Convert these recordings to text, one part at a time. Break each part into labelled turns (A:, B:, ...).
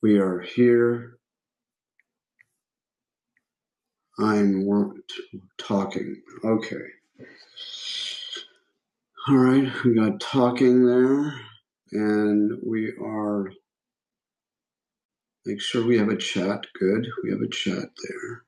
A: We are here. I'm talking. Okay. All right. We got talking there. And we are, make sure we have a chat. Good. We have a chat there.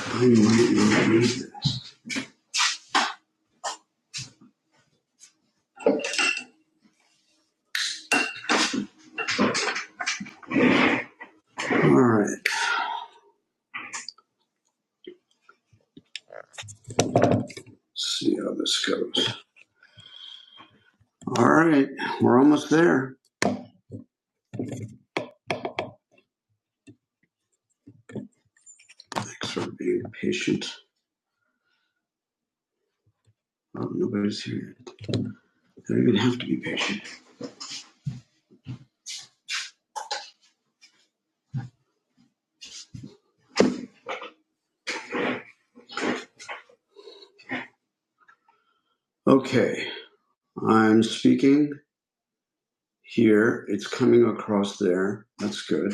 A: I might not read this. All right. Let's see how this goes. All right. We're almost there. Thanks for being patient. Oh, nobody's here. They don't even have to be patient. Okay. I'm speaking here. It's coming across there. That's good.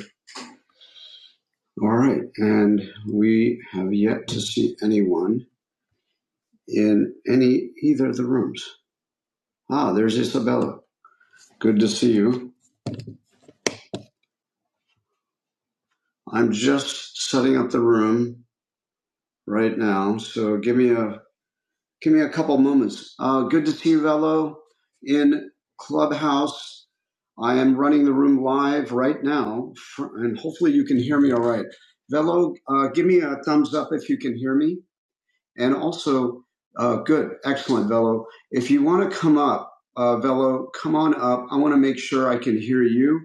A: All right, and we have yet to see anyone in any either of the rooms. Ah, there's Isabella. Good to see you. I'm just setting up the room right now, so give me a give me a couple moments. Uh, good to see you, Velo, in Clubhouse. I am running the room live right now, fr- and hopefully you can hear me all right. Velo, uh, give me a thumbs up if you can hear me. And also, uh, good, excellent, Velo. If you want to come up, uh, Velo, come on up. I want to make sure I can hear you.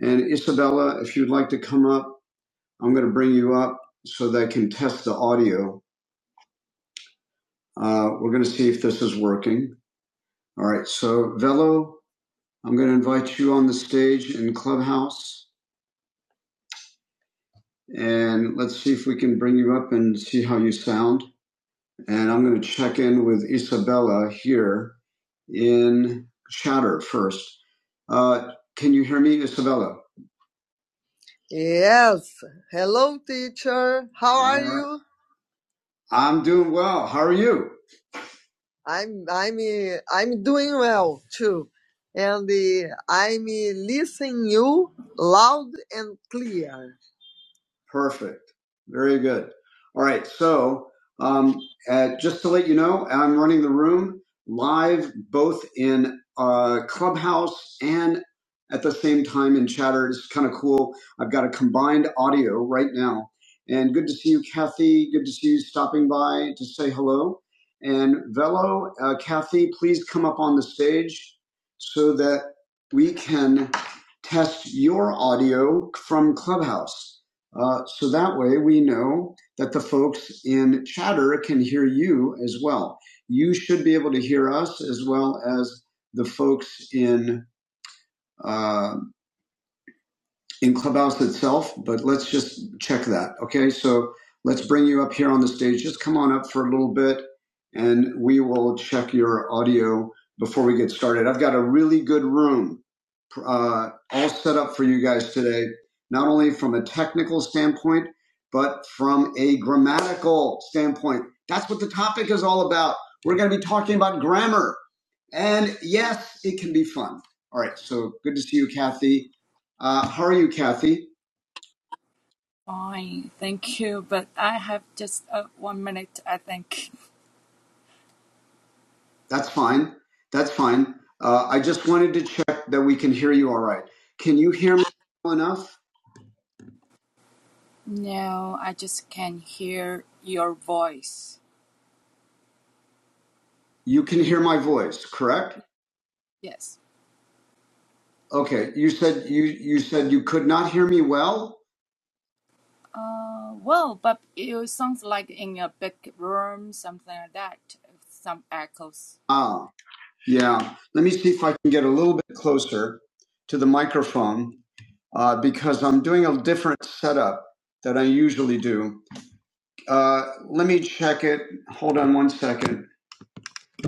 A: And Isabella, if you'd like to come up, I'm going to bring you up so that I can test the audio. Uh, we're going to see if this is working. All right. So, Velo, I'm going to invite you on the stage in Clubhouse, and let's see if we can bring you up and see how you sound. And I'm going to check in with Isabella here in chatter first. Uh, can you hear me, Isabella? I'm doing well. How are you? Perfect. Very good. All right. So, um, uh, just to let you know, I'm running the room live both in uh, Clubhouse and at the same time in Chatter. It's kind of cool. I've got a combined audio right now. And good to see you, Kathy. Good to see you stopping by to say hello. And Velo, uh, Kathy, please come up on the stage so that we can test your audio from Clubhouse. Uh, so that way we know that the folks in chatter can hear you as well. You should be able to hear us as well as the folks in uh, in Clubhouse itself. But let's just check that. Okay, so let's bring you up here on the stage. Just come on up for a little bit, and we will check your audio before we get started. I've got a really good room uh, all set up for you guys today, not only from a technical standpoint, but from a grammatical standpoint. That's what the topic is all about. We're going to be talking about grammar. And yes, it can be fun. All right. So good to see you, Kathy. Uh, how are you, Kathy?
B: Fine, thank you. But I have just uh, one minute, I think.
A: That's fine. That's fine. Uh, I just wanted to check that we can hear you all right. Can you hear me well enough?
B: No, I just can't hear your voice.
A: You can hear my voice, correct?
B: Yes.
A: Okay. You said you you said you could not hear me well.
B: Uh, well, but it sounds like in a big room, something like that. Some echoes.
A: Ah, yeah. Let me see if I can get a little bit closer to the microphone uh, because I'm doing a different setup that I usually do. Uh, let me check it. Hold on one second.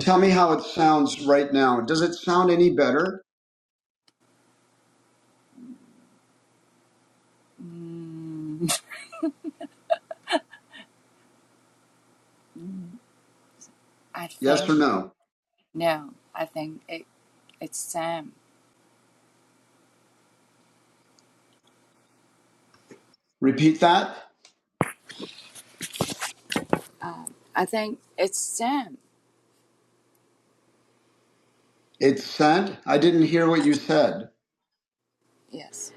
A: Tell me how it sounds right now. Does it sound any better?
B: Mm, I
A: Yes
B: think
A: or no?
B: no. I think it it's Sam.
A: Repeat that.
B: Um, I think it's Sam.
A: It said, I didn't hear what you said.
B: Yes.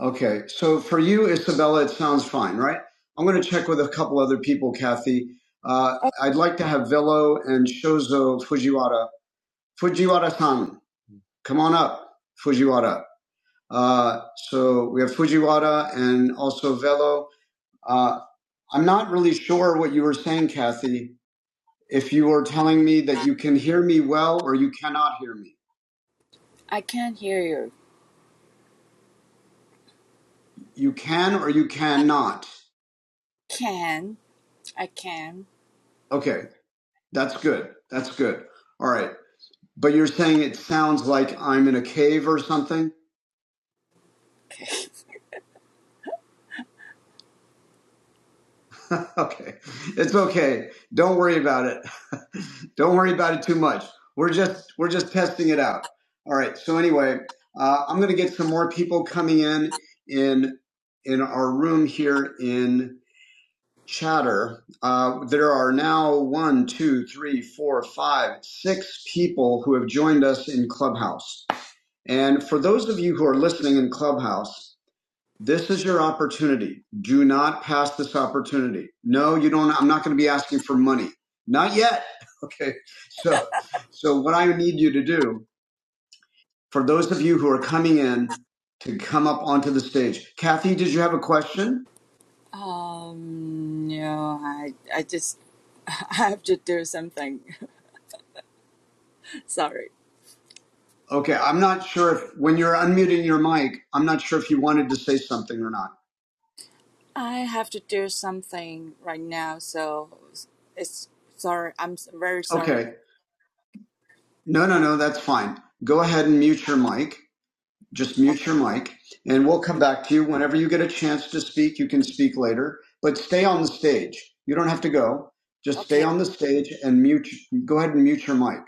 A: Okay. So for you, Isabella, it sounds fine, right? I'm going to check with a couple other people, Kathy. Uh,
B: Oh,
A: I'd like to have Velo and Shozo Fujiwara. Fujiwara san, come on up, Fujiwara. Uh, so we have Fujiwara and also Velo. Uh, I'm not really sure what you were saying, Kathy. If you were telling me that you can hear me well or you cannot hear me,
B: I can't hear you.
A: you can or you cannot.
B: Can I can?
A: Okay, that's good. That's good. All right. But you're saying it sounds like I'm in a cave or something? okay. It's okay. Don't worry about it. Don't worry about it too much. We're just we're just testing it out. All right. So anyway, uh, I'm going to get some more people coming in in in our room here in Chatter. Uh, there are now one, two, three, four, five, six people who have joined us in Clubhouse. And for those of you who are listening in Clubhouse, This is your opportunity. Do not pass this opportunity. No, you don't. I'm not going to be asking for money. Not yet. Okay. So, so what I need you to do for those of you who are coming in to come up onto the stage, Kathy, did you have a question?
B: Um, no, I, I just, I have to do something. Sorry.
A: Okay. I'm not sure if when you're unmuting your mic, I'm not sure if you wanted to say something or not.
B: I have to do something right now, so it's sorry. I'm s- very sorry.
A: Okay. No, no, no. That's fine. Go ahead and mute your mic. just mute
B: Okay,
A: your mic and we'll come back to you whenever you get a chance to speak you can speak later but stay on the stage you don't have to go just stay
B: okay,
A: on the stage and mute go ahead and mute your mic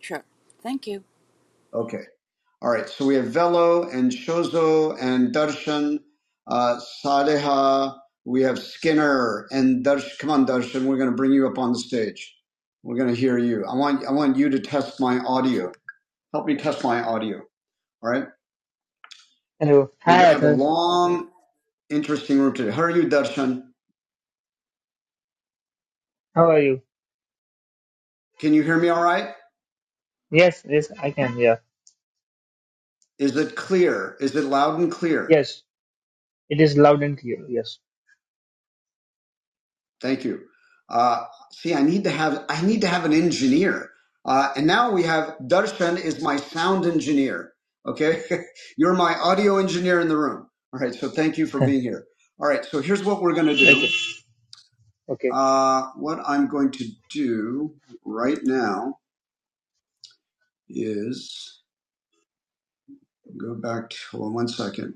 B: sure. Thank you.
A: okay all right so we have velo and shozo and darshan uh, sadeha we have skinner and darshan come on darshan we're going to bring you up on the stage we're going to hear you i want i want you to test my audio help me test my audio all right
C: Hello.
A: we're going to
C: Hi,
A: have a
C: Athar.
A: long Interesting room today. How are you, Darshan?
C: How are you?
A: Can you hear me all right?
C: Yes, yes, I can. Yeah.
A: Is it clear? Is it loud and clear?
C: Yes, it is loud and clear. Yes.
A: Thank you. Uh, see, I need to have I need to have an engineer. Uh, and now we have Darshan is my sound engineer. Okay, you're my audio engineer in the room. All right, so thank you for being here. All right, so here's what we're going to
C: Okay.
A: do.
C: Okay.
A: Uh, what I'm going to do right now is go back to hold on one second.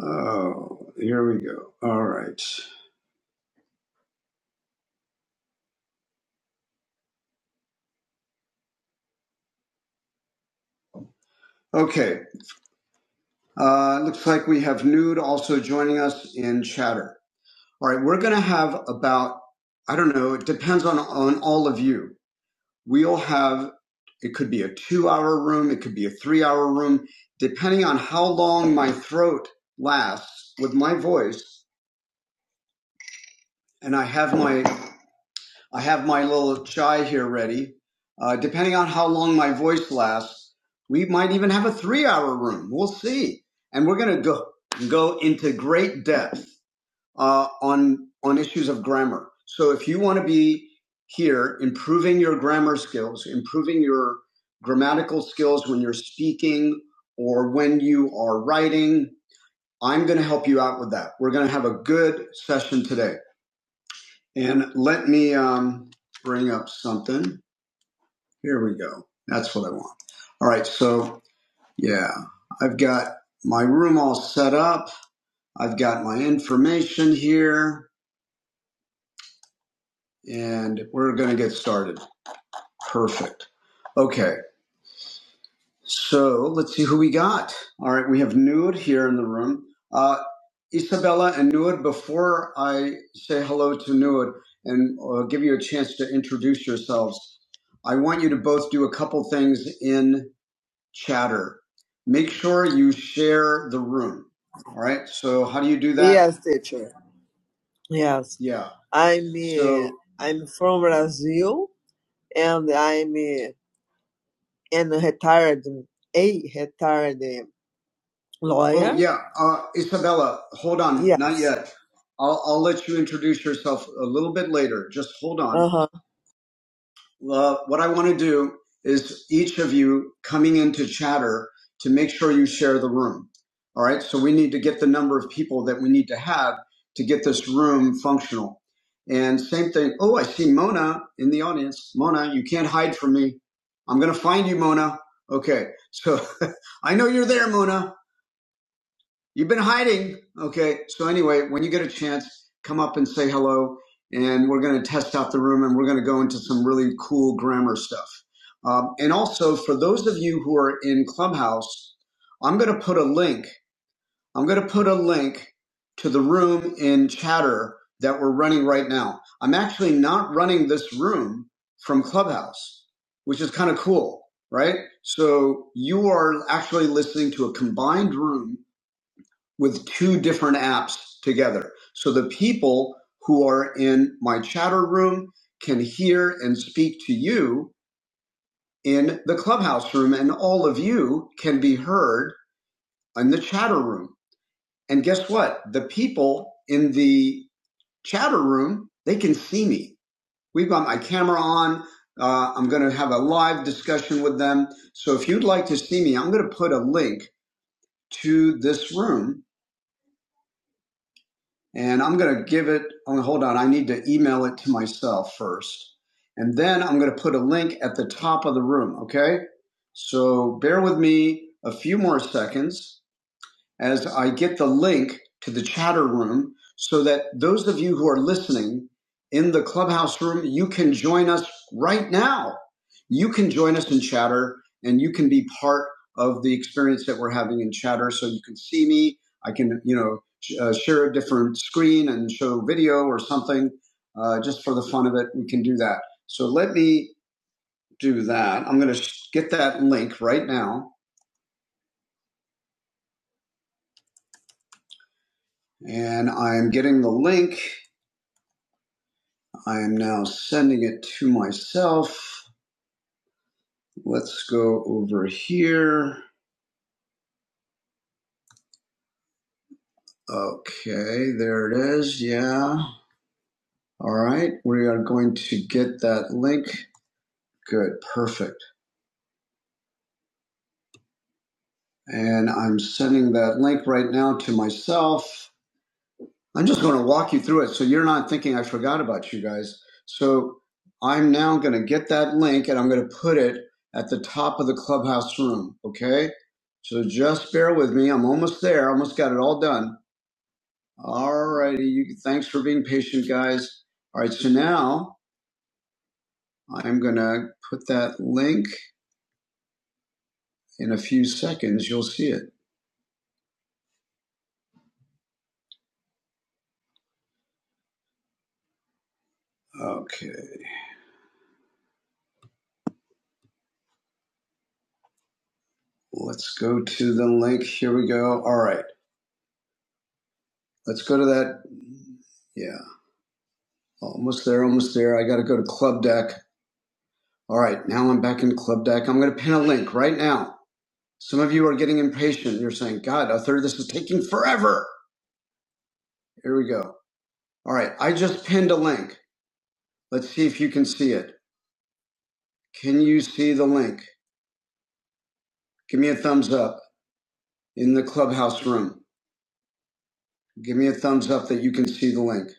A: Oh, here we go. All right. Okay. Uh, looks like we have Nude also joining us in chatter. All right. We're going to have about, I don't know, it depends on, on all of you. We'll have, it could be a two hour room, it could be a three hour room, depending on how long my throat lasts with my voice. And I have my I have my little chai here ready. Uh, depending on how long my voice lasts, we might even have a three hour room. We'll see. And we're going to go, go into great depth uh, on, on issues of grammar. So if you want to be here improving your grammar skills, improving your grammatical skills when you're speaking or when you are writing, I'm going to help you out with that. We're going to have a good session today. And let me um, bring up something. Here we go. That's what I want. All right. So, yeah, I've got my room all set up. I've got my information here, and we're going to get started. Perfect. Okay. So, let's see who we got. All right. We have Nude here in the room. Uh, Isabella and Nuad, before I say hello to Nuad and uh, give you a chance to introduce yourselves, I want you to both do a couple things in chatter. Make sure you share the room. All right. So, how do you do Yeah. Yeah. Uh, Isabella, hold on. Not yet. I'll, I'll let you introduce yourself a little bit later. Just hold on. Well, what I want to do is each of you coming into chatter to make sure you share the room. All right. So we need to get the number of people that we need to have to get this room functional. And same thing. Oh, I see Mona in the audience. Mona, you can't hide from me. I'm going to find you, Mona. Okay. So I know you're there, Mona. You've been hiding. Okay. So anyway, when you get a chance, come up and say hello and we're going to test out the room and we're going to go into some really cool grammar stuff. Um, and also for those of you who are in Clubhouse, I'm going to put a link. I'm going to put a link to the room in chatter that we're running right now. I'm actually not running this room from Clubhouse, which is kind of cool, right? So you are actually listening to a combined room with two different apps together. So the people who are in my chatter room can hear and speak to you in the clubhouse room, and all of you can be heard in the chatter room. And guess what? The people in the chatter room, they can see me. We've got my camera on. Uh, I'm going to have a live discussion with them. So if you'd like to see me, I'm going to put a link to this room And I'm going to give it, oh, hold on, I need to email it to myself first. And then I'm going to put a link at the top of the room, okay? So bear with me a few more seconds as I get the link to the chatter room so that those of you who are listening in the clubhouse room, you can join us right now. You can join us in chatter and you can be part of the experience that we're having in chatter. So you can see me. I can, you know, sh- uh, share a different screen and show video or something uh, just for the fun of it. We can do that. So let me do that. I'm going to sh- get that link right now. And I'm getting the link I am now sending it to myself. Let's go over here. Okay, there it is. Yeah. All right. We are going to get that link. Good. Perfect. And I'm sending that link right now to myself. I'm just going to walk you through it so you're not thinking I forgot about you guys. So I'm now going to get that link and I'm going to put it at the top of the clubhouse room. Okay. So just bear with me. I'm almost there. I Almost got it all done. All righty. You, thanks for being patient, guys. All right. So now I'm going to put that link in a few seconds. You'll see it. Okay. Let's go to the link. Here we go. All right. Let's go to that. Yeah. Almost there. Almost there. I got to go to Club Deck. All right. Now I'm back in Club Deck. I'm going to pin a link right now. Some of you are getting impatient. You're saying, God, a third, of this is taking forever. Here we go. All right. I just pinned a link. Let's see if you can see it. Can you see the link? Give me a thumbs up in the clubhouse room. Give me a thumbs up that you can see the link.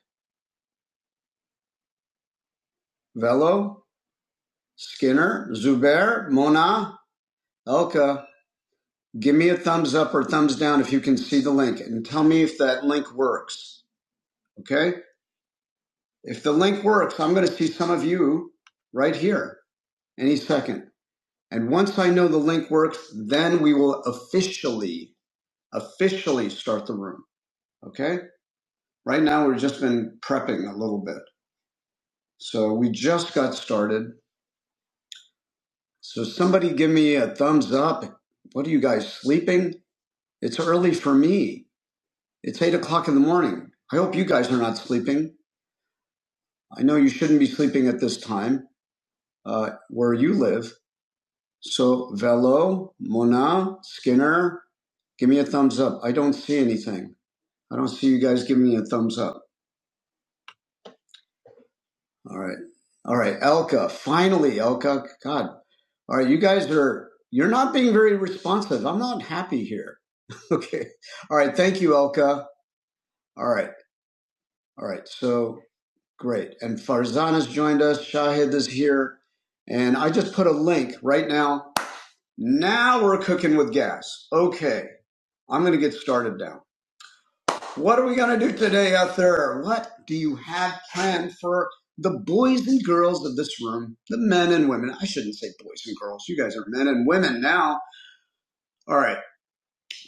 A: Velo, Skinner, Zubair, Mona, Elka. Give me a thumbs up or thumbs down if you can see the link and tell me if that link works. Okay? If the link works, I'm going to see some of you right here any second. And once I know the link works, then we will officially, officially start the room. Okay? Right now, we've just been prepping a little bit. So we just got started. So somebody give me a thumbs up. What are you guys sleeping? It's early for me. It's eight o'clock in the morning. I hope you guys are not sleeping. I know you shouldn't be sleeping at this time uh, where you live. So Velo, Mona, Skinner, give me a thumbs up. I don't see anything. I don't see you guys giving me a thumbs up. All right. All right. Elka, finally, Elka. God. All right. You guys are, you're not being very responsive. I'm not happy here. Okay. All right. Thank you, Elka. All right. All right. So great. And Farzan has joined us. Shahid is here. And I just put a link right now. Now we're cooking with gas. Okay. I'm going to get started now. What are we going to do today out there? What do you have planned for the boys and girls of this room? The men and women. I shouldn't say boys and girls. You guys are men and women now. All right.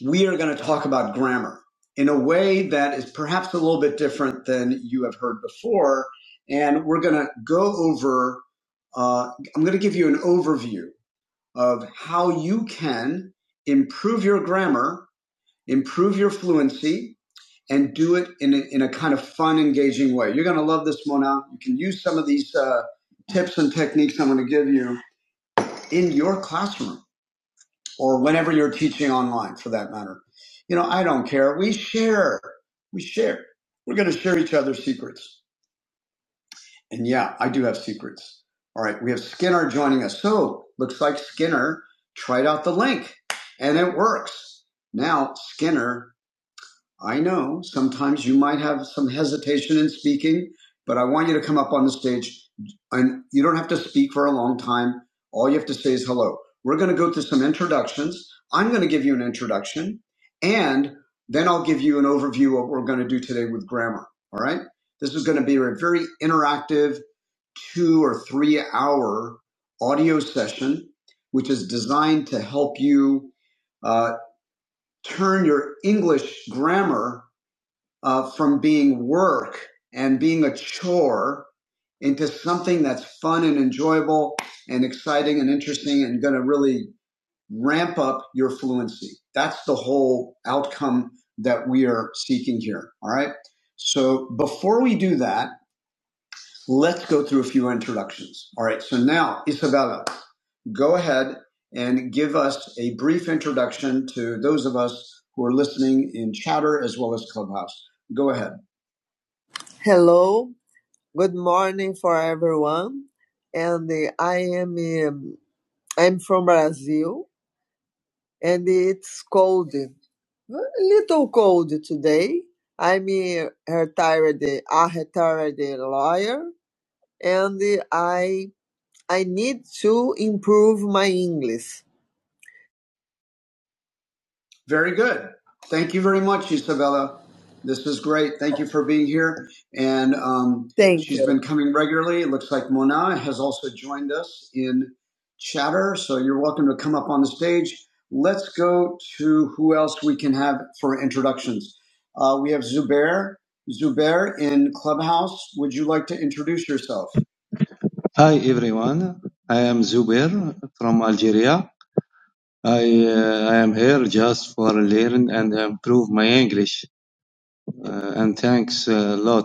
A: We are going to talk about grammar in a way that is perhaps a little bit different than you have heard before. And we're going to go over, uh, I'm going to give you an overview of how you can improve your grammar, improve your fluency, and do it in a, in a kind of fun, engaging way. You're going to love this, Mona. You can use some of these uh, tips and techniques I'm going to give you in your classroom or whenever you're teaching online, for that matter. You know, I don't care. We share. We share. We're going to share each other's secrets. And yeah, I do have secrets. All right, we have Skinner joining us. So looks like Skinner tried out the link, and it works. Now Skinner I know sometimes you might have some hesitation in speaking, but I want you to come up on the stage and you don't have to speak for a long time. All you have to say is hello. We're going to go through some introductions. I'm going to give you an introduction and then I'll give you an overview of what we're going to do today with grammar. All right. This is going to be a very interactive two or three hour audio session, which is designed to help you uh, turn your English grammar uh, from being work and being a chore into something that's fun and enjoyable and exciting and interesting and going to really ramp up your fluency. That's the whole outcome that we are seeking here. All right. So before we do that, let's go through a few introductions. All right. So now, Isabella, go ahead and give us a brief introduction to those of us who are listening in Chatter as well as Clubhouse. Go ahead. Very good. Thank you very much, Isabella. This is great. Thank you for being here and um, been coming regularly. It looks like Mona has also joined us in chatter, so you're welcome to come up on the stage. Let's go to who else we can have for introductions. Uh, we have Zubair. Zubair in Clubhouse, would you like to introduce yourself?
D: Hi everyone, I am Zubair from Algeria. I, uh, I am here just for learn and improve my English. Uh, and thanks a lot.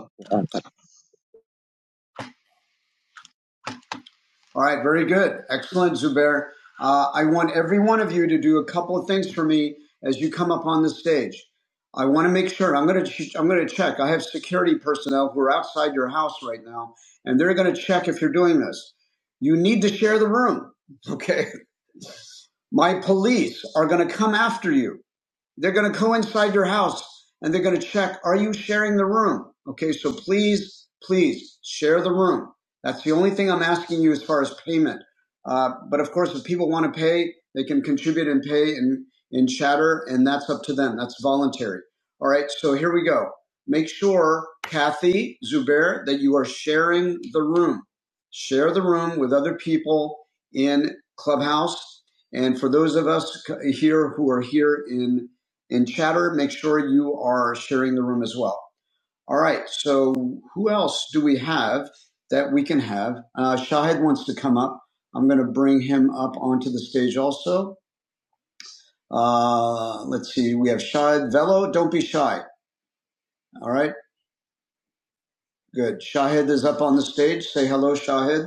A: All right, very good. Excellent, Zubair. Uh, I want every one of you to do a couple of things for me as you come up on the stage. I want to make sure I'm going to I'm going to check. I have security personnel who are outside your house right now, and they're going to check if you're doing this. You need to share the room, okay? My police are going to come after you. They're going to go inside your house and they're going to check, are you sharing the room? Okay, so please, please share the room. That's the only thing I'm asking you as far as payment. Uh, but of course, if people want to pay, they can contribute and pay in, in chatter, and that's up to them. That's voluntary. All right, so here we go. Make sure, Kathy Zubair, that you are sharing the room. Share the room with other people in Clubhouse. And for those of us here who are here in in chatter, make sure you are sharing the room as well. All right. So who else do we have that we can have? Uh, Shahid wants to come up. I'm going to bring him up onto the stage also. Uh, let's see. We have Shahid Velo. Don't be shy. All right. Good. Shahid is up on the stage. Say hello, Shahid.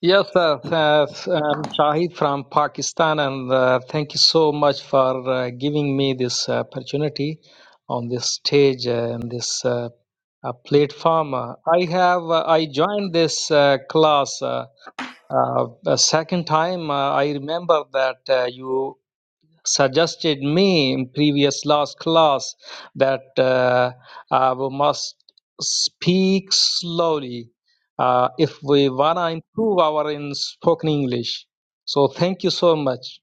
E: Yes, sir. Uh, I'm Shahid from Pakistan, and uh, thank you so much for uh, giving me this uh, opportunity on this stage uh, and this uh, uh, platform. Uh, I have uh, I joined this uh, class uh, uh, a second time. Uh, I remember that uh, you suggested me in previous last class that uh, uh, we must speak slowly uh, if we want to improve our in spoken english so thank you so much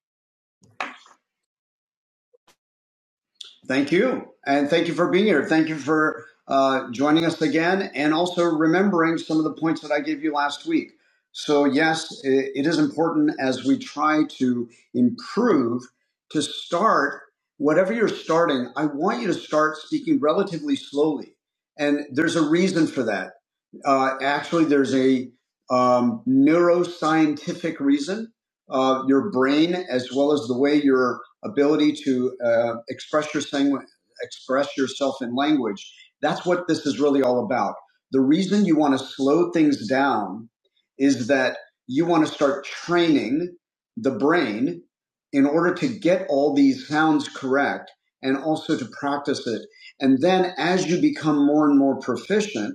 A: Thank you. And thank you for being here. Thank you for uh, joining us again and also remembering some of the points that I gave you last week. So, yes, i- it is important as we try to improve to start whatever you're starting. I want you to start speaking relatively slowly. And there's a reason for that. Uh, actually, there's a um, neuroscientific reason. Uh, your brain, as well as the way your ability to uh, express your sang- express yourself in language. That's what this is really all about. The reason you want to slow things down is that you want to start training the brain in order to get all these sounds correct and also to practice it. And then as you become more and more proficient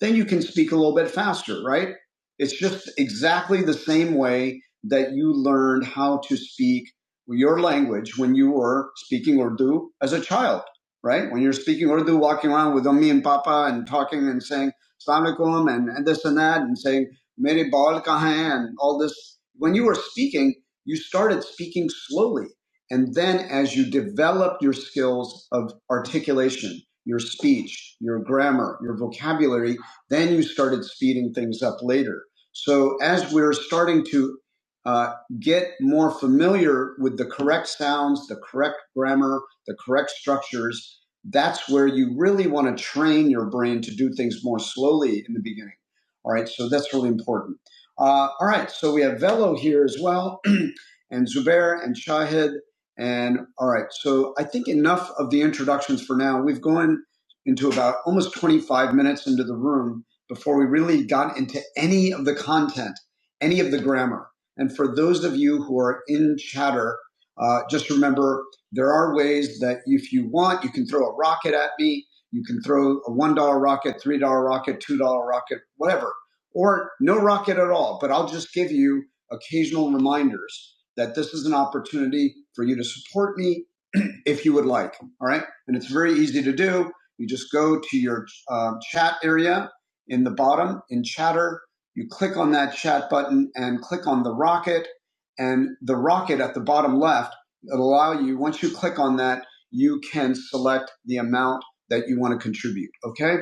A: then you can speak a little bit faster, right? It's just exactly the same way that you learned how to speak your language when you were speaking Urdu as a child, right? When you're speaking Urdu, walking around with Ummi and Papa and talking and saying Assalamu alaikum and, and this and that and saying Mere baal kahan hai, and all this. When you were speaking, you started speaking slowly. And then as you developed your skills of articulation, your speech, your grammar, your vocabulary, then you started speeding things up later. So as we're starting to uh, get more familiar with the correct sounds, the correct grammar, the correct structures, that's where you really want to train your brain to do things more slowly in the beginning. All right, so that's really important. Uh, all right, so we have Velo here as well, and Zubair and Shahid. And all right, so I think enough of the introductions for now. We've gone into about almost 25 minutes into the room before we really got into any of the content, any of the grammar. And for those of you who are in chatter, uh, just remember there are ways that if you want, you can throw a rocket at me. You can throw a $1 rocket, $3 rocket, $2 rocket, whatever, or no rocket at all. But I'll just give you occasional reminders that this is an opportunity for you to support me if you would like. All right. And it's very easy to do. You just go to your uh, chat area in the bottom in chatter. You click on that chat button and click on the rocket. And the rocket at the bottom left, it'll allow you, once you click on that, you can select the amount that you want to contribute. Okay.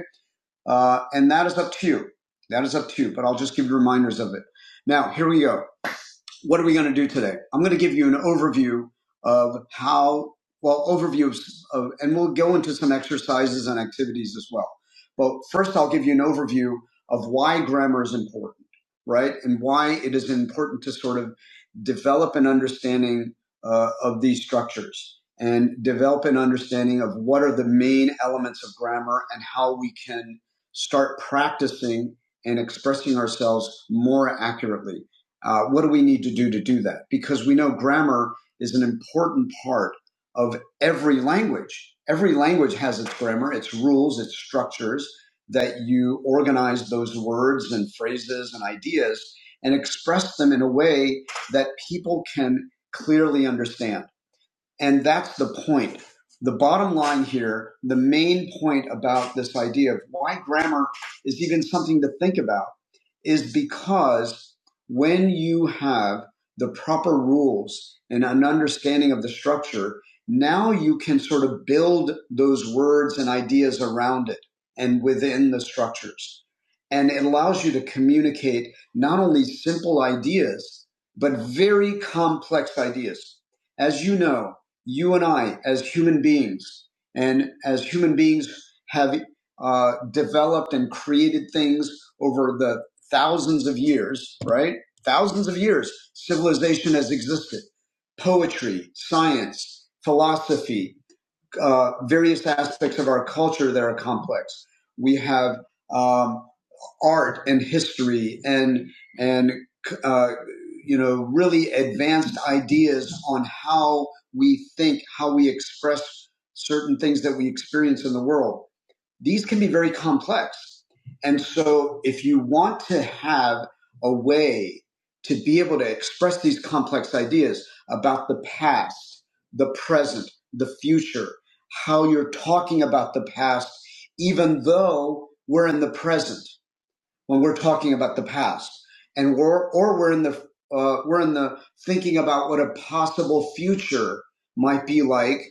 A: Uh, and that is up to you. That is up to you, but I'll just give you reminders of it. Now, here we go what are we going to do today? I'm going to give you an overview of how, well, overview of, and we'll go into some exercises and activities as well. But first, I'll give you an overview of why grammar is important, right? And why it is important to sort of develop an understanding uh, of these structures and develop an understanding of what are the main elements of grammar and how we can start practicing and expressing ourselves more accurately uh, what do we need to do to do that? Because we know grammar is an important part of every language. Every language has its grammar, its rules, its structures that you organize those words and phrases and ideas and express them in a way that people can clearly understand. And that's the point. The bottom line here, the main point about this idea of why grammar is even something to think about is because when you have the proper rules and an understanding of the structure, now you can sort of build those words and ideas around it and within the structures. And it allows you to communicate not only simple ideas, but very complex ideas. As you know, you and I, as human beings, and as human beings have uh, developed and created things over the thousands of years, right? Thousands of years, civilization has existed. Poetry, science, philosophy, uh, various aspects of our culture that are complex. We have um, art and history and and uh, you know really advanced ideas on how we think, how we express certain things that we experience in the world these can be very complex. And so if you want to have a way to be able to express these complex ideas about the past, the present, the future, how you're talking about the past, even though we're in the present when we're talking about the past and we're, or we're in the, uh, we're in the thinking about what a possible future might be like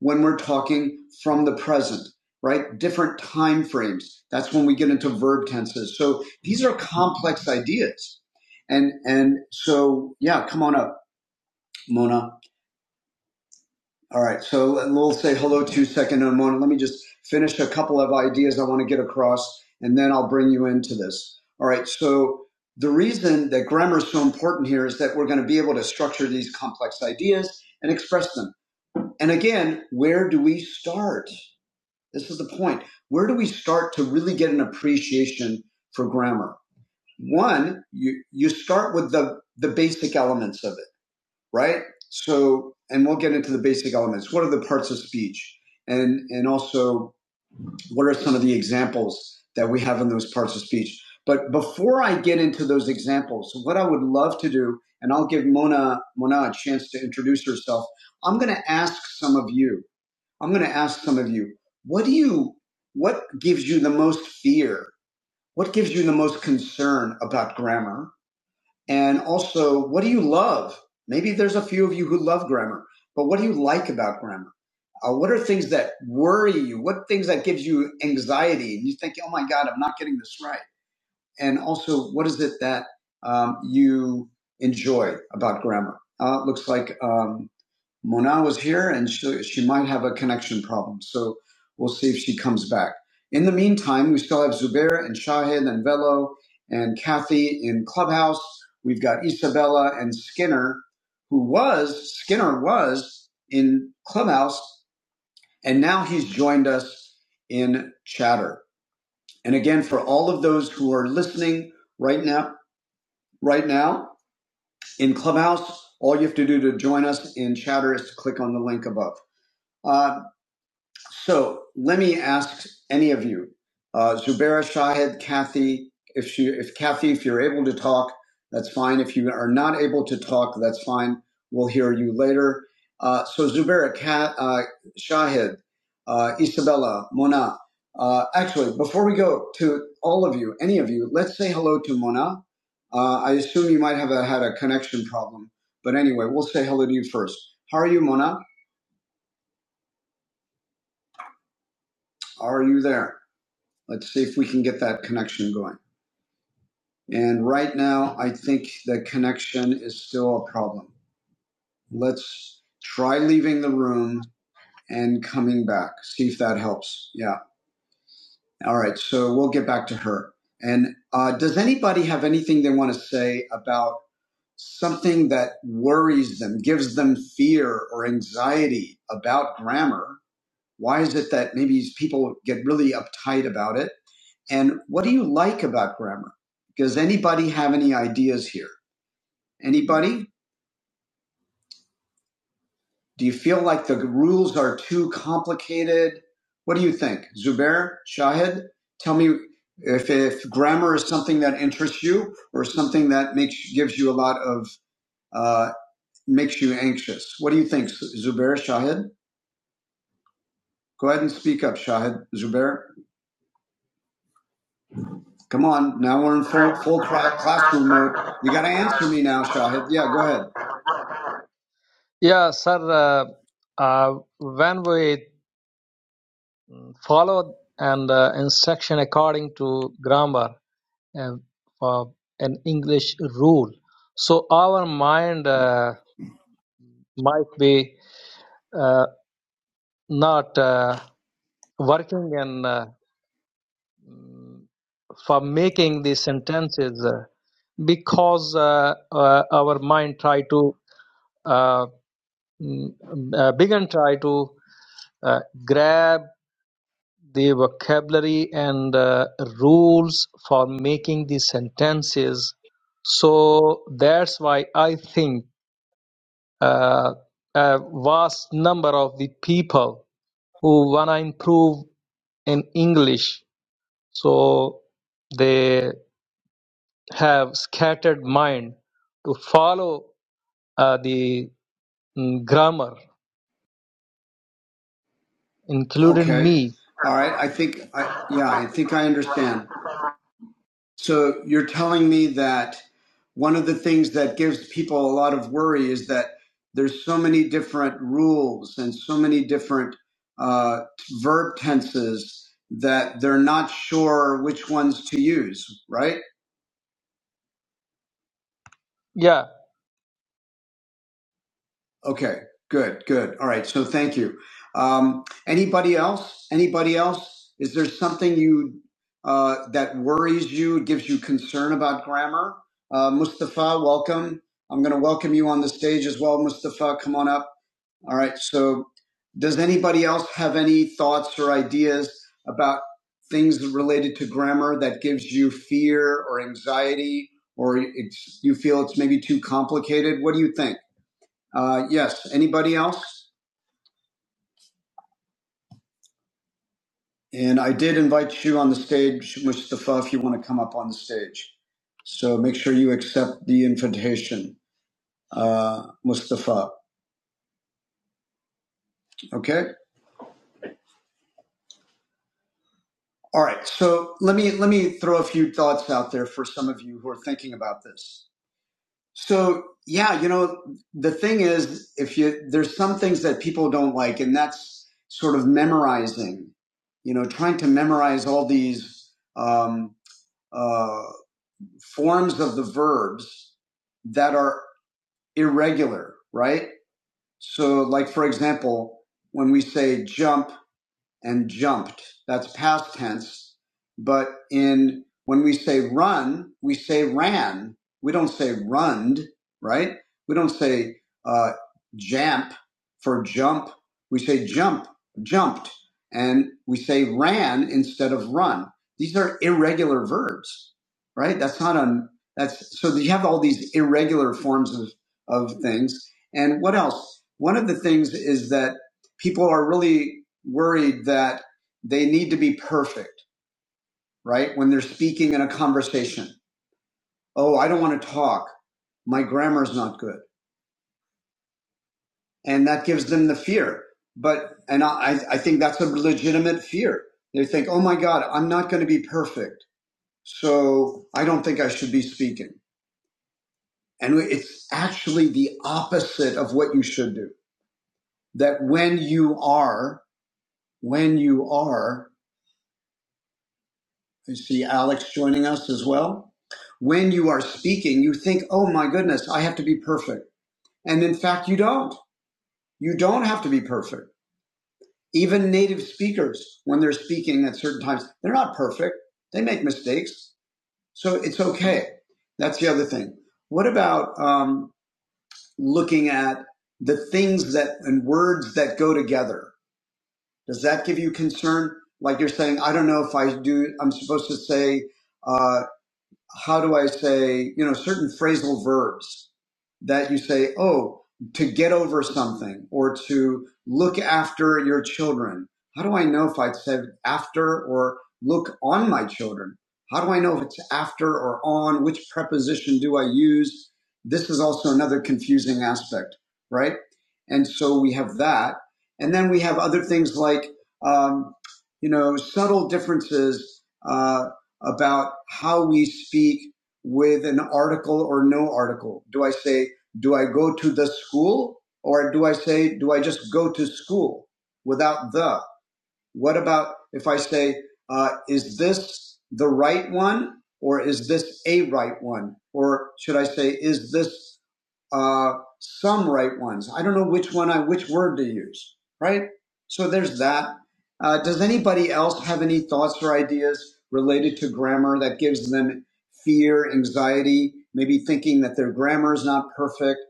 A: when we're talking from the present, right? Different time frames. That's when we get into verb tenses. So these are complex ideas. And, and so, yeah, come on up, Mona. All right, so we'll say hello to second in a moment. Let me just finish a couple of ideas I want to get across, and then I'll bring you into this. All right, so the reason that grammar is so important here is that we're going to be able to structure these complex ideas and express them. And again, where do we start? This is the point. Where do we start to really get an appreciation for grammar? One, you, you start with the, the basic elements of it right? So, and we'll get into the basic elements. What are the parts of speech? And, and also, what are some of the examples that we have in those parts of speech? But before I get into those examples, what I would love to do, and I'll give Mona, Mona a chance to introduce herself, I'm going to ask some of you, I'm going to ask some of you, what do you, what gives you the most fear? What gives you the most concern about grammar? And also, what do you love? Maybe there's a few of you who love grammar, but what do you like about grammar? Uh, what are things that worry you? What things that gives you anxiety? And you think, oh my God, I'm not getting this right. And also, what is it that um, you enjoy about grammar? Uh, it looks like um, Mona was here and she, she might have a connection problem. So we'll see if she comes back. In the meantime, we still have Zubair and Shahid and Velo and Kathy in Clubhouse. We've got Isabella and Skinner, who was, Skinner was in Clubhouse, and now he's joined us in Chatter. And again, for all of those who are listening right now, right now in Clubhouse, all you have to do to join us in Chatter is to click on the link above. Uh, So let me ask any of you, uh, Zubaira, Shahid, Kathy, if she, if Kathy, if you're able to talk, that's fine. If you are not able to talk, that's fine. We'll hear you later. Uh, so Zubaira, Kat, uh, Shahid, uh, Isabella, Mona. Uh, actually, before we go to all of you, any of you, let's say hello to Mona. Uh, I assume you might have a, had a connection problem, but anyway, we'll say hello to you first. How are you, Mona? Are you there? Let's see if we can get that connection going. And right now, I think the connection is still a problem. Let's try leaving the room and coming back. See if that helps. Yeah. All right. So we'll get back to her. And uh, does anybody have anything they want to say about something that worries them, gives them fear or anxiety about grammar? Why is it that maybe people get really uptight about it? And what do you like about grammar? Does anybody have any ideas here? Anybody? Do you feel like the rules are too complicated? What do you think? Zubair, Shahid, tell me if, if grammar is something that interests you or something that makes gives you a lot of uh, makes you anxious. What do you think, Zubair, Shahid? Go ahead and speak up, Shahid, Zubair. Come on, now we're in full full classroom mode. You got to answer me now, Shahid. Yeah, go ahead.
E: yeah sir uh, uh, when we follow and uh, instruction according to grammar uh, of an english rule so our mind uh, might be uh, not uh, working and uh, for making these sentences uh, because uh, uh, our mind try to uh, mm, uh, begin try to uh, grab the vocabulary and uh, rules for making the sentences so that's why i think uh, a vast number of the people who want to improve in english so they. have scattered mind to follow uh, the mm, grammar, including
A: Okay.
E: me.
A: All right. I think I yeah, I think I understand. So you're telling me that one of the things that gives people a lot of worry is that there's so many different rules and so many different uh, verb tenses that they're not sure which ones to use, right?
E: Yeah.
A: Okay, good, good. All right, so thank you. Um, anybody else? Anybody else? Is there something you uh, that worries you, gives you concern about grammar? Uh, Mustafa, welcome. I'm going to welcome you on the stage as well, Mustafa. Come on up. All right. So, does anybody else have any thoughts or ideas about things related to grammar that gives you fear or anxiety, or it's, you feel it's maybe too complicated? What do you think? Uh, yes. Anybody else? And I did invite you on the stage, Mustafa, if you want to come up on the stage. So make sure you accept the invitation, uh, Mustafa. Okay. All right. So let me let me throw a few thoughts out there for some of you who are thinking about this. So yeah, you know, the thing is, if you there's some things that people don't like, and that's sort of memorizing. You know, trying to memorize all these. Um, uh, forms of the verbs that are irregular, right? So, like, for example, when we say jump, and jumped. That's past tense. But in when we say run, we say ran. We don't say runned, right? We don't say uh, jamp for jump. We say jump, jumped, and we say ran instead of run. These are irregular verbs, right? That's not on. That's so you have all these irregular forms of of things. And what else? One of the things is that people are really worried that they need to be perfect, right? When they're speaking in a conversation. Oh, I don't want to talk. My grammar's not good. And that gives them the fear. But, and I, I think that's a legitimate fear. They think, oh my God, I'm not going to be perfect. So I don't think I should be speaking. And it's actually the opposite of what you should do. That when you are, when you are I see Alex joining us as well. When you are speaking, you think, oh my goodness, I have to be perfect. And in fact, you don't. You don't have to be perfect. Even native speakers, when they're speaking at certain times, they're not perfect. They make mistakes. So it's okay. That's the other thing. What about um, looking at the things that and words that go together? Does that give you concern? Like you're saying, I don't know if I do, I'm supposed to say, uh, how do I say, you know, certain phrasal verbs that you say, oh, to get over something or to look after your children. How do I know if I said after or look on my children? How do I know if it's after or on? Which preposition do I use? This is also another confusing aspect, right? And so we have that. And then we have other things like, um, you know, subtle differences uh, about how we speak with an article or no article. Do I say, do I go to the school? Or do I say, do I just go to school without the? What about if I say, uh, is this the right one? Or is this a right one? Or should I say, is this uh, some right ones. I don't know which one I which word to use. Right. So there's that. Uh, does anybody else have any thoughts or ideas related to grammar that gives them fear, anxiety, maybe thinking that their grammar is not perfect?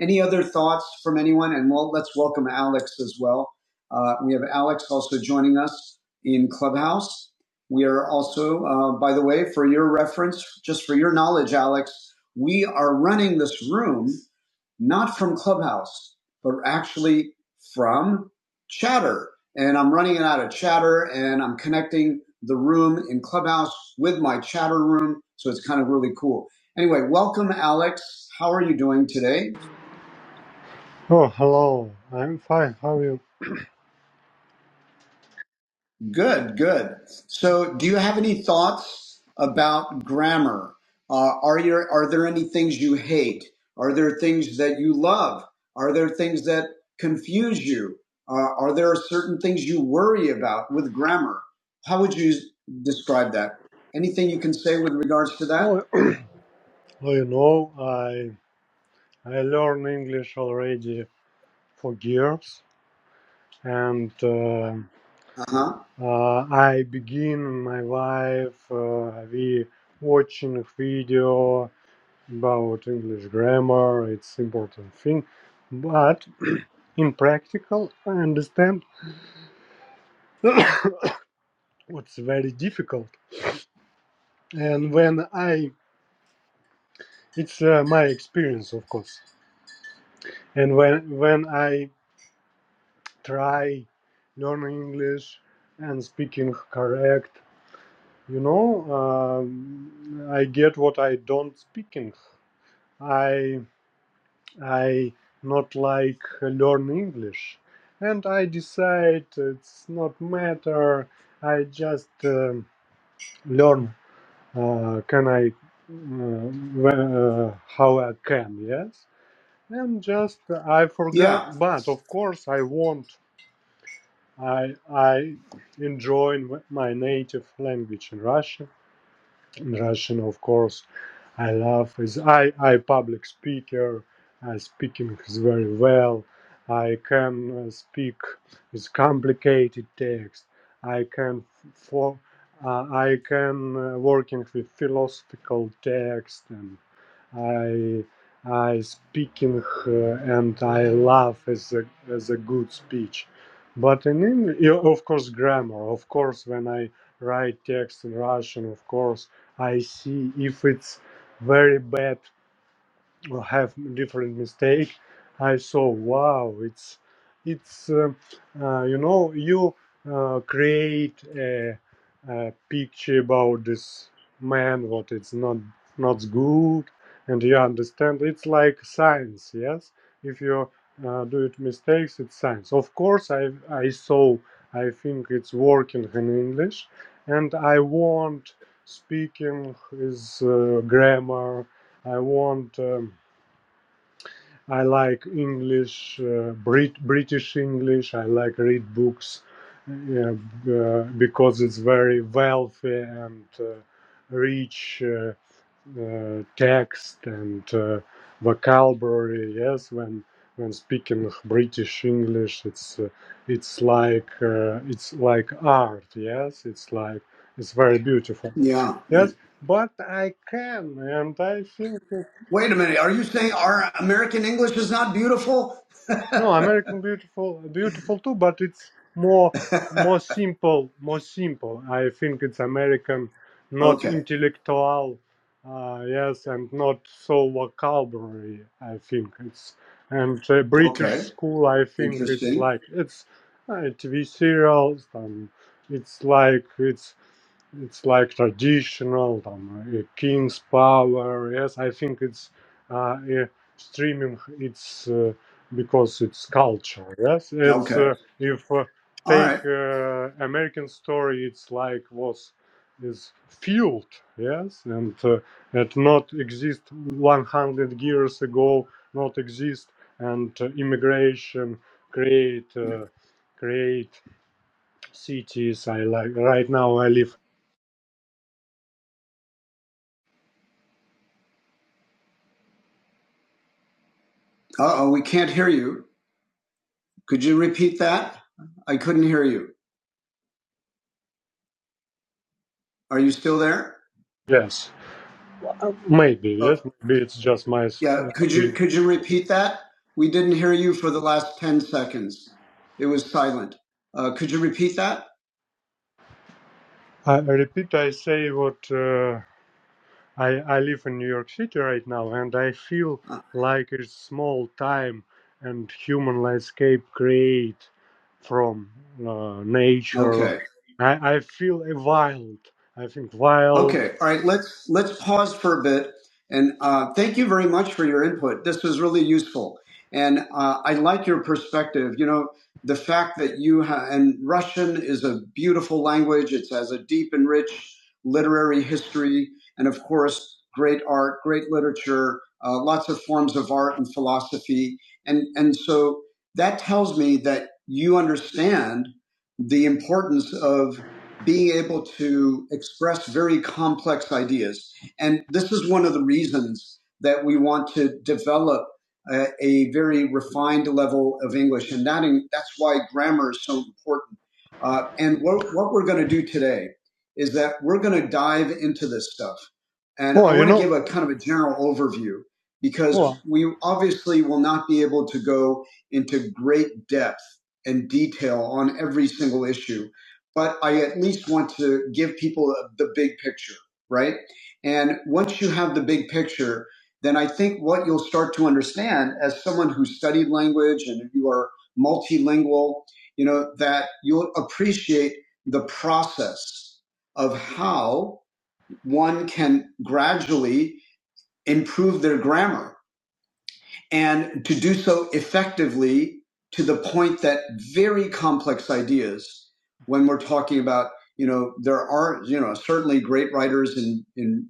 A: Any other thoughts from anyone? And well, let's welcome Alex as well. Uh, we have Alex also joining us in Clubhouse. We are also, uh, by the way, for your reference, just for your knowledge, Alex, we are running this room not from Clubhouse, but actually from Chatter. And I'm running it out of Chatter and I'm connecting the room in Clubhouse with my Chatter room. So it's kind of really cool. Anyway, welcome, Alex. How are you doing today?
F: Oh, hello. I'm fine. How are you?
A: Good, good. So, do you have any thoughts about grammar? Uh, are your are there any things you hate? Are there things that you love? Are there things that confuse you? Uh, are there certain things you worry about with grammar? How would you describe that? Anything you can say with regards to that?
F: Oh, well, you know, I I learn English already for years, and uh,
A: Uh huh.
F: uh, I begin my life. Uh, we watching video about English grammar. It's important thing, but in practical, I understand what's very difficult. And when I, it's uh, my experience, of course. And when when I try learning English and speaking correct. You know, um, I get what I don't speaking. I I not like learn English, and I decide it's not matter. I just um learn. Uh, can I? Uh, wh- uh, how I can? Yes, and just I forgot.
A: Yeah,
F: But of course, I want I I enjoy my native language in Russian. In Russian, of course, I love is I I public speaker. I speaking is very well. I can uh, speak with complicated text. I can for uh, I can uh, working with philosophical text and. I I speaking uh, and I love as a as a good speech, but in English, yeah, of course, grammar. Of course, when I write text in Russian, of course, I see if it's very bad have different mistake i saw wow it's it's uh, uh, you know you uh, create a, a picture about this man what it's not not good and you understand it's like science yes if you uh, do it mistakes it's science of course i i saw i think it's working in english and i want speaking is uh, grammar I want um, I like English, uh, Brit- British English. I like read books yeah, uh, because it's very wealthy and uh, rich uh, uh, text and uh, vocabulary. Yes, when when speaking British English, it's uh, it's like uh, it's like art. Yes, it's like it's very beautiful.
A: yeah.
F: Yes, but I can, and I think.
A: Wait a minute. Are you saying our American English is not beautiful?
F: No, American Beautiful, beautiful too, but it's more more simple, more simple. I think it's American, not
A: okay,
F: intellectual, uh, yes, and not so vocabulary. I think it's and uh, British
A: okay.
F: school. I think it's
A: Interesting.
F: like it's uh, TV serials. Um, it's like it's it's like traditional um, uh, king's power yes i think it's uh, uh, streaming it's uh, because it's culture yes it's
A: Okay.
F: uh, if uh,
A: All
F: take
A: right.
F: uh, american story it's like was is fueled yes and uh, it not exist 100 years ago not exist and uh, immigration create uh, create cities i like right now i live
A: Uh oh, we can't hear you. Could you repeat that? I couldn't hear you. Are you still there?
F: yes Uh, Maybe, yes,
A: Oh,
F: maybe it's just my s-
A: yeah. Could you
F: opinion.
A: could you repeat that? We didn't hear you for the last ten seconds. It was silent. Uh, could you repeat that?
F: I I repeat, I say what uh, I, I live in New York City right now, and I feel
A: Uh,
F: like it's small time and human landscape create from uh, nature.
A: Okay.
F: I, I feel a wild, I think wild.
A: Okay, all right. Let's let's pause for a bit, and uh, thank you very much for your input. This was really useful, and uh, I like your perspective. You know, the fact that you ha- and Russian is a beautiful language. It has a deep and rich literary history, and of course, great art, great literature, uh, lots of forms of art and philosophy, and and so that tells me that you understand the importance of being able to express very complex ideas. And this is one of the reasons that we want to develop a, a very refined level of English. And that in, that's why grammar is so important. Uh, and what, what we're going to do today is that we're going to dive into this stuff. And
F: Oh,
A: I
F: you
A: want to
F: know,
A: give a kind of a general overview
F: oh,
A: because we obviously will not be able to go into great depth and detail on every single issue but I at least want to give people the big picture, right? And once you have the big picture, then I think what you'll start to understand as someone who studied language and you are multilingual, you know, that you'll appreciate the process of how one can gradually improve their grammar and to do so effectively to the point that very complex ideas when we're talking about you know there are you know certainly great writers in in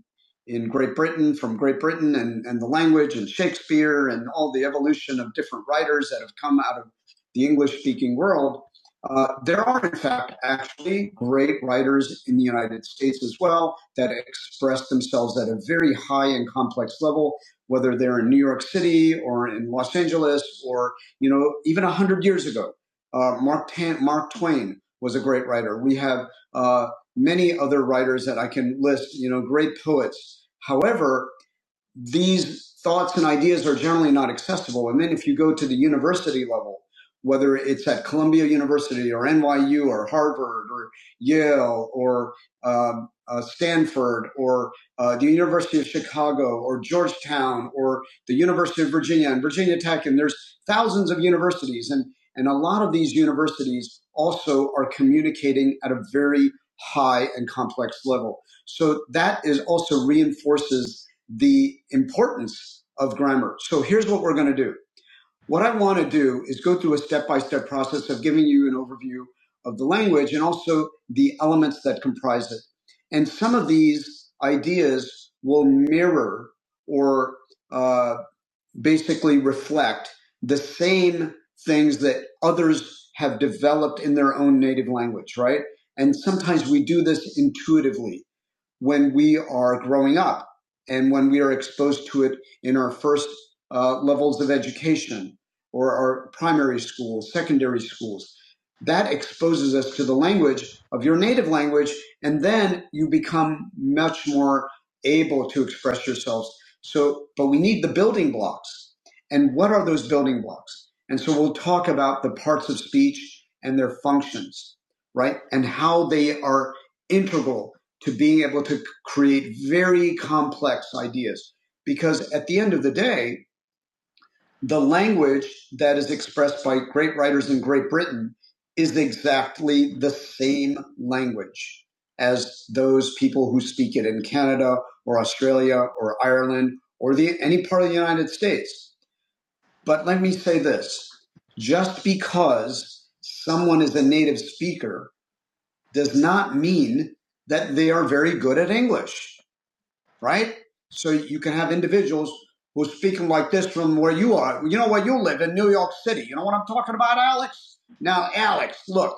A: in Great Britain from Great Britain and and the language and Shakespeare and all the evolution of different writers that have come out of the English speaking world uh, there are in fact actually great writers in the United States as well that express themselves at a very high and complex level whether they're in New York City or in Los Angeles or, you know, even 100 years ago. Uh, Mark, Tan, Mark Twain was a great writer. We have uh, many other writers that I can list, you know, great poets. However, these thoughts and ideas are generally not accessible. And then if you go to the university level, whether it's at Columbia University or NYU or Harvard or Yale or um, uh, Stanford or uh, the University of Chicago or Georgetown or the University of Virginia and Virginia Tech, and there's thousands of universities, and and a lot of these universities also are communicating at a very high and complex level. So that is also reinforces the importance of grammar. So here's what we're going to do. What I want to do is go through a step-by-step process of giving you an overview of the language and also the elements that comprise it. And some of these ideas will mirror or uh, basically reflect the same things that others have developed in their own native language, right? And sometimes we do this intuitively when we are growing up and when we are exposed to it in our first uh, levels of education or our primary schools, secondary schools. That exposes us to the language of your native language, and then you become much more able to express yourselves. So, but we need the building blocks. And what are those building blocks? And so we'll talk about the parts of speech and their functions, right? And how they are integral to being able to create very complex ideas. Because at the end of the day, the language that is expressed by great writers in Great Britain is exactly the same language as those people who speak it in Canada or Australia or Ireland or the, any part of the United States. But let me say this just because someone is a native speaker does not mean that they are very good at English right? So you can have individuals who are speaking like this from where you are. You know where you live in New York City. You know what I'm talking about, Alex? Now, Alex, look,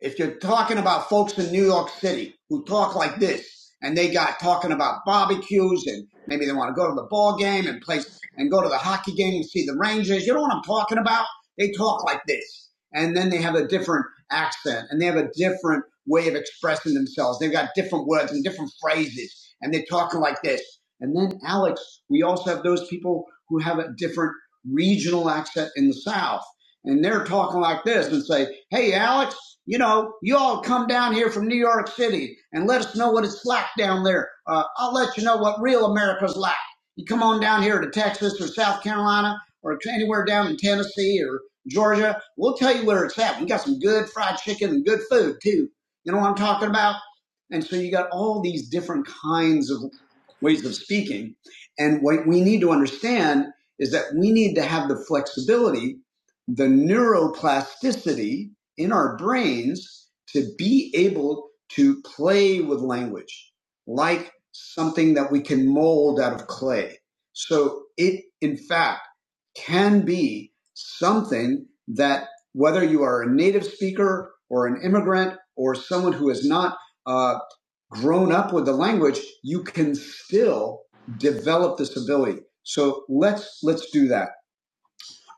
A: if you're talking about folks in New York City who talk like this and they got talking about barbecues and maybe they want to go to the ball game and play and go to the hockey game and see the Rangers, you know what I'm talking about? They talk like this. And then they have a different accent and they have a different way of expressing themselves. They've got different words and different phrases and they're talking like this. And then, Alex, we also have those people who have a different regional accent in the South, and they're talking like this and say, Hey, Alex, you know, you all come down here from New York City and let us know what it's like down there. Uh, I'll let you know what real America's like. You come on down here to Texas or South Carolina or anywhere down in Tennessee or Georgia, we'll tell you where it's at. We got some good fried chicken and good food too. You know what I'm talking about? And so you got all these different kinds of ways of speaking. And what we need to understand is that we need to have the flexibility, the neuroplasticity in our brains to be able to play with language like something that we can mold out of clay. So it, in fact, can be something that whether you are a native speaker or an immigrant or someone who is not uh, grown up with the language, you can still develop this ability. So let's let's do that.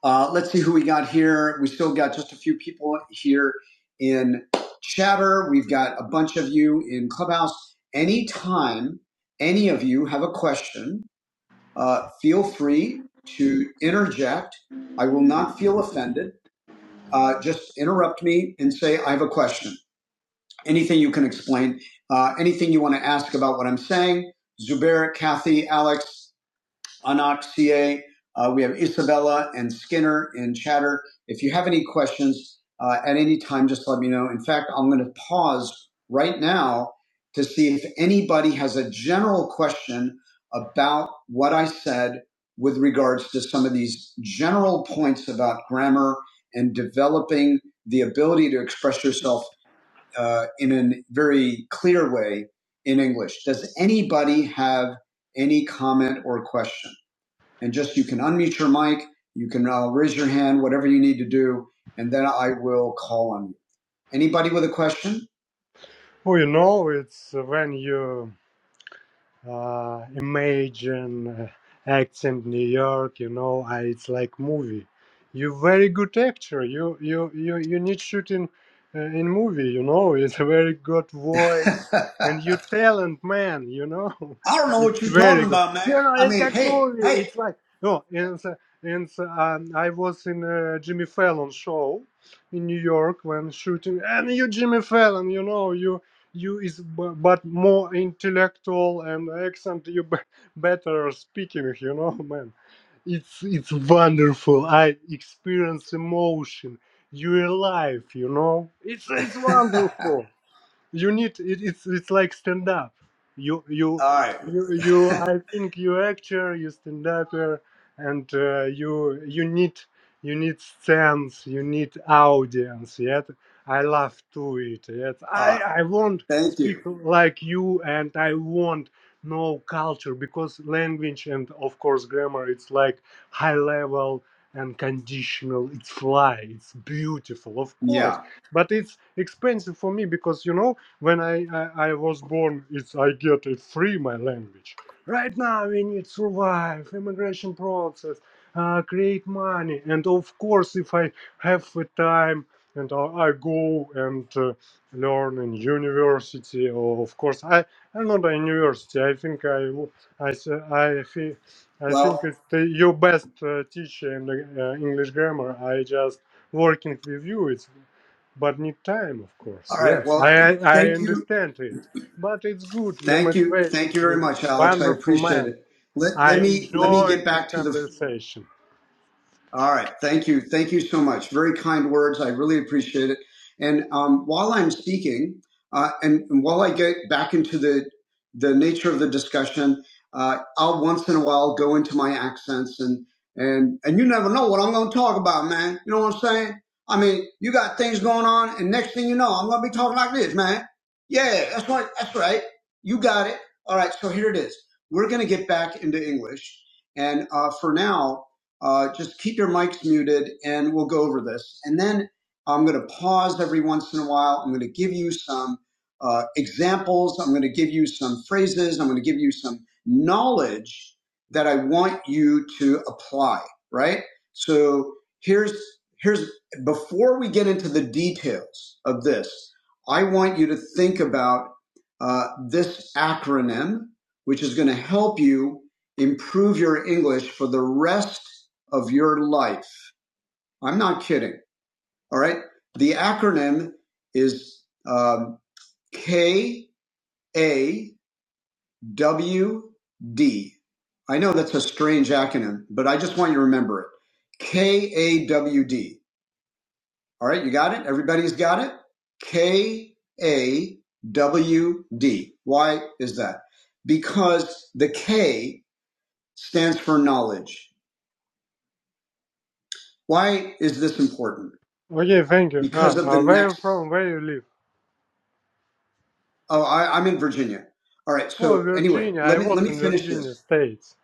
A: Uh, let's see who we got here. We still got just a few people here in chatter. We've got a bunch of you in Clubhouse. Anytime any of you have a question, uh, feel free to interject. I will not feel offended. Uh, just interrupt me and say, I have a question anything you can explain, uh, anything you want to ask about what I'm saying. Zubair, Kathy, Alex, Anak, CA. Uh, we have Isabella and Skinner in chatter. If you have any questions uh, at any time, just let me know. In fact, I'm going to pause right now to see if anybody has a general question about what I said with regards to some of these general points about grammar and developing the ability to express yourself uh, in a very clear way in English. Does anybody have any comment or question? And just you can unmute your mic, you can uh, raise your hand, whatever you need to do, and then I will call on you. Anybody with a question?
F: oh you know, it's when you uh, imagine uh, accent New York. You know, I, it's like movie. You very good actor. You you you you need shooting uh, in movie. You know, it's a very good
A: I
F: voice and you talent man. You know,
A: don't know what
F: it's
A: you're
F: very
A: talking
F: good.
A: about,
F: You
A: man.
F: know,
A: I
F: it's
A: mean,
F: like
A: hey,
F: movie.
A: hey,
F: It's like no. And so- and so, um, I was in uh, Jimmy Fallon show in New York when shooting, and you Jimmy Fallon. You know, you you is b- but more intellectual and accent you b- better speaking you know man it's it's wonderful i experience emotion you alive you know it's it's wonderful you need it, it's it's like stand up you you
A: all right.
F: you you i think you actor you stand upper and uh, you you need you need sense you need audience yet i love to it yes
A: All
F: i
A: right.
F: i won't
A: Thank
F: speak
A: you.
F: like you and i won't know culture because language and of course grammar it's like high level and conditional it's fly it's beautiful of course
A: Yeah.
F: but it's expensive for me because you know when I, I, I was born, it's I get it free my language. Right now we need survive immigration process, uh, create money, and of course if I have the time and I, I go and uh, learn in university, or of course I I'm not a university. I think I w- I s- I thi- I think
A: Well,
F: it's the, your best uh, teacher in the, uh, English grammar. I just working with you. It's but need time, of
A: all
F: course.
A: right.
F: Yes, I
A: Well,
F: I I
A: thank you.
F: understand it, but it's good. Your
A: Thank you.
F: motivation
A: Thank you very
F: is
A: much, Alex. I
F: wonderful,
A: appreciate
F: man.
A: it. Let,
F: I
A: let me let me
F: enjoy
A: get
F: this
A: back to the
F: conversation.
A: All right. Thank you. Thank you so much. Very kind words. I really appreciate it. And um, while I'm speaking, uh, and, and while I get back into the the nature of the discussion, uh, I'll once in a while go into my accents and and and you never know what I'm going to talk about, man. You know what I'm saying? I mean, you got things going on, and next thing you know, I'm going to be talking like this, man. Yeah, that's right. That's right. You got it. All right. So here it is. We're going to get back into English, and uh, for now. Uh, just keep your mics muted and we'll go over this. And then I'm going to pause every once in a while. I'm going to give you some uh, examples. I'm going to give you some phrases. I'm going to give you some knowledge that I want you to apply, right? So here's, here's, before we get into the details of this, I want you to think about uh, this acronym, which is going to help you improve your English for the rest of your life. I'm not kidding. All right. The acronym is um, K A W D. I know that's a strange acronym, but I just want you to remember it. K A W D. All right. You got it? Everybody's got it? K A W D. Why is that? Because the K stands for knowledge. Why is this important?
F: Okay, thank you.
A: Because
F: Ah,
A: of the
F: uh, where you
A: next
F: from? Where you live?
A: Oh, I, I'm in Virginia. All right.
F: Oh,
A: So anyway,
F: Virginia.
A: let
F: I
A: me let
F: was
A: me
F: in
A: finish
F: Virginia
A: this.
F: States.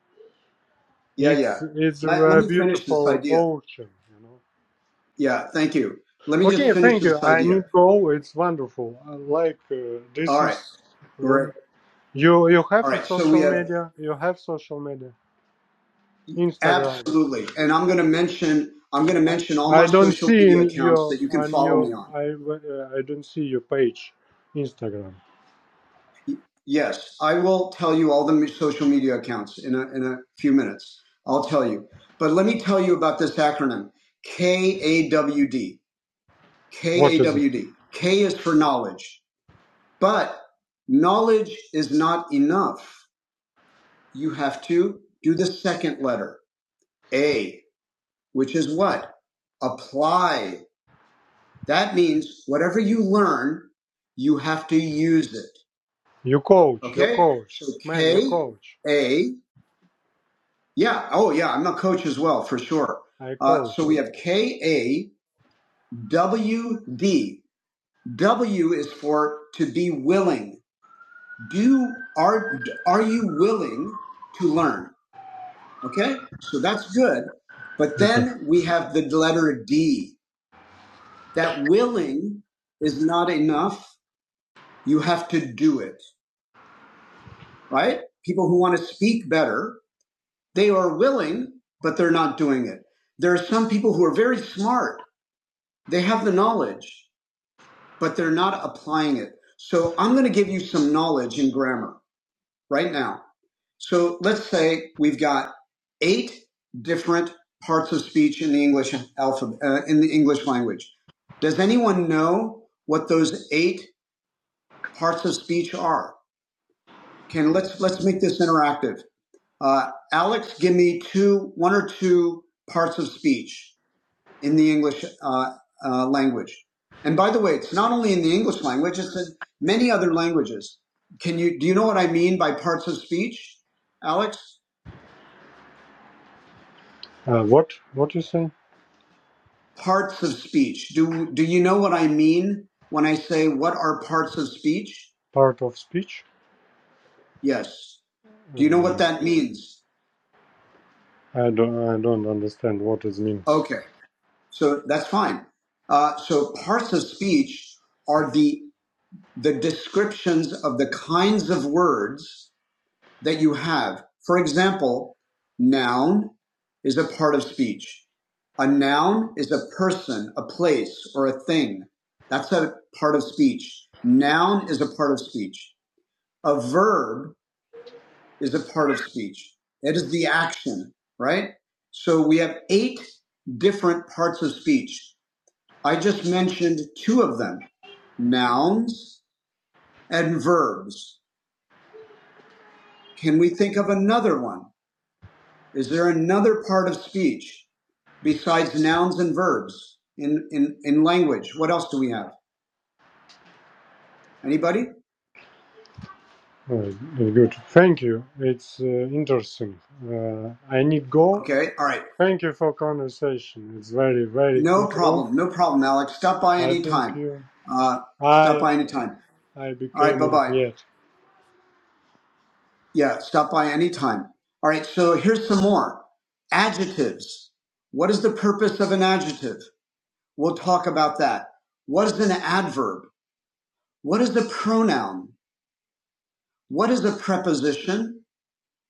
A: Yeah, yeah.
F: It's it's
A: Let, let
F: a
A: me finish this
F: beautiful
A: idea.
F: ocean, you know.
A: Yeah, thank you. Let me just
F: Okay,
A: finish
F: thank you.
A: this
F: I
A: idea.
F: need go. It's wonderful. I like uh, this
A: All right,
F: is
A: great.
F: room. You you
A: All
F: have a
A: right. So we
F: social
A: have
F: media. You have social media. Instagram.
A: absolutely, and I'm going to mention I'm going to
F: I,
A: mention all my
F: I don't
A: social
F: see
A: media
F: in
A: accounts
F: your
A: that you can
F: on
A: follow
F: your
A: me on.
F: I uh, I don't see your page, Instagram.
A: Y- Yes, I will tell you all the me- social media accounts in a in a few minutes. I'll tell you. But let me tell you about this acronym, KAWD. K
F: What
A: A
F: is it?
A: W D. K is for knowledge, but knowledge is not enough. You have to do the second letter, A, which is what? Apply. That means whatever you learn, you have to use it.
F: You coach, you
A: Okay?
F: coach,
A: So
F: man, you
A: K,
F: coach.
A: A, yeah, oh yeah, I'm a coach as well, for sure.
F: I
A: Uh,
F: coach.
A: so we have K A W D. W is for to be willing. do are are you willing to learn okay so that's good but
F: Okay.
A: then we have the letter d that willing is not enough you have to do it right people who want to speak better they are willing but they're not doing it there are some people who are very smart they have the knowledge but they're not applying it so i'm going to give you some knowledge in grammar right now So let's say we've got eight different parts of speech in the English alphabet, uh, in the English language. Does anyone know what those eight parts of speech are? Can let's let's make this interactive. Uh, Alex, give me two, one or two parts of speech in the English uh, uh, language. And by the way, it's not only in the English language; it's in many other languages. Can you do you know what I mean by parts of speech, Alex?
F: Uh, what what you say?
A: parts of speech. Do do you know what I mean when I say what are parts of speech?
F: Part of speech?
A: Yes. Do you know what
F: Um,
A: that means?
F: I don't I don't understand what it means.
A: Okay. So that's fine. Uh, so parts of speech are the the descriptions of the kinds of words that you have. For example, noun is a part of speech. A noun is a person, a place, or a thing. That's a part of speech. Noun is a part of speech. A verb is a part of speech. It is the action, right? So we have eight different parts of speech. I just mentioned two of them, nouns and verbs. Can we think of another one? Is there another part of speech besides nouns and verbs in, in, in language? What else do we have? Anybody?
F: Uh, good. Thank you. It's uh, interesting. Uh, I need go.
A: Okay. All right.
F: Thank you for conversation. It's very very
A: No
F: good room.
A: problem. No problem, Alex. Stop by
F: I think
A: anytime.
F: you.
A: Uh, stop
F: I
A: by anytime.
F: I
A: All right.
F: became
A: Bye
F: in
A: bye.
F: here.
A: Yeah, stop by anytime. All right, so here's some more. Adjectives. What is the purpose of an adjective? We'll talk about that. What is an adverb? What is the pronoun? What is a preposition?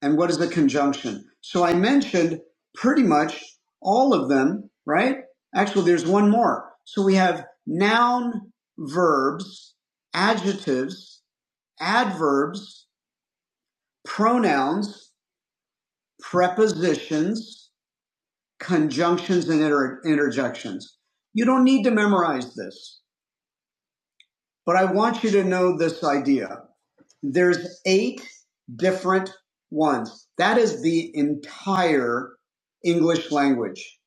A: And what is a conjunction? So I mentioned pretty much all of them, right? Actually, there's one more. So we have noun, verbs, adjectives, adverbs, pronouns, prepositions, conjunctions and inter- interjections. You don't need to memorize this, but I want you to know this idea. There's eight different ones. That is the entire English language.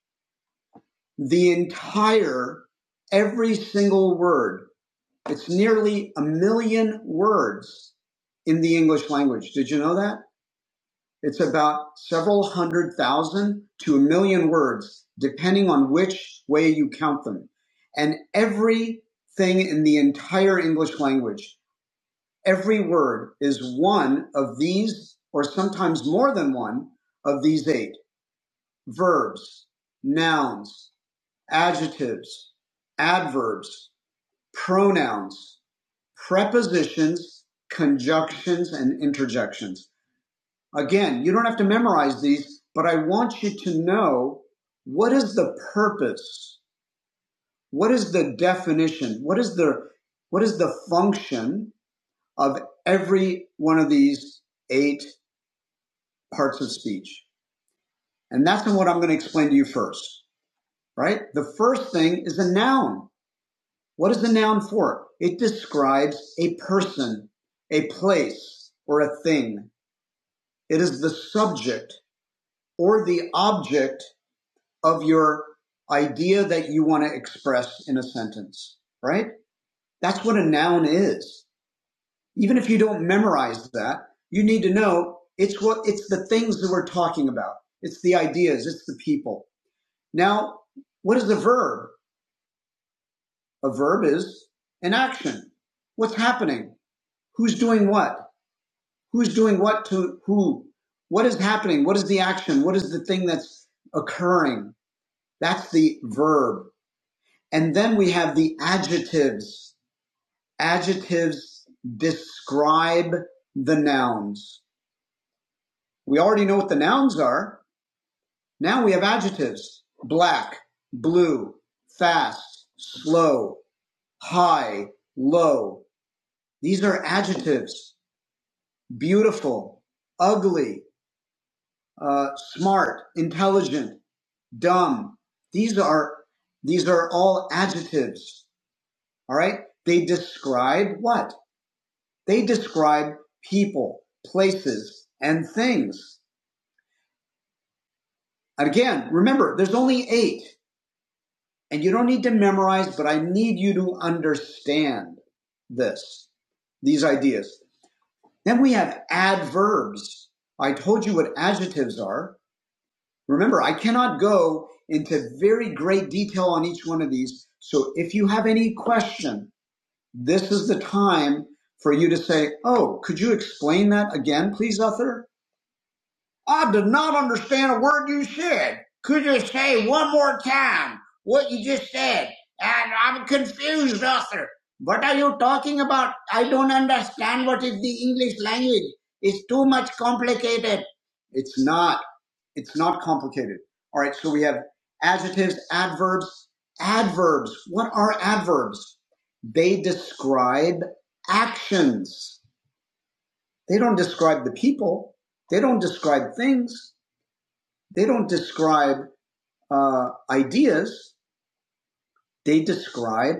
A: The entire, every single word. It's nearly a million words in the English language. Did you know that? It's about several hundred thousand to a million words, depending on which way you count them. And everything in the entire English language, every word is one of these, or sometimes more than one, of these eight verbs, nouns, adjectives, adverbs, pronouns, prepositions, conjunctions, and interjections. Again, you don't have to memorize these, but I want you to know what is the purpose? What is the definition? What is the what is the function of every one of these eight parts of speech? And that's what I'm going to explain to you first, right? The first thing is a noun. What is the noun for? It describes a person, a place, or a thing. It is the subject or the object of your idea that you want to express in a sentence, right? That's what a noun is. Even if you don't memorize that, you need to know it's what, it's the things that we're talking about. It's the ideas. It's the people. Now, what is a verb? A verb is an action. What's happening? Who's doing what? Who's doing what to who? What is happening? What is the action? What is the thing that's occurring? That's the verb. And then we have the adjectives. Adjectives describe the nouns. We already know what the nouns are. Now we have adjectives. Black, blue, fast, slow, high, low. These are adjectives. Beautiful, ugly, uh, smart, intelligent, dumb. These are, these are all adjectives. All right. They describe what? They describe people, places, and things. And again, remember, there's only eight, and you don't need to memorize, but I need you to understand this, these ideas. Then we have adverbs. I told you what adjectives are. Remember, I cannot go into very great detail on each one of these. So if you have any question, this is the time for you to say, Oh, could you explain that again, please, author? I did not understand a word you said. Could you say one more time what you just said? And I'm confused, Arthur. What are you talking about? I don't understand what is the English language. It's too much complicated. It's not. It's not complicated. All right, so we have adjectives, adverbs, adverbs. What are adverbs? They describe actions. They don't describe the people. They don't describe things they don't describe uh, ideas; they describe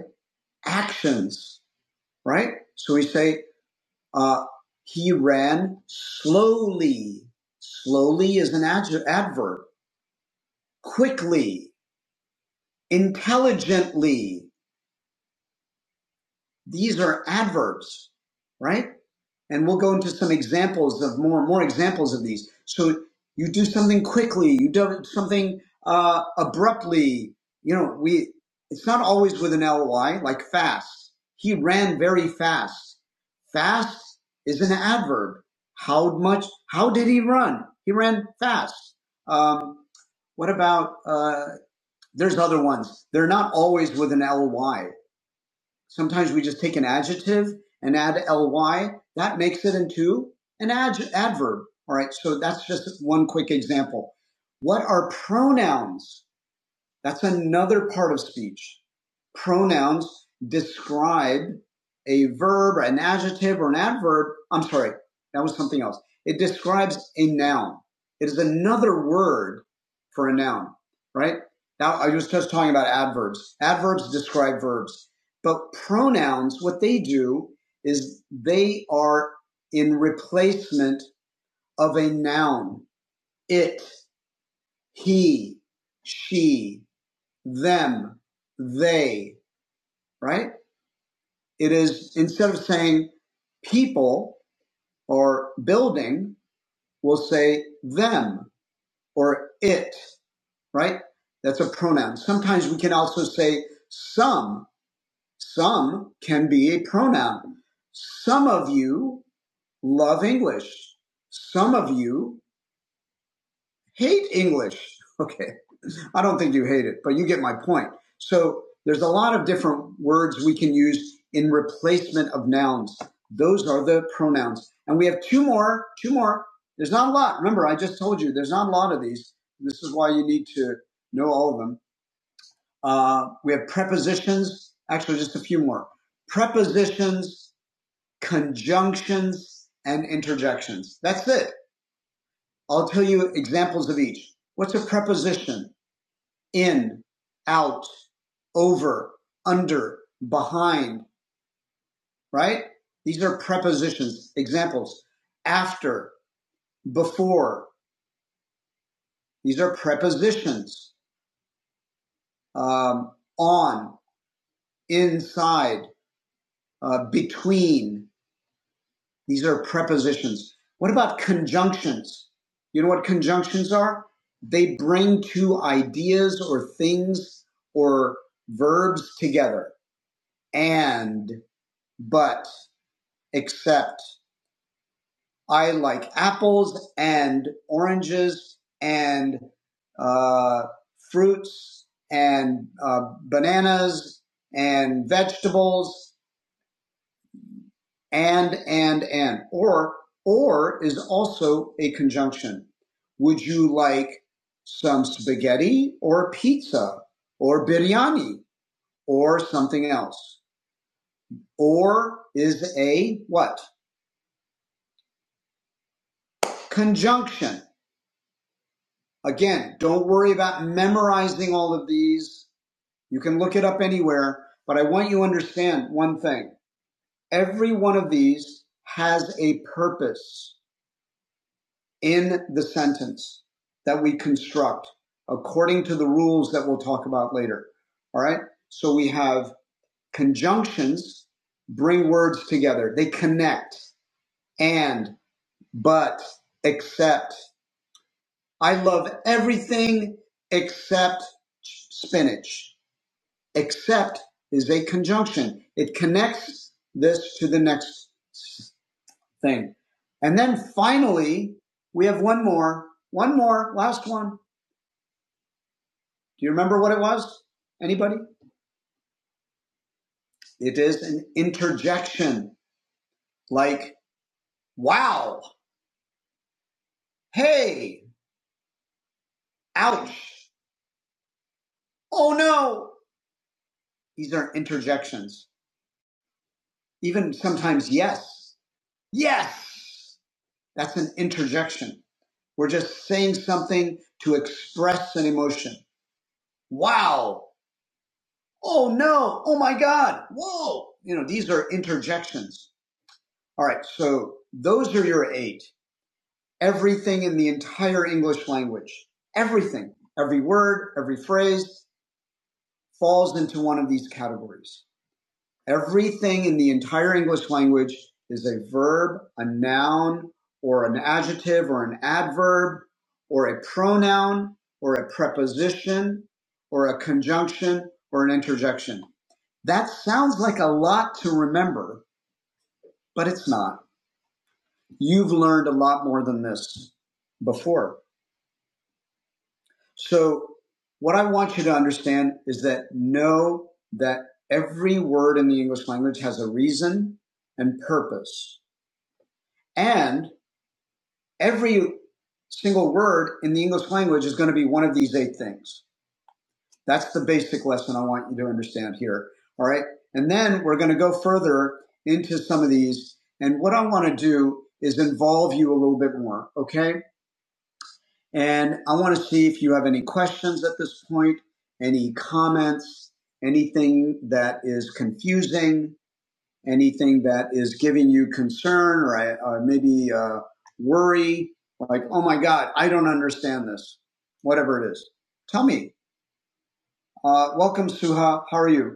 A: actions, right? So we say uh, he ran slowly. Slowly is an adj- adverb. Quickly, intelligently. These are adverbs, right? and we'll go into some examples of more more examples of these. So you do something quickly, you do something uh, abruptly. You know, we it's not always with an ly like fast. He ran very fast. Fast is an adverb. How much? How did he run? He ran fast. Um, what about? Uh, there's other ones. They're not always with an ly. Sometimes we just take an adjective and add ly. That makes it into an adj- adverb. All right. So that's just one quick example. What are pronouns? That's another part of speech. Pronouns describe a verb, or an adjective, or an adverb. I'm sorry, that was something else. It describes a noun. It is another word for a noun, right? Now, I was just talking about adverbs. Adverbs describe verbs. But pronouns, what they do is they are in replacement of a noun. It, he, she, them, they, right? It is instead of saying people or building, we'll say them or it, right? That's a pronoun. Sometimes we can also say some. Some can be a pronoun. Some of you love English. Some of you hate English. Okay. I don't think you hate it, but you get my point. So there's a lot of different words we can use in replacement of nouns. Those are the pronouns. And we have two more, two more. There's not a lot. Remember, I just told you there's not a lot of these. This is why you need to know all of them. Uh, we have prepositions, actually, just a few more prepositions, conjunctions, and interjections. That's it. I'll tell you examples of each. What's a preposition? in, out, over, under, behind, right? These are prepositions, examples. After, before, these are prepositions. Um, on, inside, uh, between, these are prepositions. What about conjunctions? You know what conjunctions are? They bring two ideas or things or verbs together. And, but. except I like apples and oranges and uh, fruits and uh, bananas and vegetables and and and or or is also a conjunction. Would you like some spaghetti or pizza or biryani or something else? Or is a what? Conjunction. Again, don't worry about memorizing all of these. You can look it up anywhere, but I want you to understand one thing. Every one of these has a purpose in the sentence that we construct according to the rules that we'll talk about later. All right. So we have conjunctions bring words together. They connect and, but, except. I love everything except spinach. Except is a conjunction. It connects this to the next thing. And then finally, we have one more, one more, last one. Do you remember what it was? Anybody? It is an interjection like, wow, hey, ouch, oh no. These are interjections. Even sometimes, yes, yes. That's an interjection. We're just saying something to express an emotion. Wow. Oh no. Oh my God. Whoa. You know, these are interjections. All right. So those are your eight. Everything in the entire English language. Everything. Every word, every phrase falls into one of these categories. Everything in the entire English language is a verb, a noun, or an adjective, or an adverb, or a pronoun, or a preposition, or a conjunction, or an interjection. That sounds like a lot to remember, but it's not. You've learned a lot more than this before. So, what I want you to understand is that know that every word in the English language has a reason and purpose. And every single word in the English language is going to be one of these eight things. That's the basic lesson I want you to understand here. All right. And then we're going to go further into some of these. And what I want to do is involve you a little bit more. Okay. And I want to see if you have any questions at this point, any comments, anything that is confusing, anything that is giving you concern or uh, maybe uh, worry, like, oh my God, I don't understand this, whatever it is. Tell me. Uh, welcome, Suha. How are you?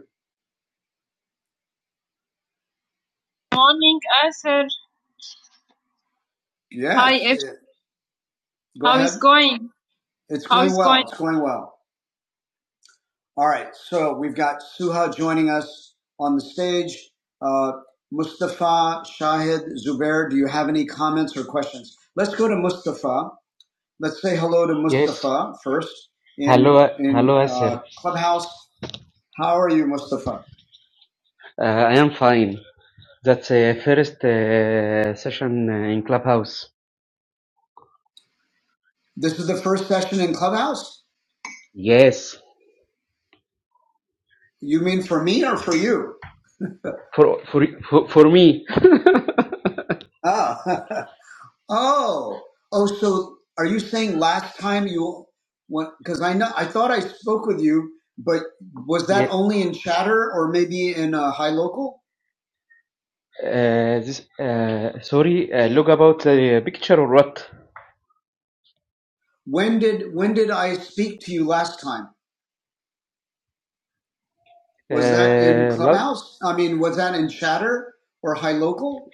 A: Morning, Arthur. Yeah. Hi, Ed. yeah. Go How ahead. is going? It's going is well. going? It's going well. All right. So we've got Suha joining us on the stage. Uh, Mustafa, Shahid, Zubair, do you have any comments or questions? Let's go to Mustafa. Let's say hello to
G: Yes,
A: Mustafa first
G: hello,
A: in
G: uh, hello,
A: in uh,
G: Asir.
A: Clubhouse. How are you, Mustafa?
G: Uh, I am fine. That's uh, first uh, session uh, in Clubhouse.
A: This is the first session in Clubhouse.
G: Yes,
A: You mean for me or for you?
G: for for for, for me.
A: Ah, Oh, oh. So, are you saying last time you went? Because I know I thought I spoke with you, but was
G: yeah.
A: that only in chatter or maybe in uh, high local?
G: Uh, this uh, sorry. Uh, look about the picture or what?
A: When did when did I speak to you last time? Was that in
G: Uh, lo-
A: clubhouse? I mean, was that in chatter or high local?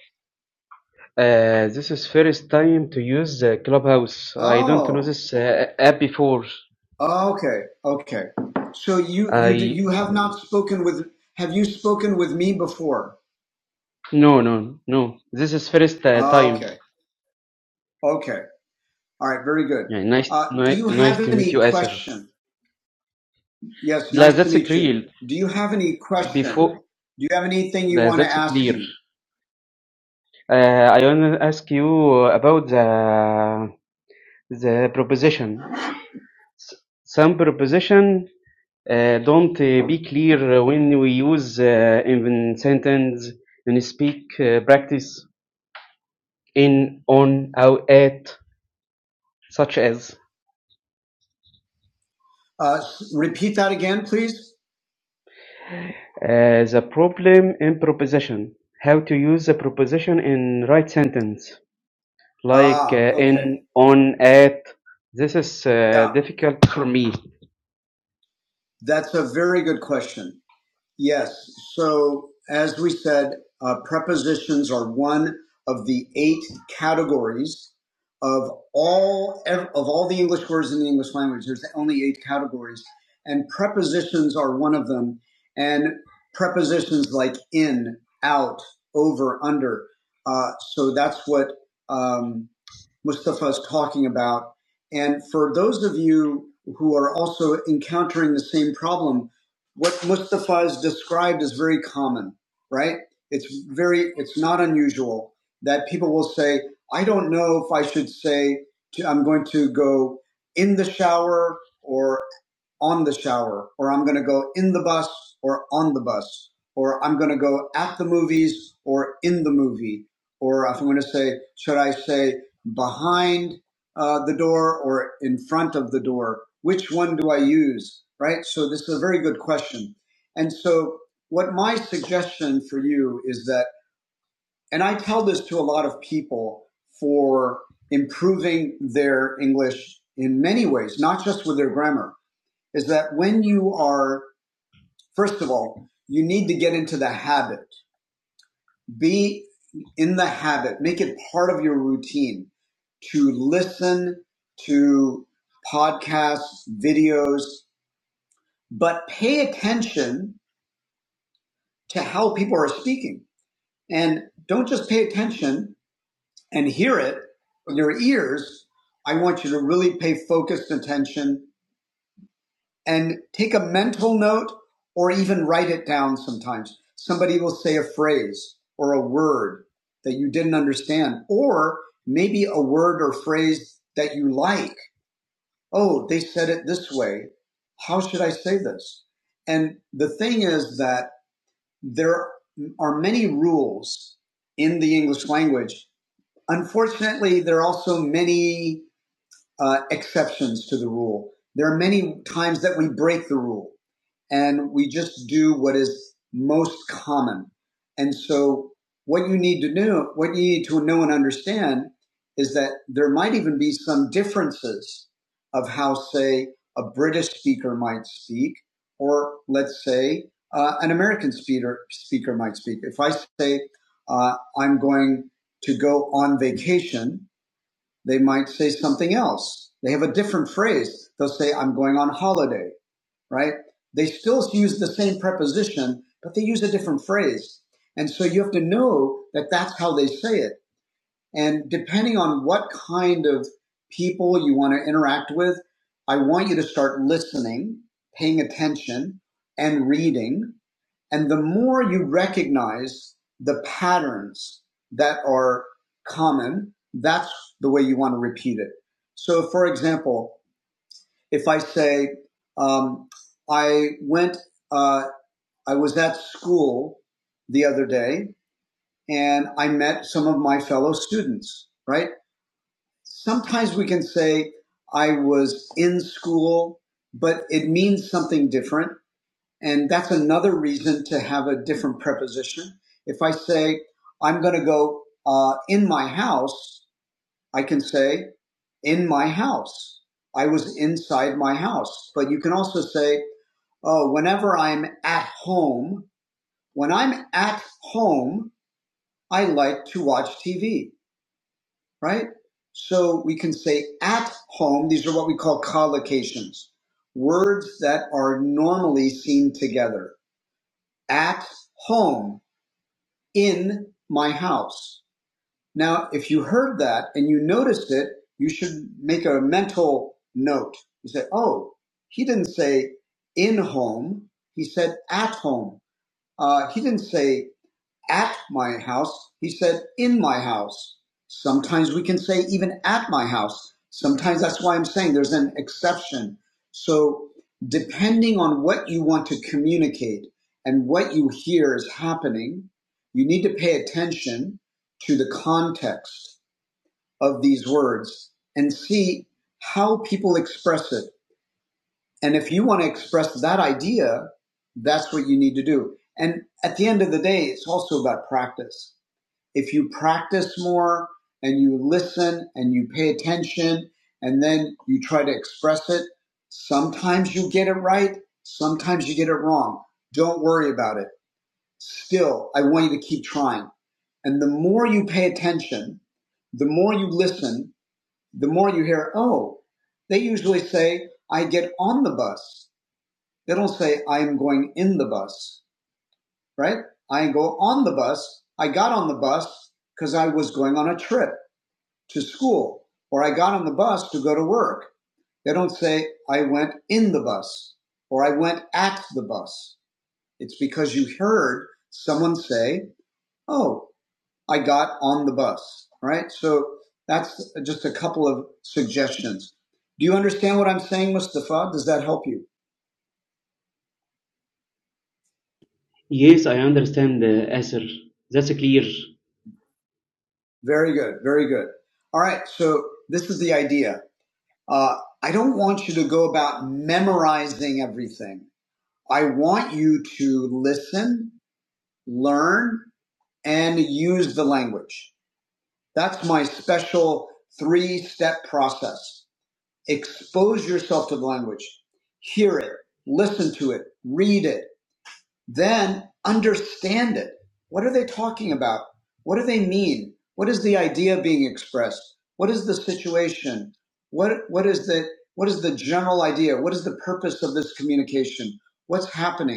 G: uh, this is first time to use uh, Clubhouse. I don't know
A: Oh,
G: this uh, app before.
A: okay, okay. So you you d-
G: I
A: you have not spoken with. Have you spoken with me before?
G: no no no. This is first uh, time.
A: Okay, okay. All right, very good.
G: Yeah, nice
A: Uh, do
G: ni-
A: you
G: nice
A: have
G: to meet
A: any
G: you, Asir.
A: question? Yes,
G: لا
A: nice to
G: that's
A: meet you.
G: clear
A: Do you have any question?
G: before
A: Do you have anything you
G: لا
A: want to
G: that's
A: ask
G: clear
A: me?
G: uh, I want to ask you about the the proposition S- some proposition uh, don't uh, be clear when we use uh, in sentence in speak uh, practice in on or at such as
A: Uh, s- repeat that again, please.
G: uh, the problem in proposition how to use the proposition in right sentence like
A: Ah,
G: uh,
A: okay.
G: in on at this is uh,
A: Yeah,
G: difficult for me
A: that's a very good question. Yes. So, as we said, uh, prepositions are one of the eight categories of all of all the English words in the English language. There's only eight categories, and prepositions are one of them. And prepositions like in, out, over, under. Uh, so that's what. Um, Mustafa is talking about. And for those of you who are also encountering the same problem, what Mustafa has described is very common, right? It's very, it's not unusual that people will say, I don't know if I should say, to, I'm going to go in the shower or." on the shower, or I'm going to go in the bus or on the bus, or I'm going to go at the movies or in the movie, or if I'm going to say, should I say behind uh, the door or in front of the door? Which one do I use? Right? So this is a very good question. And so what my suggestion for you is that, and I tell this to a lot of people for improving their English in many ways, not just with their grammar is that when you are, first of all, you need to get into the habit. Be in the habit. Make it part of your routine to listen to podcasts, videos, but pay attention to how people are speaking. And don't just pay attention and hear it with your ears. I want you to really pay focused attention and take a mental note or even write it down sometimes. Somebody will say a phrase or a word that you didn't understand, or maybe a word or phrase that you like. Oh, they said it this way. How should I say this? And the thing is that there are many rules in the English language. Unfortunately, there are also many uh, exceptions to the rule. There are many times that we break the rule and we just do what is most common. And so what you need to know, what you need to know and understand is that there might even be some differences of how, say, a British speaker might speak, or let's say uh, an American speaker speaker might speak. If I say uh, I'm going to go on vacation, they might say something else. They have a different phrase. They'll say I'm going on holiday right? They still use the same preposition, but they use a different phrase. And so you have to know that that's how they say it. And depending on what kind of people you want to interact with, I want you to start listening, paying attention, and reading. And the more you recognize the patterns that are common, that's the way you want to repeat it. So, for example, if I say, um, I went, uh, I was at school the other day and I met some of my fellow students, right? Sometimes we can say, I was in school, but it means something different. And that's another reason to have a different preposition. If I say, I'm going to go uh, in my house, I can say, in my house. I was inside my house. But you can also say, uh, whenever I'm at home, when I'm at home, I like to watch TV, right? So we can say at home. These are what we call collocations, words that are normally seen together. At home, in my house. Now, if you heard that and you noticed it, you should make a mental note. You say, oh, he didn't say in home. He said at home. Uh, he didn't say at my house. He said, in my house. Sometimes we can say even at my house. Sometimes that's why I'm saying there's an exception. So depending on what you want to communicate and what you hear is happening, you need to pay attention to the context of these words and see how people express it. And if you want to express that idea, that's what you need to do. And at the end of the day, it's also about practice if you practice more and you listen and you pay attention and then you try to express it, sometimes you get it right, sometimes you get it wrong. Don't worry about it. Still, I want you to keep trying. And the more you pay attention, the more you listen, the more you hear, oh, they usually say, I get on the bus. They don't say, I am going in the bus, right? I go on the bus. I got on the bus because I was going on a trip to school or I got on the bus to go to work. They don't say I went in the bus or I went at the bus. It's because you heard someone say, "Oh, I got on the bus." Right? So that's just a couple of suggestions. Do you understand what I'm saying, Mustafa? Does that help you?
G: Yes, I understand, uh, Asir. That's clear.
A: Very good. Very good. All right. So this is the idea. Uh, I don't want you to go about memorizing everything. I want you to listen learn and use the language. That's my special three step process. Expose yourself to the language, hear it, listen to it, read it, then understand it. What are they talking about? What do they mean? What is the idea being expressed? What is the situation? What, what is the, what is the general idea? What is the purpose of this communication? What's happening?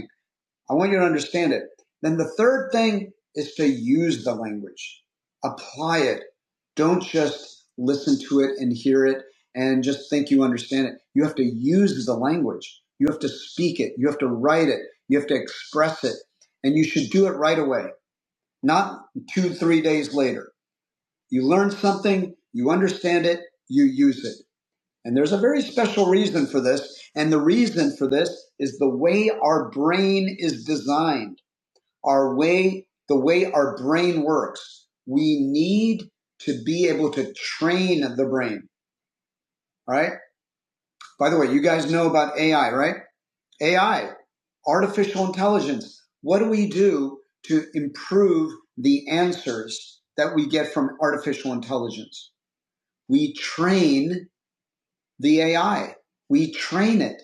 A: I want you to understand it. Then the third thing is to use the language, apply it. Don't just listen to it and hear it and just think you understand it. You have to use the language. You have to speak it. You have to write it. You have to express it. And you should do it right away, not two, three days later. You learn something, you understand it, you use it. And there's a very special reason for this. And the reason for this is the way our brain is designed our way, the way our brain works. We need to be able to train the brain, all right? By the way, you guys know about AI, right? AI, artificial intelligence. What do we do to improve the answers that we get from artificial intelligence? We train the AI. We train it.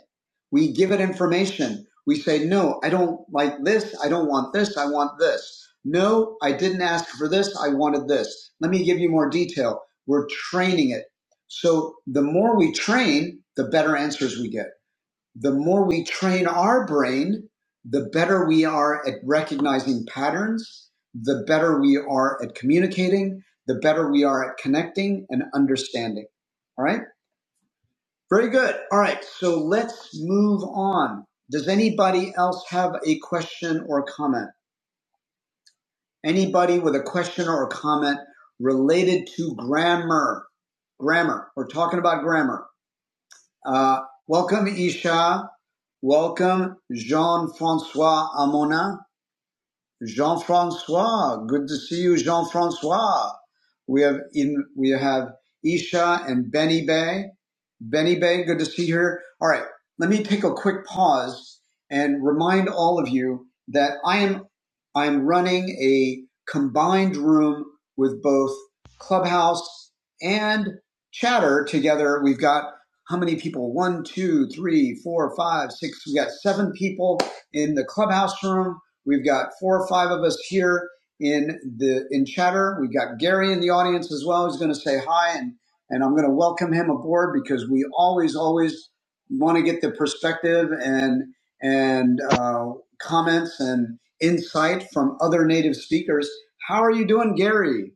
A: We give it information. We say, no, I don't like this. I don't want this. I want this. No, I didn't ask for this. I wanted this. Let me give you more detail. We're training it. So the more we train, the better answers we get. The more we train our brain, the better we are at recognizing patterns, the better we are at communicating, the better we are at connecting and understanding. All right. Very good. All right. So let's move on. Does anybody else have a question or comment? Anybody with a question or a comment related to grammar? Grammar. We're talking about grammar. Uh, welcome, Isha. Welcome, Jean Francois Amona. Jean-Francois, good to see you, Jean-Francois. We have in we have Isha and Benny Bay. Benny Bay, good to see her. All right, let me take a quick pause and remind all of you that I am I'm running a combined room with both Clubhouse and Chatter together. We've got how many people? One, two, three, four, five, six. We got seven people in the Clubhouse room We've got four or five of us here in the in chatter. We've got Gary in the audience as well. He's going to say hi, and and I'm going to welcome him aboard because we always always want to get the perspective and and uh, comments and insight from other native speakers. How are you doing, Gary?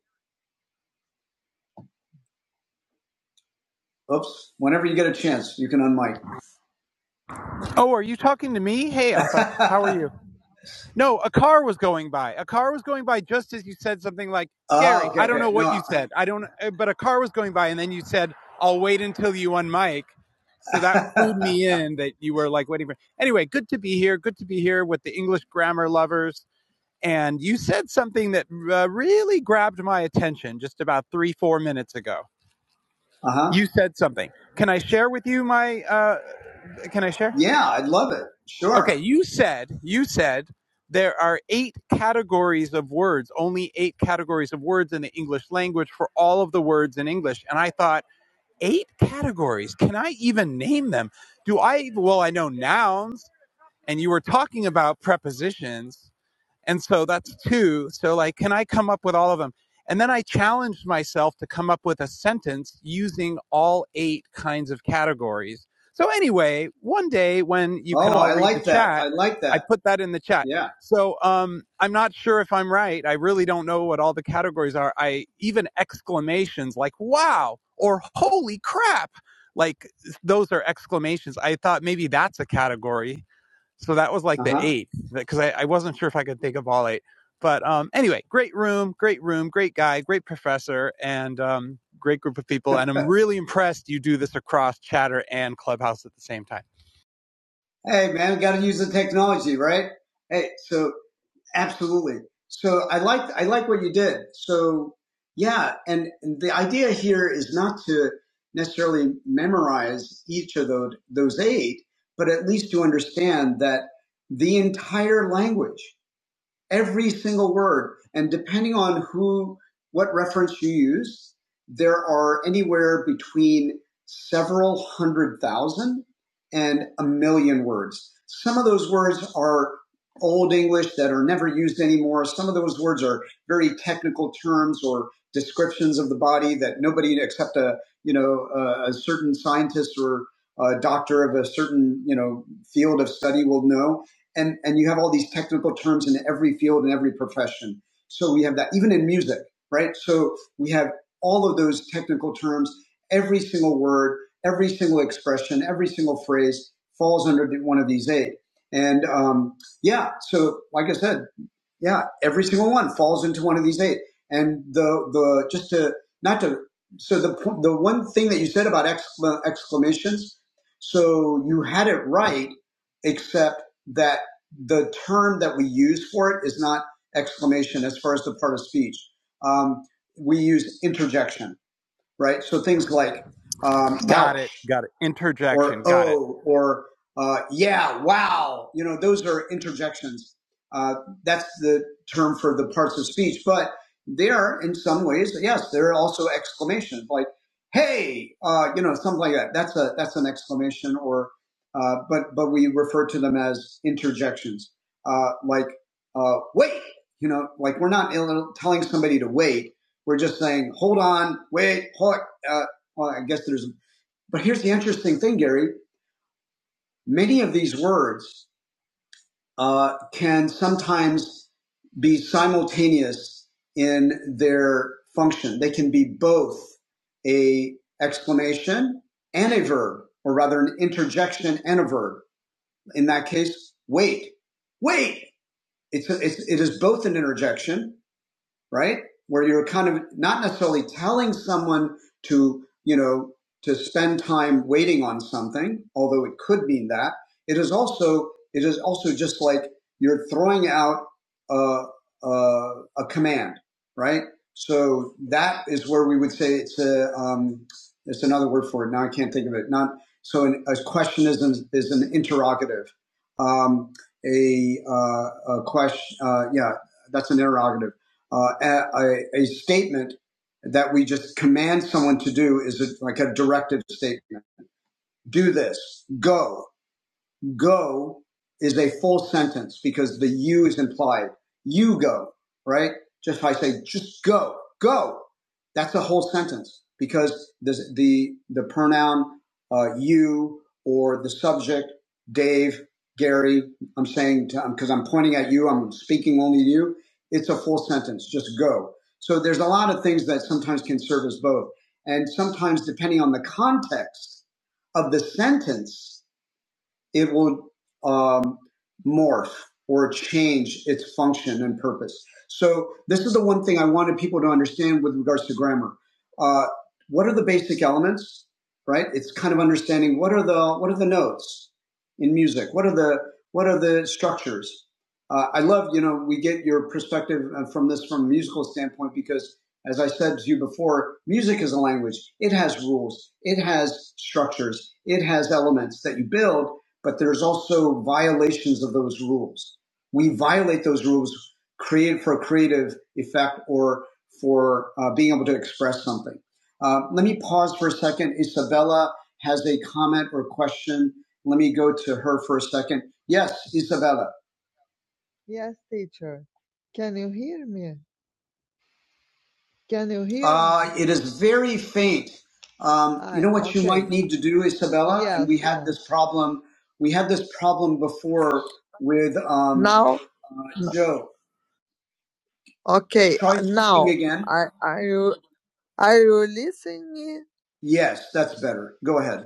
A: Oops. Whenever you get a chance, you can unmic. Uh huh. Yeah, I'd love it. Sure, like that. Yeah. Hey, man, got to use the technology, right? Hey, so Absolutely. So I like I like what you did. So yeah, and the idea here is not to necessarily memorize each of those those eight, but at least to understand that the entire language every single word. And depending on who, what reference you use, there are anywhere between several hundred thousand and a million words. Some of those words are old English that are never used anymore. Some of those words are very technical terms or descriptions of the body that nobody except a you know a, a certain scientist or a doctor of a certain you know field of study will know and and you have all these technical terms in every field and every profession. So we have that even in music, right? So we have all of those technical terms. Every single word, every single expression, every single phrase falls under one of these eight. And um, yeah, so like I said, yeah, every single one falls into one of these eight. And the the just to not to so the the one thing that you said about excla- exclamations, so you had it right, except that the term that we use for it is not exclamation as far as the part of speech. Um, we use interjection, right? So things like um, or uh, yeah, wow. You know, those are interjections. Uh, that's the term for the parts of speech, but they are in some ways, yes, they're also exclamations like, hey, uh, you know, something like that. That's a, that's an exclamation or, uh, but, but we refer to them as interjections, uh, like, uh, wait, you know, like we're not ill- telling somebody to wait. We're just saying, hold on, wait, hold, uh, well, I guess there's, but here's the interesting thing, Gary Many of these words uh, can sometimes be simultaneous in their function. They can be both a exclamation and a verb, or rather an interjection and a verb. In that case, wait, wait. It's, it's it is both an interjection right? Where you're kind of not necessarily telling someone to, you know, to spend time waiting on something, although it could mean that. It is also, it is also just like you're throwing out a, a, a command, right? So that is where we would say it's a, um, it's another word for it. Now I can't think of it. Not, so an, a question is an, is an interrogative. Um, a, uh, a question, uh, yeah, that's an interrogative uh, a, a, statement that we just command someone to do is a, like a directive statement. Do this. Go go is a full sentence because the you is implied. You go, right? Just if I say, just go, go, that's a whole sentence because the, the, the pronoun uh, you or the subject, Dave, Gary, I'm saying, because I'm pointing at you, I'm speaking only to you. It's a full sentence, just go. So there's a lot of things that sometimes can serve as both. And sometimes, depending on the context, of the sentence, it will um, morph or change its function and purpose. So this is the one thing I wanted people to understand with regards to grammar. Uh, what are the basic elements, right? It's kind of understanding what are the what are the notes in music. What are the what are the structures? Uh, I love you know we get your perspective uh, from this from a musical standpoint because as I said to you before, music is a language. It has rules. It has structures. It has elements that you build but there's also violations of those rules. We violate those rules created for creative effect or for uh, being able to express something. Uh, let me pause for a second. Isabella has a comment or question. Let me go to her for a second. Yes, Isabella. Uh, it is very faint. Um, we need to do Isabella this problem. We had this problem before with um, Joe again. Yes, that's better. Go ahead.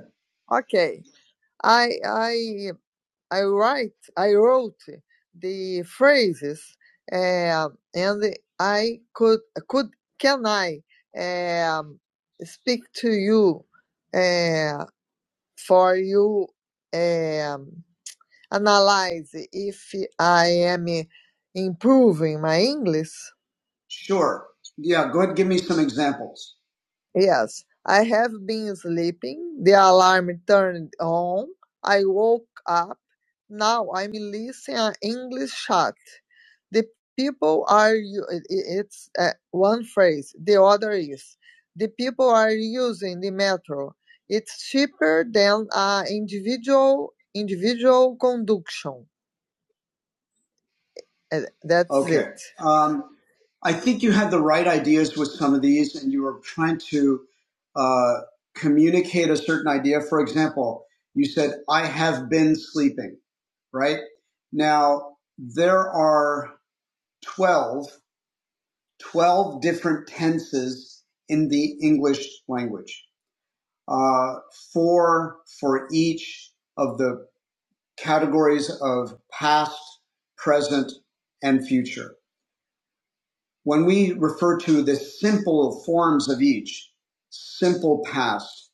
A: Sure. Yeah, go ahead and give me some examples. Um, I think you had the right ideas with some of these, and you were trying to uh, communicate a certain idea. For example, you said, I have been sleeping, right? Now, there are 12 12 different tenses in the English language, uh, four for each of the categories of past, present, and future. When we refer to the simple forms of each, simple past,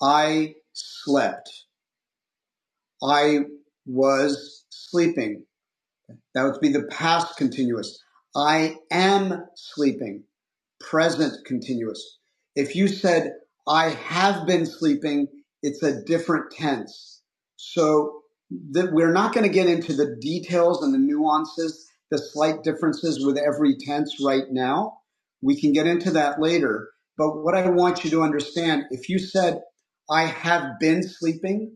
A: I slept, I was sleeping, That would be the past continuous. I am sleeping, present continuous. If you said, I have been sleeping, it's a different tense. So that we're not going to get into the details and the nuances, the slight differences with every tense right now. We can get into that later. But what I want you to understand, if you said, I have been sleeping,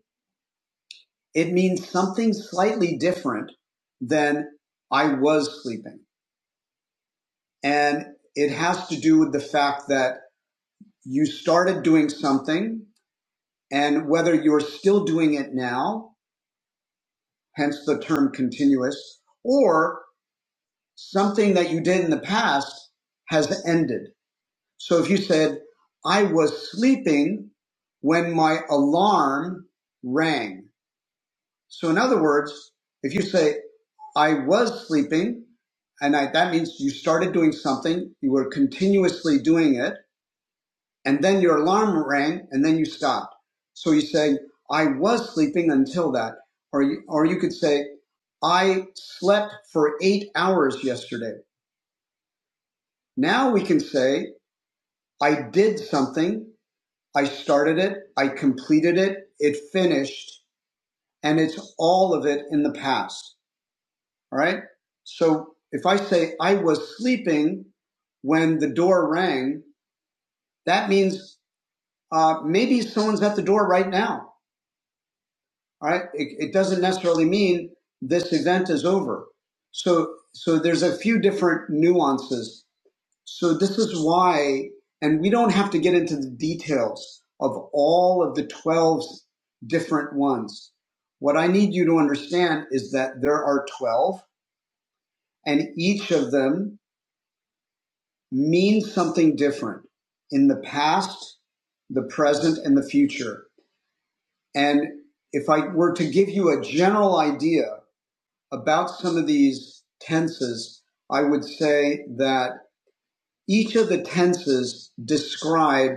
A: it means something slightly different than I was sleeping. And it has to do with the fact that you started doing something and whether you're still doing it now, hence the term continuous, or something that you did in the past has ended. So if you said, I was sleeping when my alarm rang, So in other words, if you say, I was sleeping, and I, that means you started doing something, you were continuously doing it, and then your alarm rang, and then you stopped. So you say, I was sleeping until that. Or you, or you could say, I slept for eight hours yesterday. Now we can say, I did something, I started it, I completed it, it finished, and it's all of it in the past. All right. So if I say I was sleeping when the door rang, that means uh, maybe someone's at the door right now. All right. It, it doesn't necessarily mean this event is over. So so there's a few different nuances. So this is why, and we don't have to get into the details of all of the 12 different ones. What I need you to understand is that there are 12 and each of them means something different in the past, the present, and the future. And if I were to give you a general idea about some of these tenses, I would say that each of the tenses describe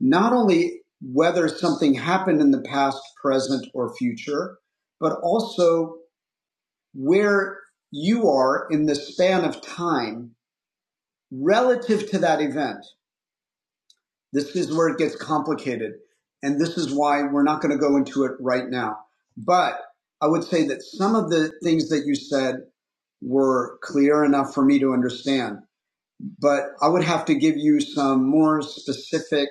A: not only whether something happened in the past, present, or future, but also where you are in the span of time relative to that event. This is where it gets complicated. And this is why we're not going to go into it right now. But I would say that some of the things that you said were clear enough for me to understand. But I would have to give you some more specific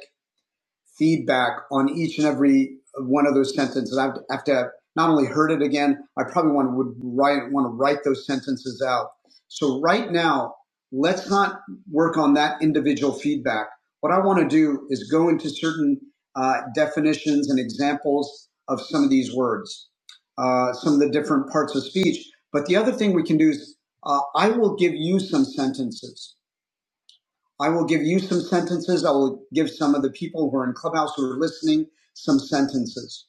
A: feedback on each and every one of those sentences. I have to not only heard it again, I probably want would write want to write those sentences out. So right now, let's not work on that individual feedback. What I want to do is go into certain uh, definitions and examples of some of these words, uh, some of the different parts of speech. But the other thing we can do is uh, I will give you some sentences I will give you some sentences. I will give some of the people who are in Clubhouse who are listening some sentences.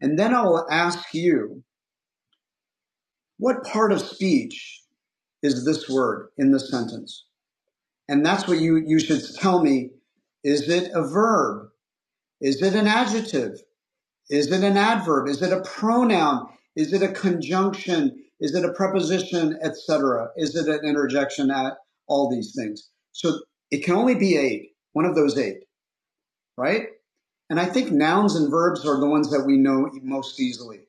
A: And then I will ask you, what part of speech is this word in the sentence? And that's what you, you should tell me. Is it a verb? Is it an adjective? Is it an adverb? Is it a pronoun? Is it a conjunction? Is it a preposition, etc.? Is it an interjection? Uh, All these things. So it can only be eight, one of those eight, right? And I think nouns and verbs are the ones that we know most easily.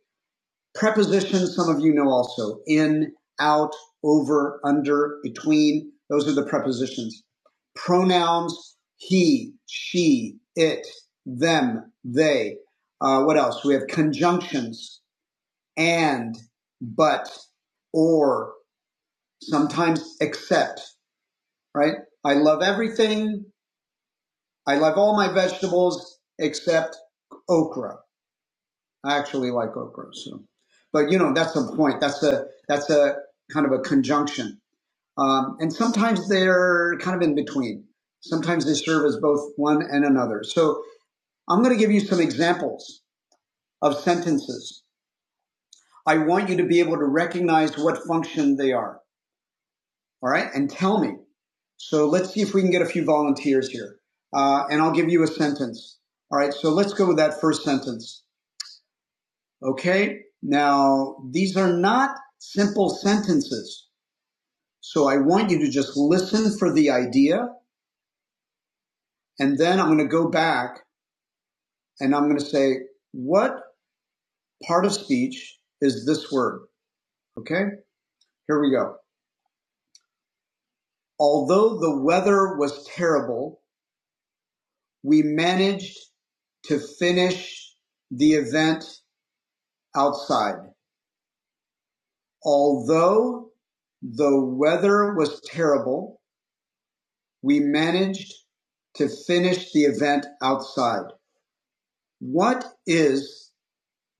A: Prepositions, some of you know also. In, out, over, under, between. Those are the prepositions. Pronouns, he, she, it, them, they. Uh, what else? We have conjunctions, and, but, or, sometimes except, right? I love everything. I love all my vegetables except okra I actually like okra. So, but you know, that's the point. That's a that's a kind of a conjunction. Um, and sometimes they're kind of in between. Sometimes they serve as both one and another. So I'm going to give you some examples of sentences. I want you to be able to recognize what function they are. All right, and tell me. So let's see if we can get a few volunteers here, uh, and I'll give you a sentence. All right. So let's go with that first sentence. Okay. Now, these are not simple sentences. So I want you to just listen for the idea. And then I'm going to go back and I'm going to say, what part of speech is this word? Okay. Here we go. Although the weather was terrible, we managed to finish the event outside. Although the weather was terrible, We managed to finish the event outside. What is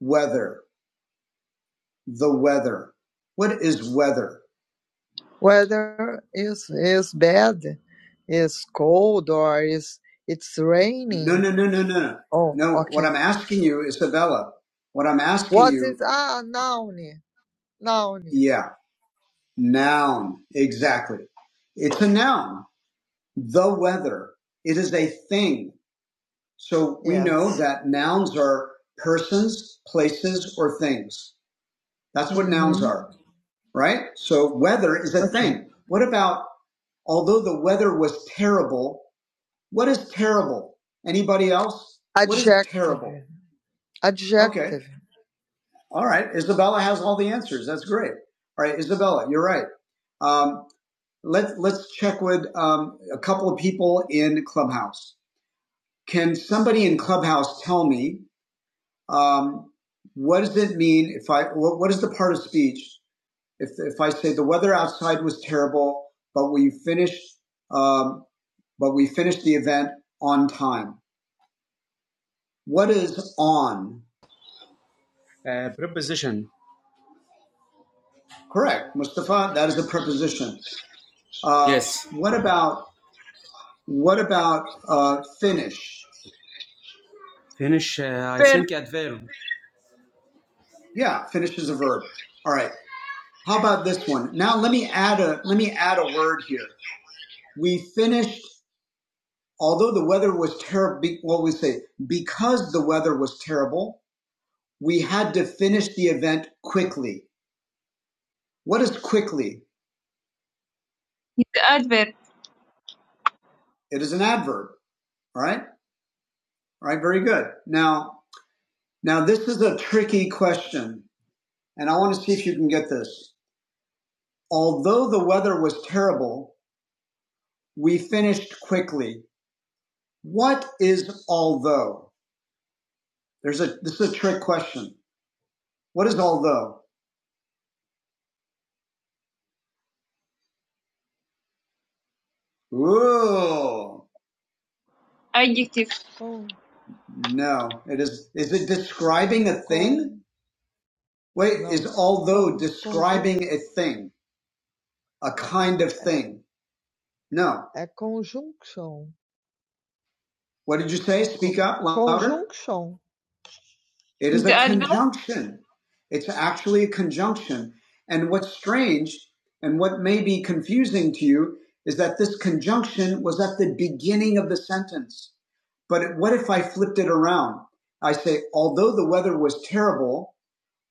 A: weather? The weather. What is weather? No, no, no, no, no. I'm asking you, Isabella, what I'm asking, yeah, noun. Exactly. It's a noun. The weather. It is a thing. So that nouns are persons, places, or things. That's what nouns are, right? So weather is a thing. What about although the weather was terrible. What is terrible? Anybody else? All right, Isabella has all the answers. That's great. All right, Isabella, you're right. Um, let Let's check with um, a couple of people in Clubhouse. Can somebody in Clubhouse tell me um, what does it mean if I what, what is the part of speech if if I say the weather outside was terrible, but we finished um, but we finished the event on time? What is on?
G: Uh, preposition.
A: Correct, Mustafa. That is a preposition. Uh,
G: Yes.
A: what about what about uh, finish?
G: Finish. Uh, I
A: Verb.
G: think adverb.
A: Yeah, finish is a verb. All right. How about this one? Now let me add a let me add a word here. We finished, although the weather was terrible. What we say because the weather was terrible, we had to finish the event quickly. What is quickly? It's an adverb. It is an adverb. All right. All right. Very good. Now Now, this is a tricky question, and I want to see if you can get this. Although the weather was terrible, we finished quickly. What is although? There's a this is a trick question. What is although? Ooh. Adjective. No, it is. Is it describing a thing? Wait, although describing a thing, a kind of thing. No. What did you say? Speak up. It is a conjunction. It's actually a conjunction. And what's strange and what may be confusing to you is that this conjunction was at the beginning of the sentence. But what if I flipped it around? I say, although the weather was terrible,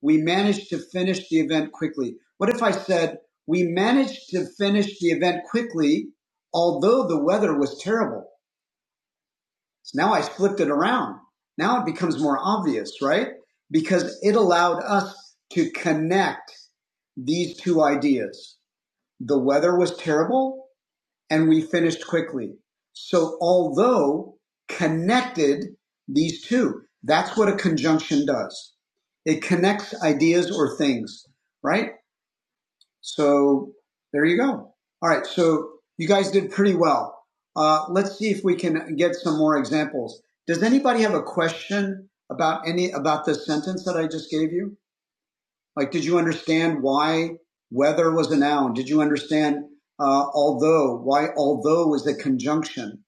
A: we managed to finish the event quickly. What if I said, we managed to finish the event quickly, although the weather was terrible? So Now I flipped it around. Now it becomes more obvious, right? Because it allowed us to connect these two ideas. The weather was terrible and we finished quickly. So although connected these two, that's what a conjunction does. It connects ideas or things, right? So there you go. All right. So you guys did pretty well. Uh, let's see if we can get some more examples. Does anybody have a question about any about the sentence that I just gave you? Like, did you understand why weather was a noun? Did you understand uh, although why although was a conjunction?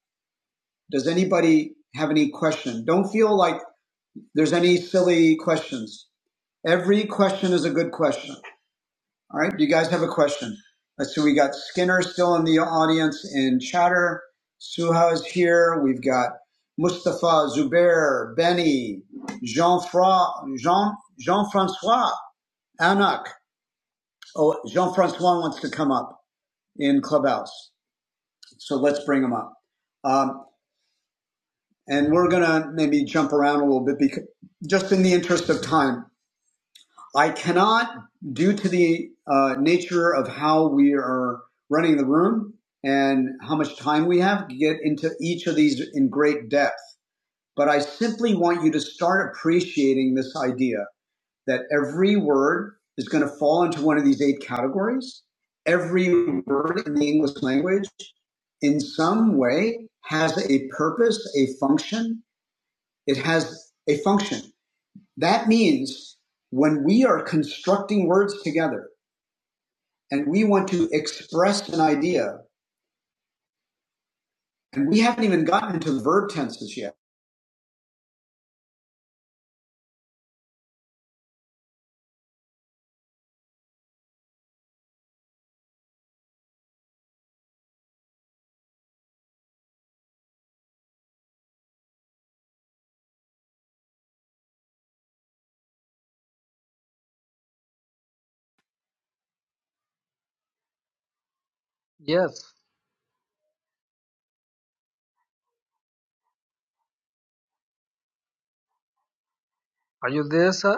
A: Does anybody have any question? Don't feel like there's any silly questions. Every question is a good question. All right. Do you guys have a question? Let's see. We got Skinner still in the audience in chatter. Suha is here. We've got Mustafa, Zubair, Benny, Jean Fra, Jean, Jean Francois, Anak. Oh, Jean Francois wants to come up in Clubhouse. So let's bring him up. Um, and we're going to maybe jump around a little bit because just in the interest of time. I cannot, due to the uh, nature of how we are running the room and how much time we have, get into each of these in great depth. But I simply want you to start appreciating this idea that every word is going to fall into one of these eight categories. Every word in the English language, in some way, has a purpose, a function. It has a function. That means when we are constructing words together and we want to express an idea, and we haven't even gotten into the verb tenses yet.
E: Yes. Are you there, sir?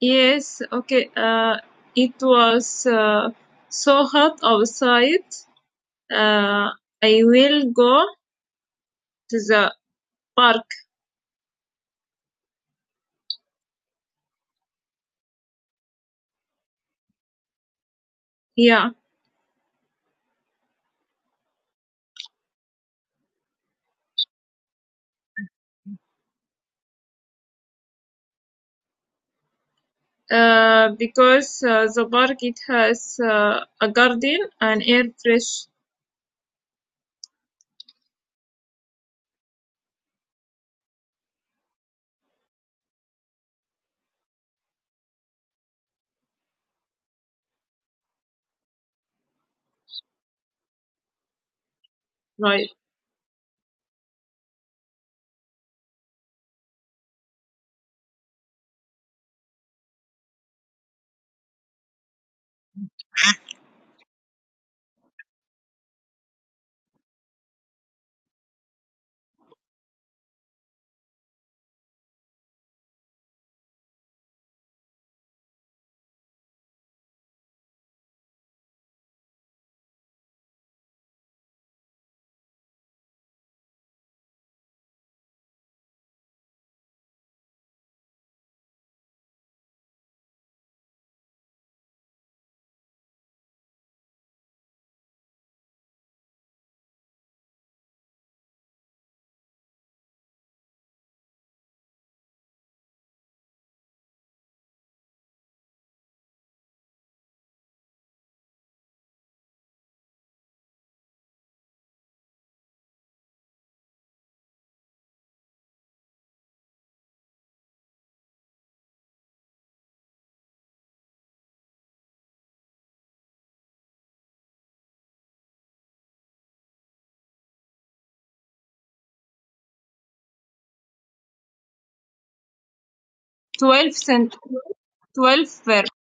A: Yes, okay. Uh, it was uh, so hot outside. Uh, I will go to the park. Yeah, uh, because uh, the park it has uh, a garden and air fresh. Right, twelve cent, twelve verb,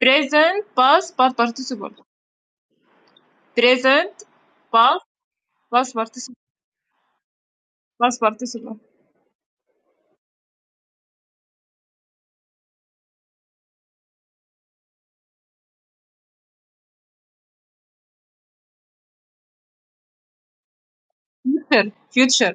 A: Present past past participle. Present past past participle past participle. Future. Future.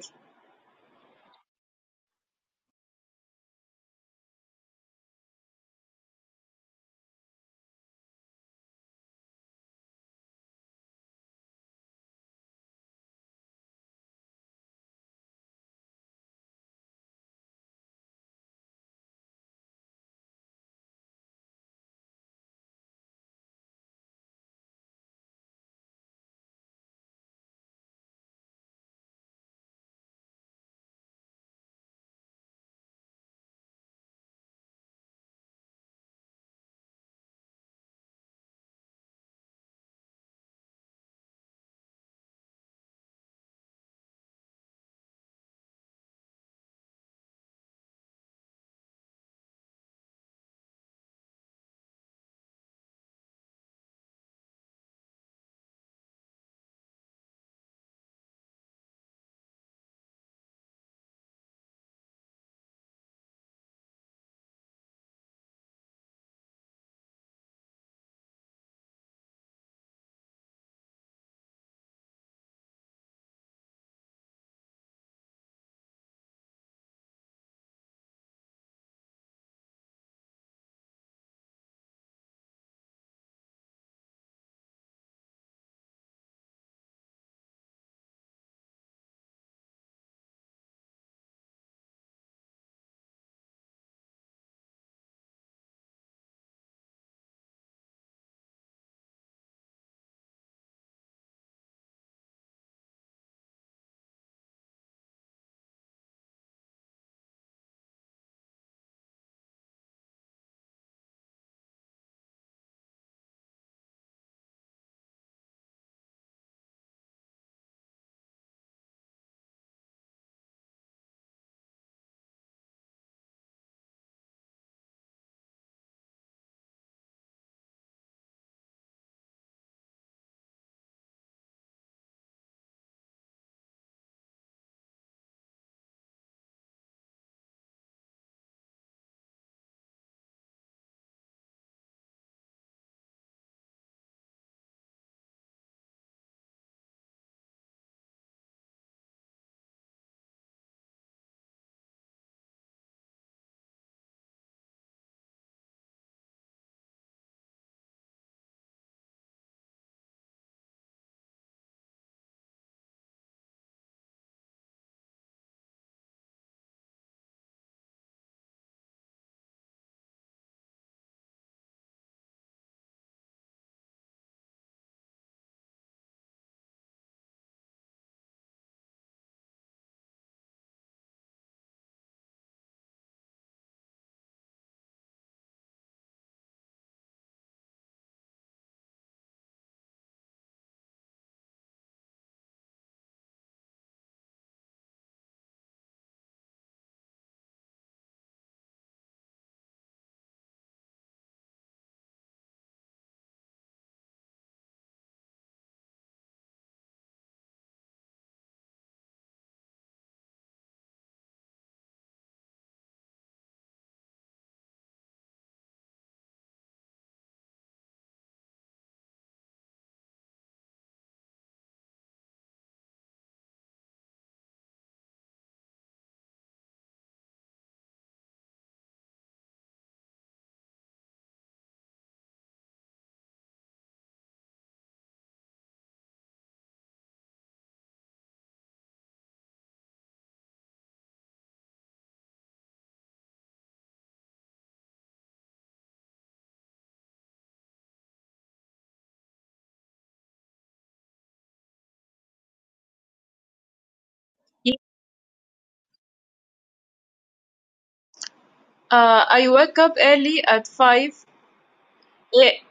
A: Uh, I wake up early at 5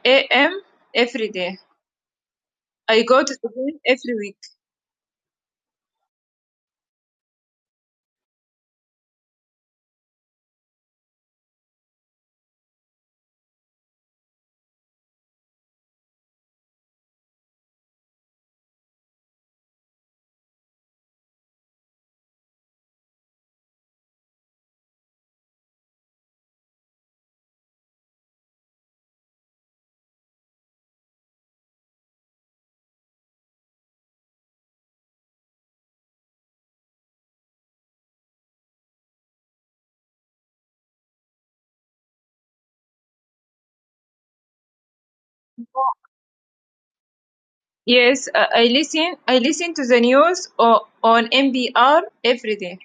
A: a.m. every day. I go to the gym every week. Yes, uh, I listen. I listen to the news o- on NPR every day.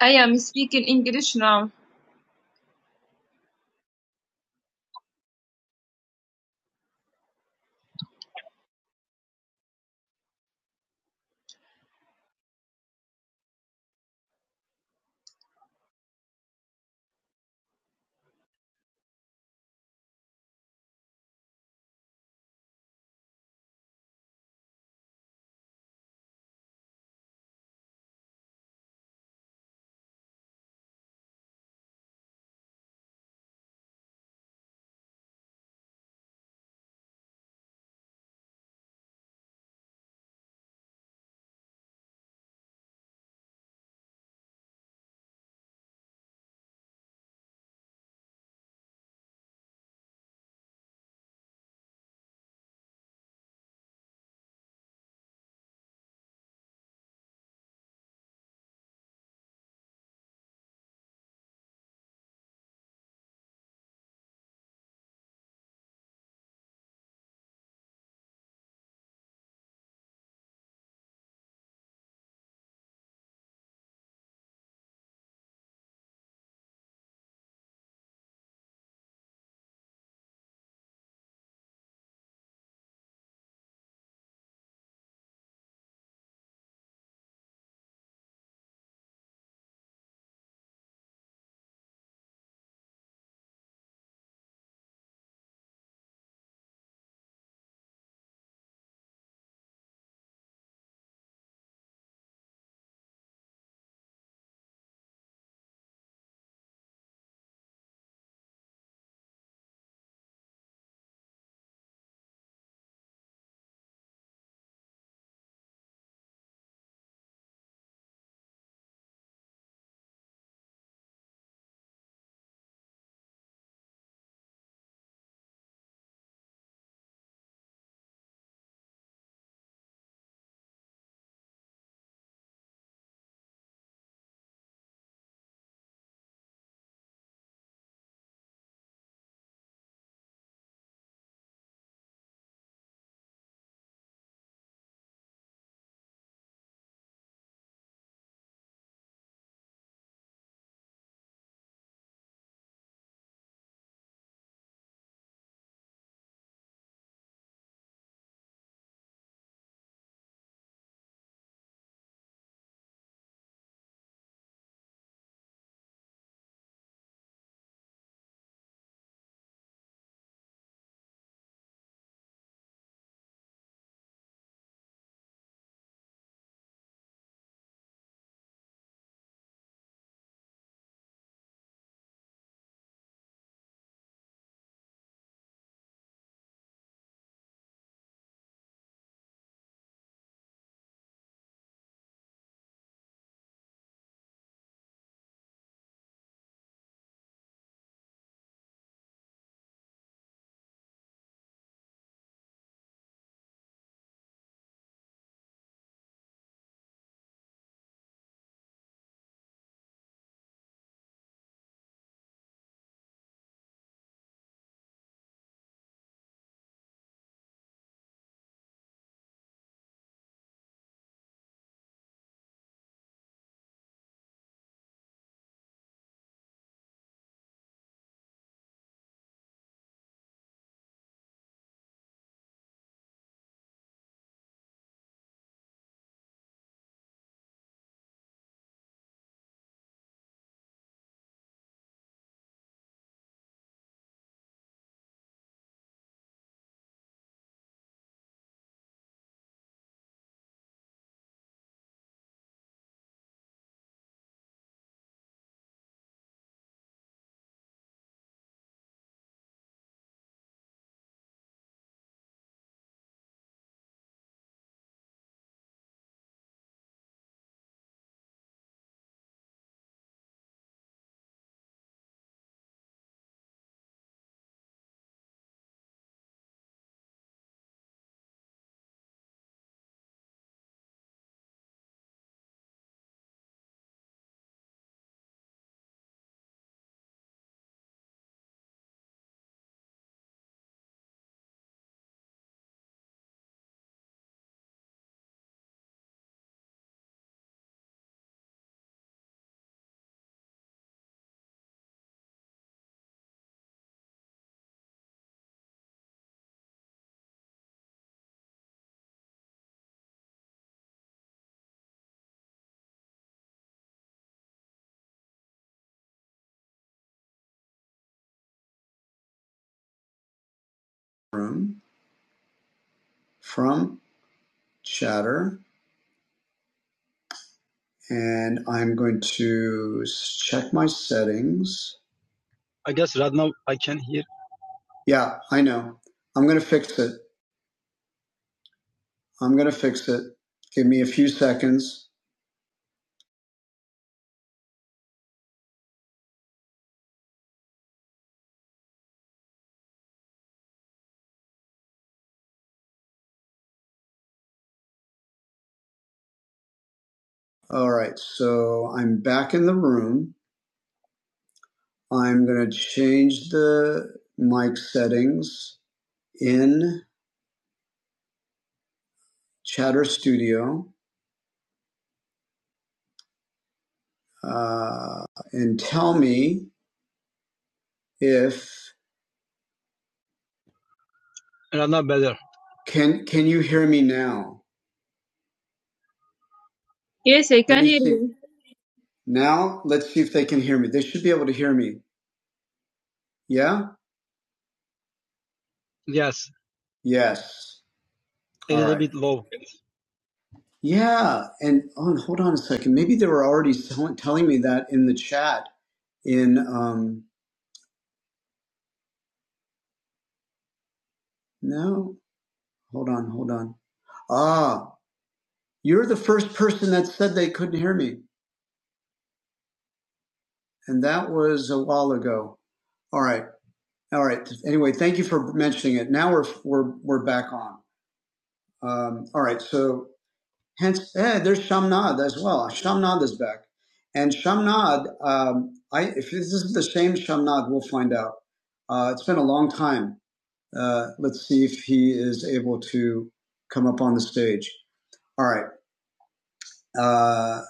A: I am speaking English now. Room from chatter. And I'm going to check my settings. Yeah, I know. I'm going to fix it. I'm going to fix it. Give me a few seconds. All right. So I'm back in the room. I'm going to change the mic settings in Chatter Studio uh, and tell me if can can you hear me now? Yes, I Let can Let me hear see. you. Now let's see if they can hear me. They should be able to hear me. Yeah. Yes. Yeah, and oh, and hold on a second. Maybe they were already tell- telling me that in the chat. In um, no, hold on, hold on. Ah, you're the first person that said they couldn't hear me, and that was a while ago. All right, all right. Anyway, thank you for mentioning it. Now we're we're we're back on. Um, all right, so hence, eh, there's Shamnad as well. Shamnad is back, and Shamnad. Um, I if this is the same Shamnad, we'll find out. Uh, it's been a long time Uh, let's see if he is able to come up on the stage. All right uh,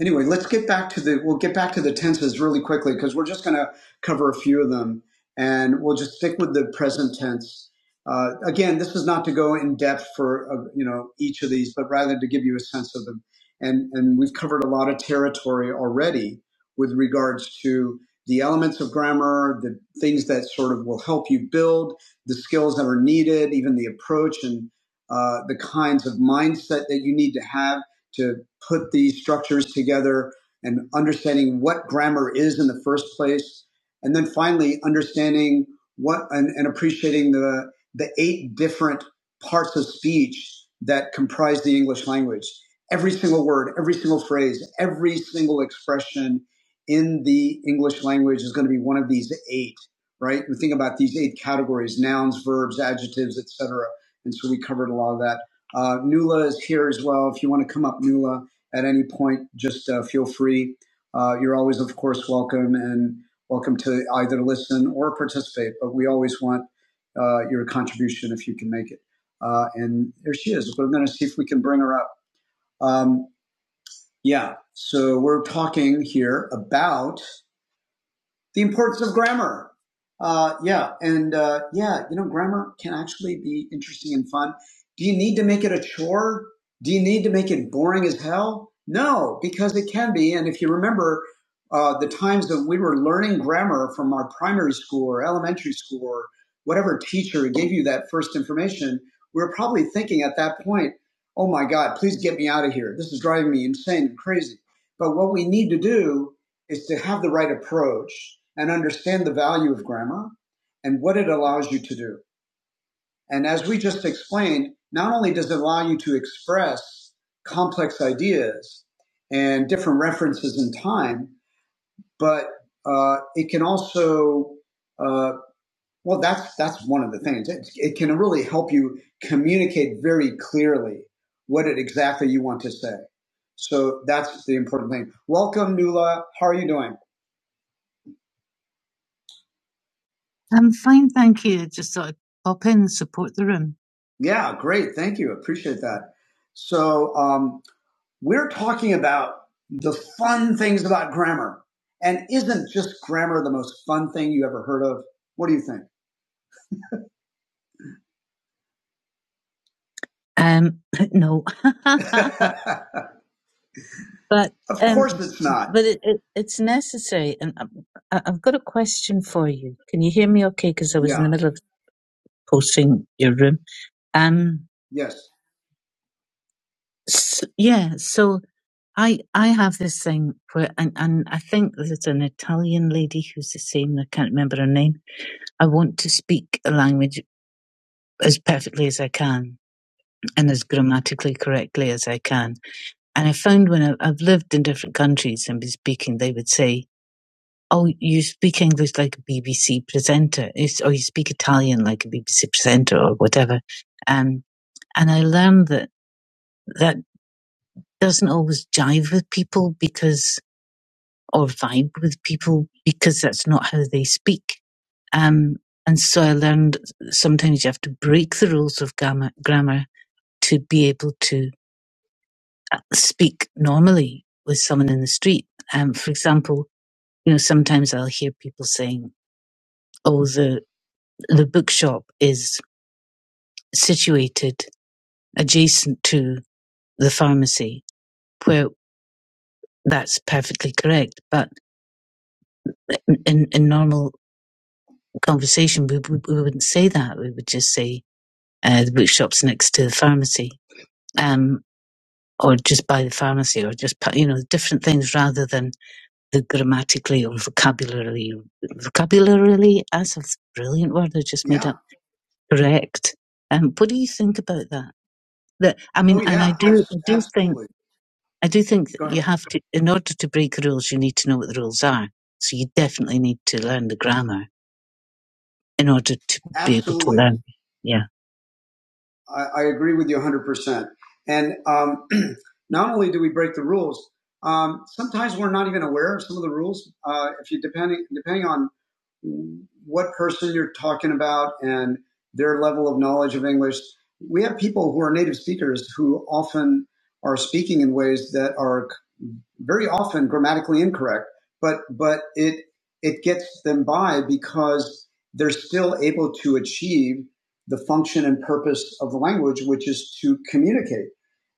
A: anyway, let's get back to the we'll get back to the tenses really quickly because we're just going to cover a few of them, and we'll just stick with the present tense. Uh, again, this is not to go in depth for uh, you know each of these, but rather to give you a sense of them. And and we've covered a lot of territory already with regards to the elements of grammar, the things that sort of will help you build the skills that are needed, even the approach and uh, the kinds of mindset that you need to have to put these structures together and understanding what grammar is in the first place. And then finally, understanding what and, and appreciating the, the eight different parts of speech that comprise the English language. Every single word, every single phrase, every single expression in the English language is going to be one of these eight, right? We think about these eight categories, nouns, verbs, adjectives, etc. And so we covered a lot of that. Uh, Nula is here as well. If you want to come up, Nula, at any point, just uh, feel free. Uh, you're always, of course, welcome and welcome to either listen or participate, but we always want uh, your contribution if you can make it. Uh, and there she is. We're going to see if we can bring her up. Um, yeah, so we're talking here about the importance of grammar. Uh, yeah, and uh, yeah, you know, grammar can actually be interesting and fun. Do you need to make it a chore? Do you need to make it boring as hell? No, because it can be. And if you remember uh, the times that we were learning grammar from our primary school or elementary school or whatever teacher gave you that first information, we were probably thinking at that point, oh my God, please get me out of here. This is driving me insane and crazy. But what we need to do is to have the right approach and understand the value of grammar and what it allows you to do. And as we just explained, not only does it allow you to express complex ideas and different references in time, but uh, it can also, uh, well, that's that's one of the things. It, it can really help you communicate very clearly what it exactly you want to say. So that's the important thing. Welcome, Nula. How are you doing? Yeah, great. Thank you. Appreciate that. So, um, we're talking about the fun things about grammar. And isn't just grammar the most fun thing you ever heard of? What do you think? of course it's not. Yes. I, I agree with you 100%. And um, not only do we break the rules, um, sometimes we're not even aware of some of the rules. Uh, if you depending depending on what person you're talking about and their level of knowledge of English, we have people who are native speakers who often are speaking in ways that are very often grammatically incorrect, but but it it gets them by because they're still able to achieve the function and purpose of the language, which is to communicate.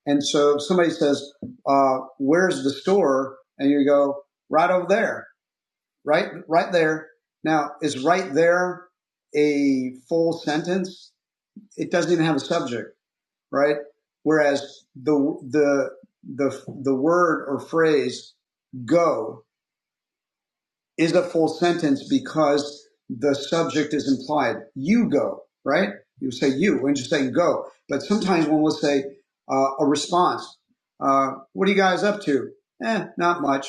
A: And so if somebody says, uh, where's the store? And you go, right over there, right, right there. Now, is right there a full sentence? It doesn't even have a subject, right? Whereas the, the, the, the word or phrase go is a full sentence because the subject is implied. You go, right? You say you, when you say go. But sometimes one will say uh, a response. Uh, what are you guys up to? Eh, not much.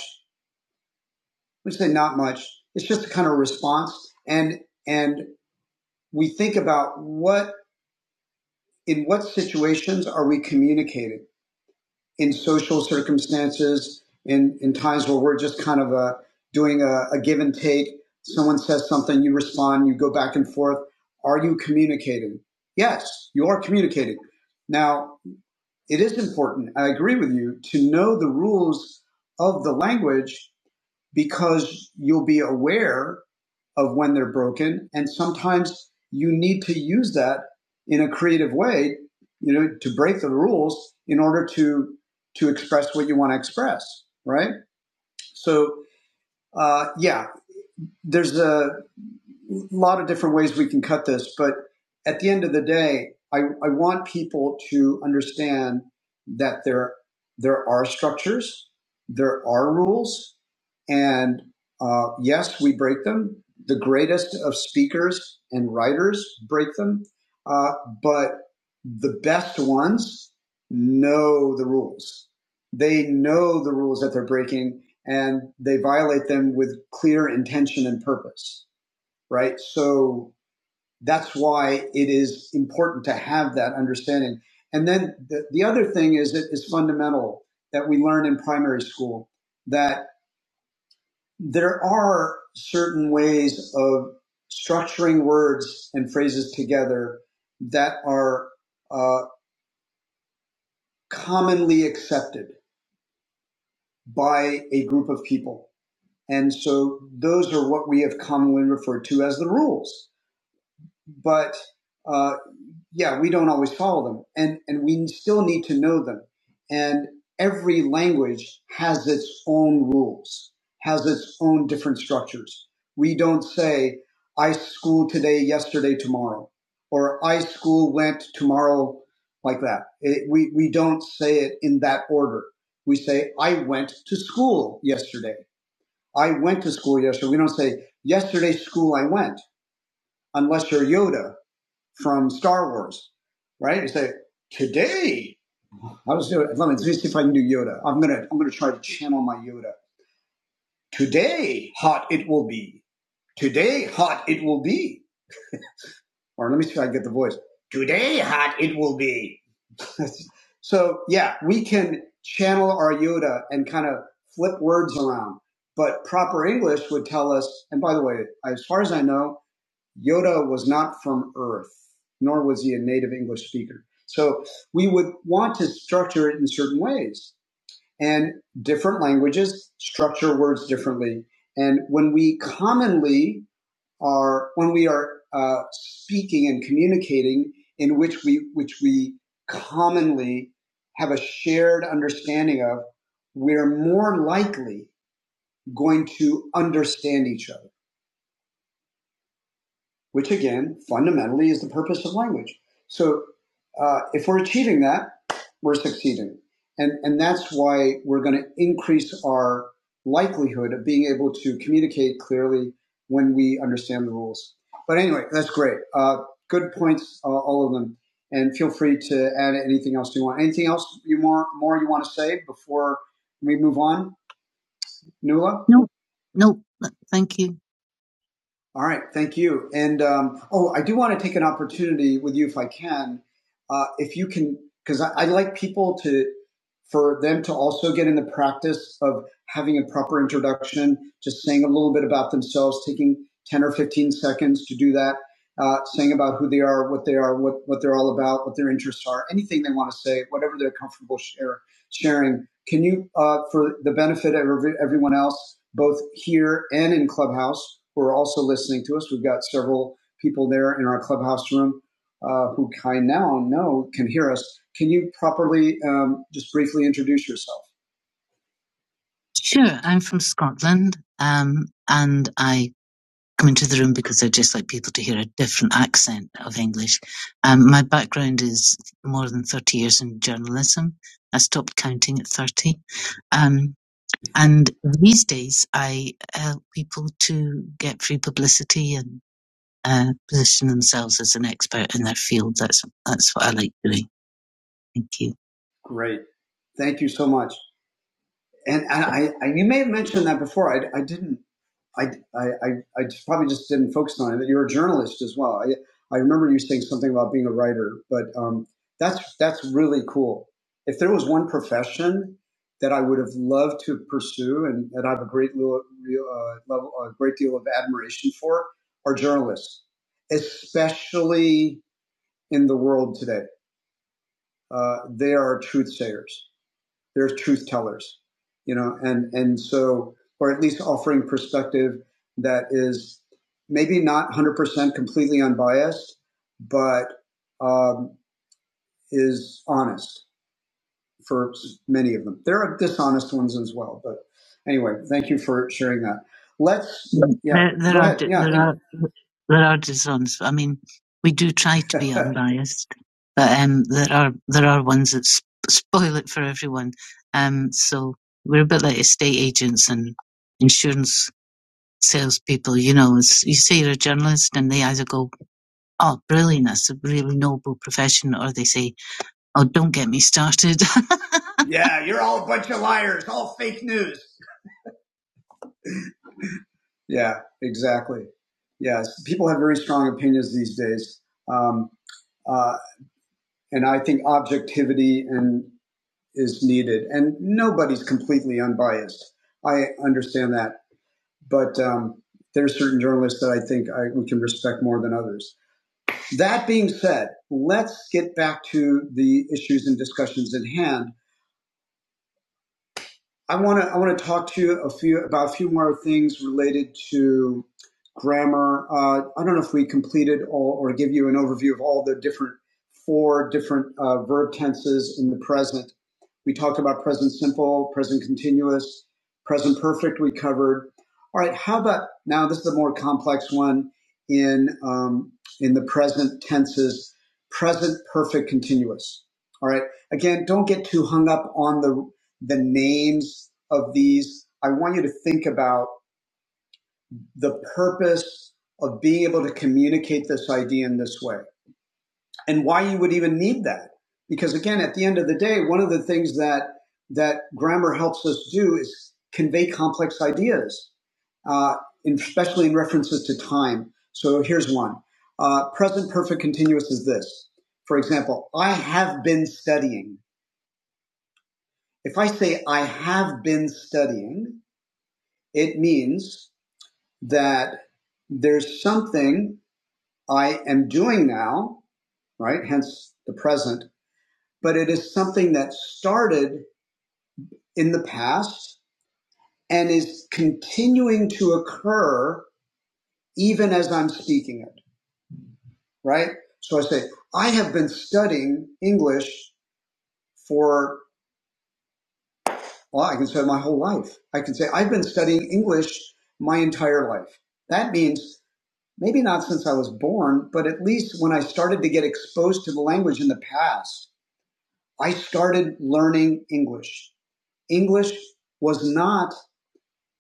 A: We say not much. It's just a kind of response, and and we think about what in what situations are we communicating in social circumstances, in, in times where we're just kind of uh, doing a, a give and take. Someone says something, you respond, you go back and forth. Are you communicating? Yes, you are communicating. Now, it is important, I agree with you, to know the rules of the language because you'll be aware of when they're broken. And sometimes you need to use that in a creative way, you know, to break the rules in order to to express what you want to express, right? So, uh, yeah, there's a a lot of different ways we can cut this, but at the end of the day, I, I want people to understand that there there are structures, there are rules, and uh, yes, we break them. The greatest of speakers and writers break them, uh, but the best ones know the rules. They know the rules that they're breaking, and they violate them with clear intention and purpose right? So that's why it is important to have that understanding. And then the, the other thing is that is fundamental that we learn in primary school that there are certain ways of structuring words and phrases together that are uh, commonly accepted by a group of people. And so those are what we have commonly referred to as the rules. But uh, yeah, we don't always follow them, and and we still need to know them. And every language has its own rules, has its own different structures. We don't say I school today, yesterday, tomorrow, or I school went tomorrow, like that. It, we we don't say it in that order. We say I went to school yesterday. I went to school yesterday. We don't say yesterday school I went, unless you're Yoda from Star Wars, right? You say, today, I was doing, let me see if I can do Yoda. I'm going to, I'm going to try to channel my Yoda. Today, hot it will be. Today, hot it will be. Or let me see if I can get the voice. Today, hot it will be. so yeah, we can channel our Yoda and kind of flip words around. But proper English would tell us, and by the way, as far as I know, Yoda was not from Earth, nor was he a native English speaker. So we would want to structure it in certain ways. And different languages structure words differently. And when we commonly are, when we are uh, speaking and communicating in which we, which we commonly have a shared understanding of, we're more likely going to understand each other which again, fundamentally, is the purpose of language. So uh, if we're achieving that, we're succeeding. And, and that's why we're going to increase our likelihood of being able to communicate clearly when we understand the rules. But anyway, that's great. Uh, good points, uh, all of them. And feel free to add anything else you want. Anything else you more more you want to say before we move on, Nula? All right, thank you. And um, oh, I do want to take an opportunity with you if I can, uh, if you can, because I, I like people to for them to also get in the practice of having a proper introduction, just saying a little bit about themselves, taking ten or fifteen seconds to do that, uh, saying about who they are, what they are, what what they're all about, what their interests are, anything they want to say, whatever they're comfortable sharing sharing. Can you, uh, for the benefit of everyone else, both here and in Clubhouse, who are also listening to us, we've got several people there in our Clubhouse room uh, who I now know can hear us. Can you properly um, just briefly introduce yourself? Great. Thank you so much. And, and I, I, you may have mentioned that before. I, I didn't. I, I, I I just probably just didn't focus on it. That you're a journalist as well. I, I remember you saying something about being a writer, but um, that's that's really cool. If there was one profession that I would have loved to pursue, and that I have a great little, real, uh, level, a great deal of admiration for, are journalists, especially in the world today. Uh, they are truth sayers they're truth tellers, you know, and and so, or at least offering perspective that is maybe not 100% completely unbiased, but um, is honest for many of them. There are dishonest ones as well, but anyway, thank you for sharing that. Let's. Yeah, you're all a bunch of liars, all fake news. Yeah, exactly. Yes, people have very strong opinions these days. Um, uh, and I think objectivity and is needed. And nobody's completely unbiased. I understand that, but um, there are certain journalists that I think I, we can respect more than others. That being said, let's get back to the issues and discussions at hand. I want to I want to talk to you a few about a few more things related to grammar. Uh, I don't know if we completed all or give you an overview of all the different four different uh, verb tenses in the present. We talked about present simple, present continuous, present perfect. We covered. All right. How about now? This is a more complex one in um, in the present tenses. Present perfect continuous. All right. Again, don't get too hung up on the the names of these. I want you to think about the purpose of being able to communicate this idea in this way and why you would even need that. Because again, at the end of the day, one of the things that, that grammar helps us do is convey complex ideas, uh, in, especially in references to time. So here's one. Uh, present perfect continuous is this. For example, I have been studying. If I say I have been studying, It means that there's something I am doing now, right? Hence the present, but it is something that started in the past and is continuing to occur even as I'm speaking it, right? So I say, I have been studying English for, well, I can say my whole life. I can say, I've been studying English my entire life. That means maybe not since I was born, but at least when I started to get exposed to the language in the past, I started learning English. English was not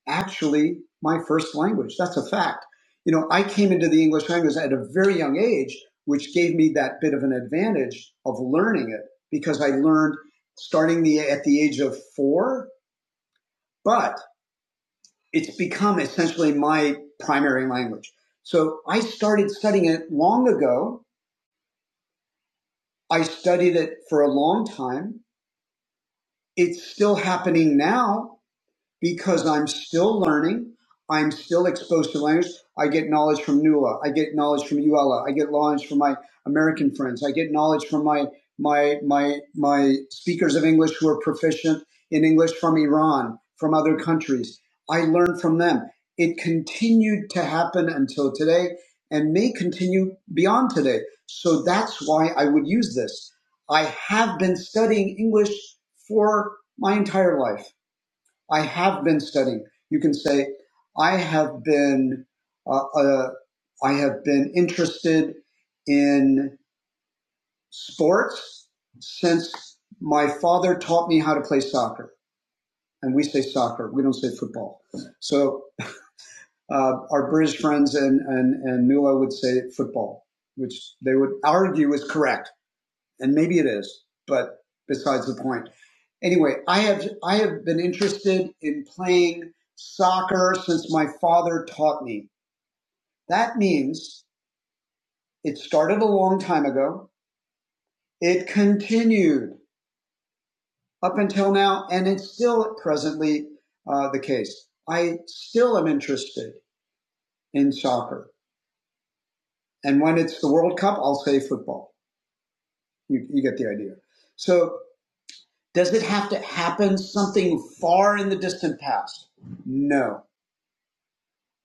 A: actually my first language. That's a fact. You know, I came into the English language at a very young age, which gave me that bit of an advantage of learning it because I learned starting the at the age of 4, but it's become essentially my primary language. So I started studying it long ago I studied it for a long time. It's still happening now because I'm still learning. I'm still exposed to language. I get knowledge from NULA. I get knowledge from ULA. I get knowledge from my American friends. I get knowledge from my my my my speakers of English who are proficient in English from Iran, from other countries. I learned from them. It continued to happen until today and may continue beyond today. So that's why I would use this. I have been studying English for my entire life. I have been studying. You can say, I have been, uh, uh, I have been interested in sports since my father taught me how to play soccer. And we say soccer, we don't say football. So uh, our British friends and, and, and Mila would say football, which they would argue is correct and maybe it is, but besides the point. Anyway, I have I have been interested in playing soccer since my father taught me. That means it started a long time ago. It continued up until now, and it's still presently uh, the case. I still am interested in soccer, and when it's the World Cup, I'll say football. You, you get the idea. So Does it have to happen something far in the distant past? No.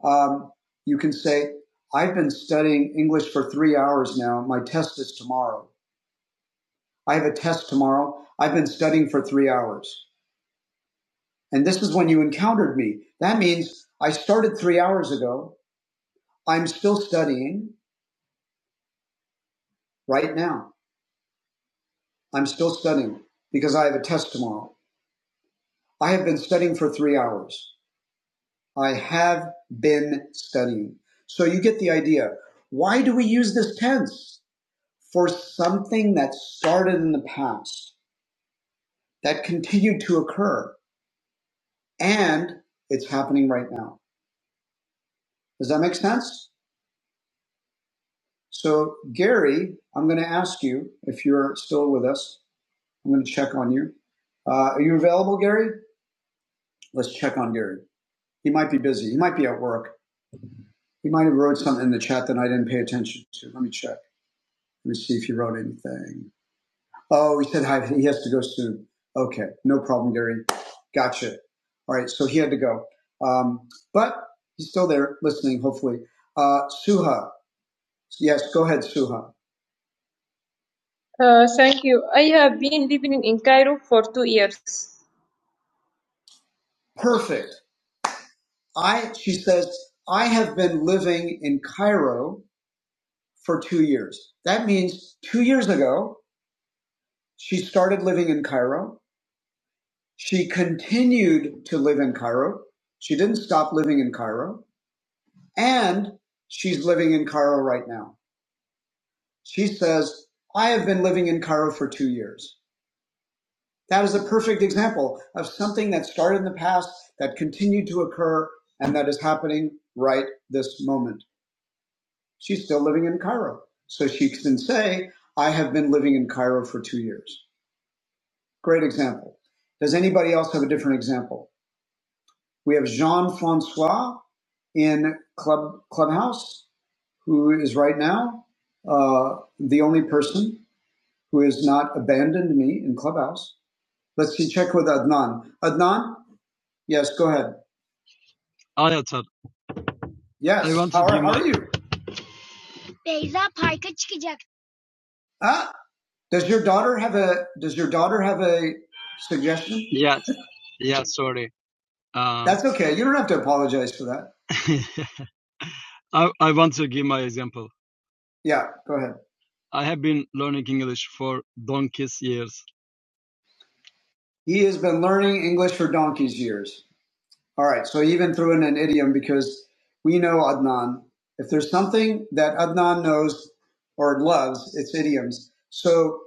A: Um, you can say, I've been studying English for three hours now. My test is tomorrow. I have a test tomorrow. I've been studying for three hours. And this is when you encountered me. That means I started three hours ago. I'm still studying right now. I'm still studying because I have a test tomorrow. I have been studying for three hours. I have been studying. So you get the idea. Why do we use this tense? For something that started in the past, that continued to occur, and it's happening right now. Does that make sense? So, Gary, I'm going to ask you if you're still with us. I'm going to check on you. Uh, are you available, Gary? Let's check on Gary. He might be busy. He might be at work. He might have wrote something in the chat that I didn't pay attention to. Let me check. Let me see if he wrote anything. Oh, he said hi. He has to go soon. Okay, no problem, Gary. Gotcha. All right, so he had to go, um, but he's still there listening. Hopefully, uh, Suha. Yes, go ahead, Suha. Uh, thank you. I have been living in Cairo for two years. Perfect. I she says I have been living in Cairo for two years. That means two years ago she started living in Cairo She continued to live in Cairo. She didn't stop living in Cairo. And she's living in Cairo right now. She says, I have been living in Cairo for two years. That is a perfect example of something that started in the past, that continued to occur, and that is happening right this moment. She's still living in Cairo. So she can say, I have been living in Cairo for two years. Great example. Does anybody else have a different example? We have Jean Francois in Club Clubhouse, who is right now uh, the only person who has not abandoned me in Clubhouse. Let's see, check with Adnan. Adnan, yes, go ahead. Yeah, Ah, does your daughter have a? Does your daughter have a suggestion? That's okay. You don't have to apologize for that. Yeah, go ahead. He has been learning English for donkey's years. All right. So even threw in an idiom because we know Adnan. If there's something that Adnan knows or loves, it's idioms. So,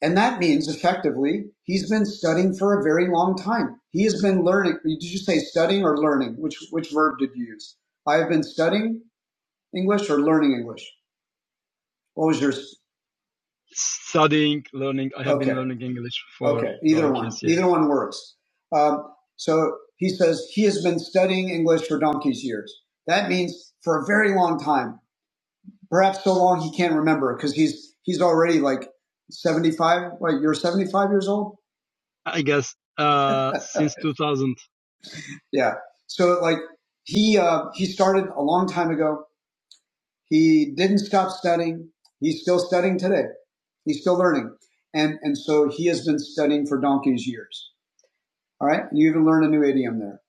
A: and that means effectively he's been studying for a very long time. He has been learning. Did you say studying or learning? Which which verb did you use? I have been studying English or learning English. What was your no one works. Um, so he says he has been studying English for donkey's years. That means for a very long time. Perhaps so long he can't remember because he's he's already like seventy five. Like you're seventy five years old. Yeah. So like he uh, he started a long time ago. He didn't stop studying. He's still studying today. He's still learning, and and so he has been studying for donkey's years. All right. You even learned a new idiom there.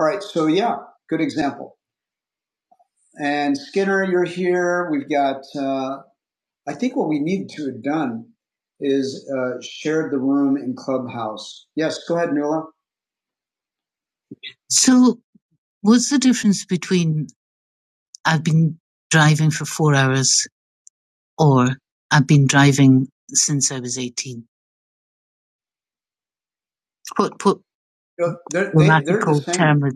A: All right. So yeah, good example. And Skinner, you're here. We've got. Uh, I think what we need to have done is uh, shared the room in Clubhouse. Yes, go ahead, Nuala.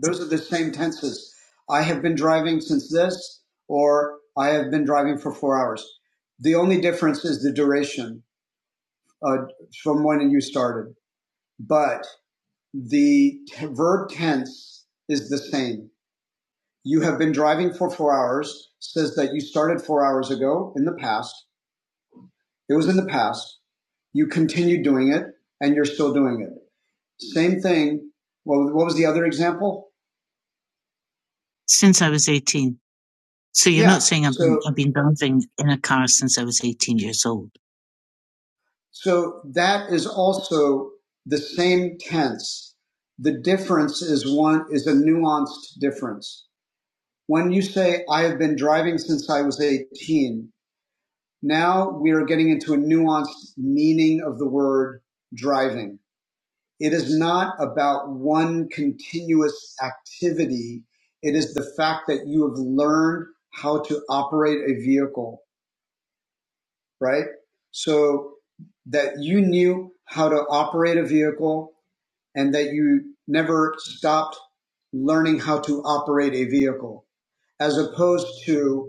A: Those are the same tenses. I have been driving since this, or I have been driving for four hours. The only difference is the duration uh, from when you started, but the verb tense is the same. You have been driving for four hours says that you started four hours ago in the past It was in the past. You continued doing it and you're still doing it. Same thing. Well, what was the other example? So that is also the same tense. The difference is one is a nuanced difference. When you say, I have been driving since I was 18, now we are getting into a nuanced meaning of the word driving. It is not about one continuous activity. It is the fact that you have learned how to operate a vehicle, right? So that you knew how to operate a vehicle and that you never stopped learning how to operate a vehicle as opposed to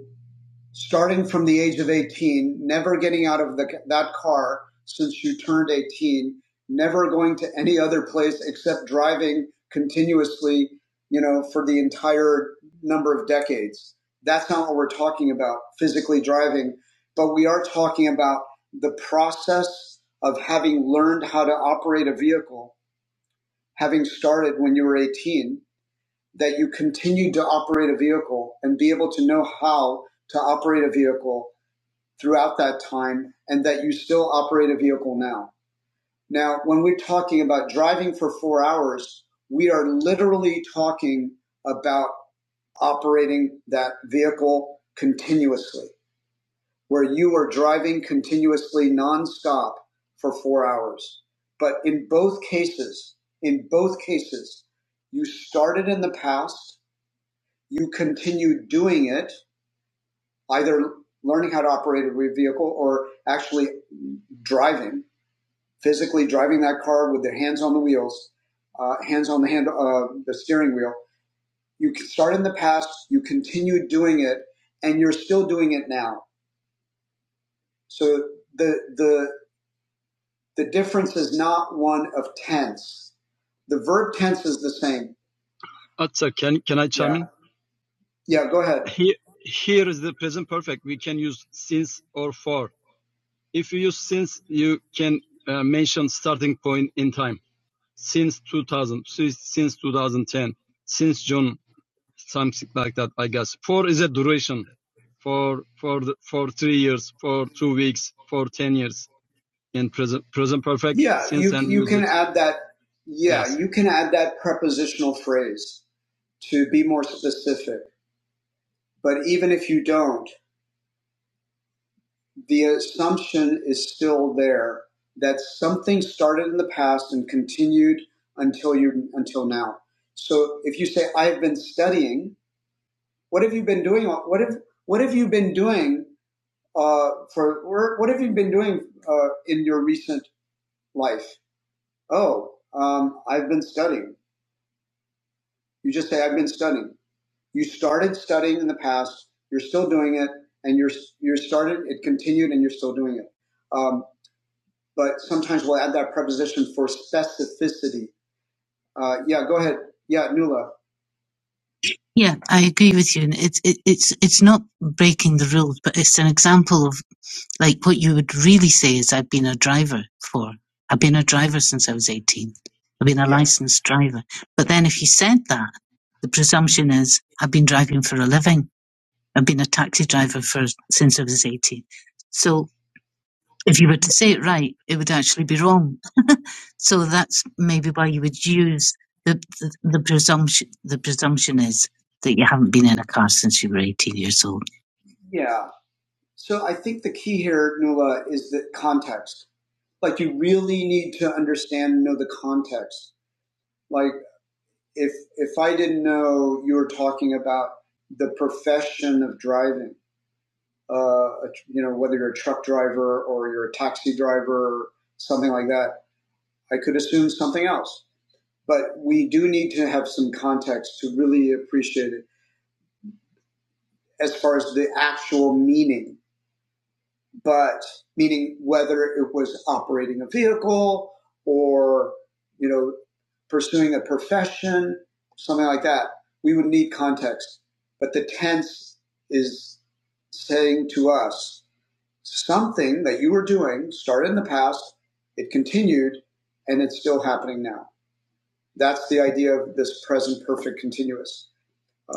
A: starting from the age of 18, never getting out of the, that car since you turned 18, never going to any other place except driving continuously, you know, for the entire number of decades. That's not what we're talking about, physically driving, but we are talking about the process of having learned how to operate a vehicle, having started when you were 18, that you continued to operate a vehicle and be able to know how to operate a vehicle throughout that time and that you still operate a vehicle now. Now, when we're talking about driving for four hours, we are literally talking about operating that vehicle continuously, where you are driving continuously nonstop for four hours. But in both cases, in both cases, you started in the past, you continued doing it, either learning how to operate a vehicle or actually driving physically driving that car with their hands on the wheels, uh, hands on the hand, uh, the steering wheel. You start in the past, you continue doing it, and you're still doing it now. So the the the difference is not one of tense. The verb tense is the same. Yeah, go ahead. You can Add that. Yeah, you can add that prepositional phrase to be more specific. But even if you don't. the assumption is still there that something started in the past and continued until you until now. So if you say I've been studying, what have you been doing? What have what have you been doing uh, for? or What have you been doing uh, in your recent life? Oh, um, I've been studying. You just say I've been studying. You started studying in the past. You're still doing it, and you're you're started. It continued, and you're still doing it. Um, but sometimes we'll add that preposition for specificity. Uh, yeah, go ahead. Yeah, Nula. Yeah. So I think the key here, Nula, is the context. Like you really need to understand and know the context. Like if if I didn't know you were talking about the profession of driving, uh, you know, whether you're a truck driver or you're a taxi driver, or something like that, I could assume something else. But we do need to have some context to really appreciate it. as far as the actual meaning, but meaning whether it was operating a vehicle or, you know, pursuing a profession, something like that, we would need context. But the tense is saying to us something that you were doing started in the past, it continued, and it's still happening now. That's the idea of this present perfect continuous. Uh,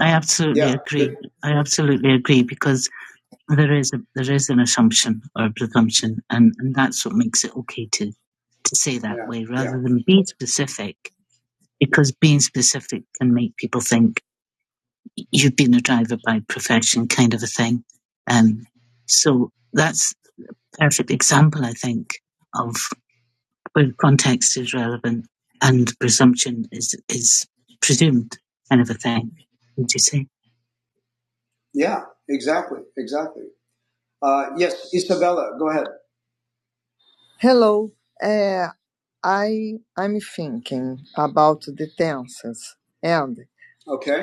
A: Yeah, exactly, exactly. Uh, yes, Isabella, go ahead. Okay.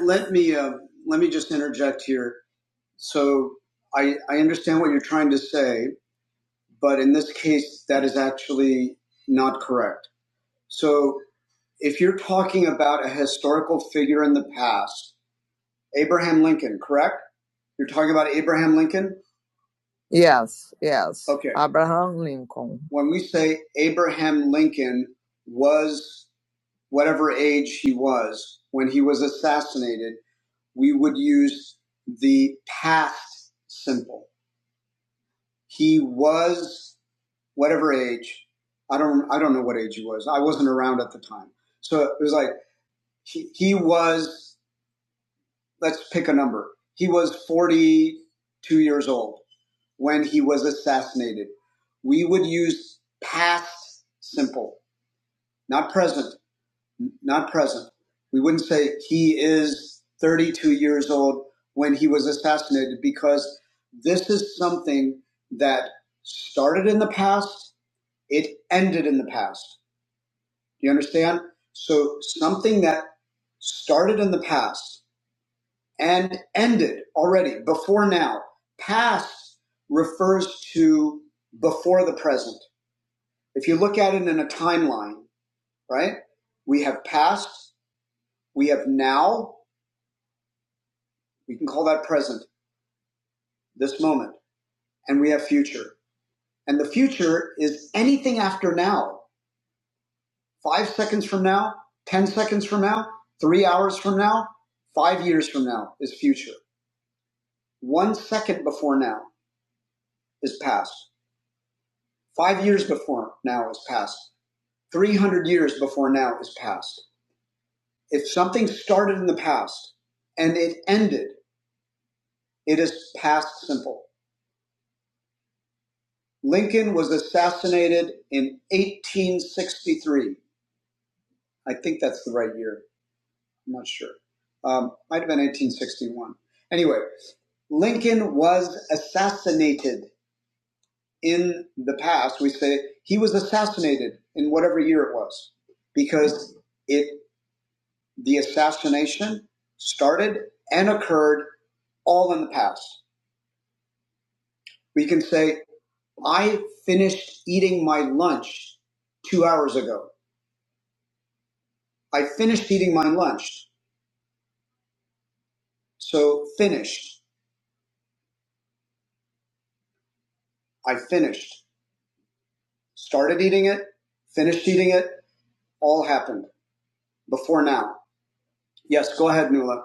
A: Let me uh, let me just interject here. So I I understand what you're trying to say, but in this case, that is actually not correct. So if you're talking about a historical figure in the past, Abraham Lincoln, correct? You're talking about Abraham Lincoln. When we say Abraham Lincoln was whatever age he was when he was assassinated, we would use the past simple. He was whatever age. I don't I don't know what age he was. I wasn't around at the time. So it was like he, he was let's pick a number. He was 42 years old when he was assassinated. We would use past simple, not present not present. We wouldn't say he is 32 years old when he was assassinated because this is something that started in the past, it ended in the past. Do you understand? So something that started in the past and ended already before now. Past refers to before the present. If you look at it in a timeline, right? We have past, we have now, We can call that present, this moment, and we have future. And the future is anything after now. Five seconds from now, 10 seconds from now, three hours from now, five years from now is future. One second before now is past. Five years before now is past. 300 years before now is past. If something started in the past and it ended, it is past simple. Lincoln was assassinated in 1863. I think that's the right year. I'm not sure. Um, might have been 1861. Anyway, Lincoln was assassinated in the past. We say he was assassinated in whatever year it was because it the assassination started and occurred all in the past. We can say, I finished eating my lunch two hours ago. I finished eating my lunch. So finished. I finished. started eating it, finished eating it, all happened before now. Yes, go ahead, Nula.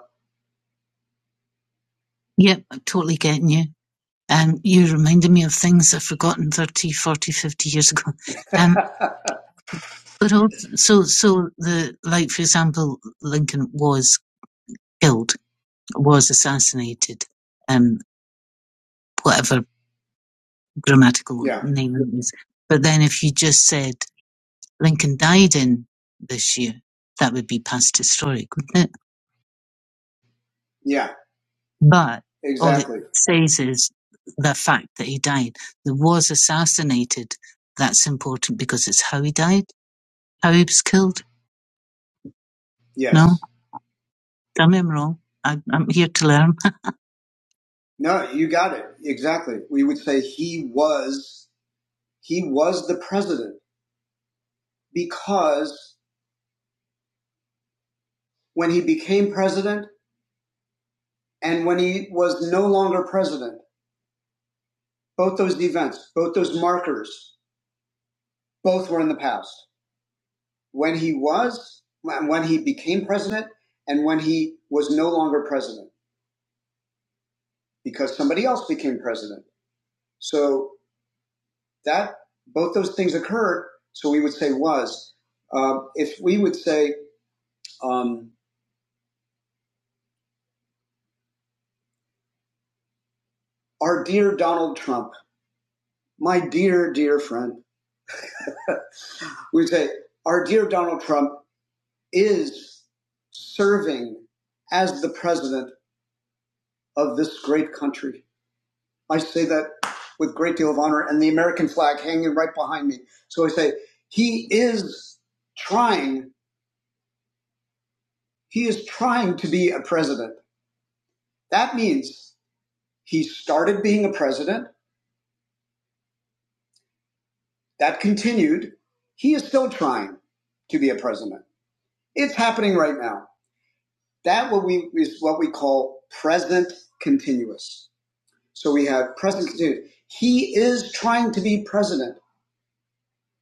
A: Yeah, exactly. Yeah. No, you got it. Exactly. We would say he was he was the president because when he became president and when he was no longer president, both those events, both those markers, both were in the past. When he was when he became president and when he was no longer president. because somebody else became president. So that both those things occurred. So we would say was. Um, if we would say, um, our dear Donald Trump, my dear, dear friend, we would say, our dear Donald Trump is serving as the president of this great country. I say that with a great deal of honor and the American flag hanging right behind me. So I say, he is trying, he is trying to be a president. That means he started being a president. That continued. He is still trying to be a president. It's happening right now. That what we is what we call present continuous. So we have present continuous. He is trying to be president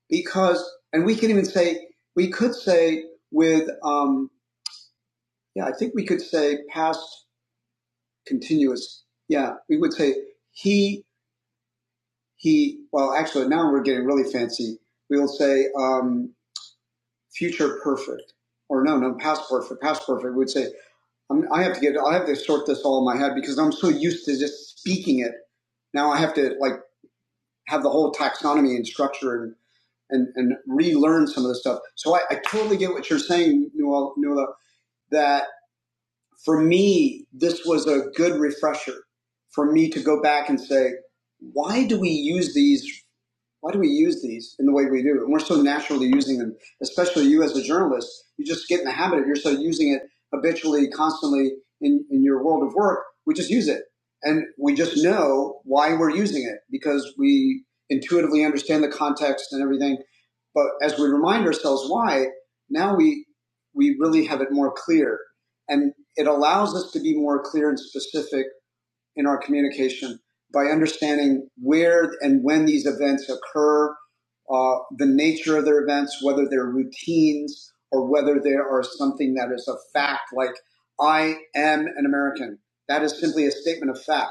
A: because, and we can even say we could say with, um, yeah, I think we could say past continuous. Yeah, we would say he he. Well, actually, now we're getting really fancy. We'll say. Um, future perfect, or no, no, past perfect, past perfect would say, I'm, I have to get, I have to sort this all in my head because I'm so used to just speaking it. Now I have to like have the whole taxonomy and structure and, and, and relearn some of the stuff. So I, I totally get what you're saying, Noel, Noel, that for me, this was a good refresher for me to go back and say, why do we use these? Why do we use these in the way we do? And we're so naturally using them, especially you as a journalist. You just get in the habit of you're so using it habitually, constantly in, in your world of work. We just use it. And we just know why we're using it because we intuitively understand the context and everything. But as we remind ourselves why, now we we really have it more clear and. It allows us to be more clear and specific in our communication by understanding where and when these events occur, uh, the nature of their events, whether they're routines or whether they are something that is a fact, like I am an American. That is simply a statement of fact.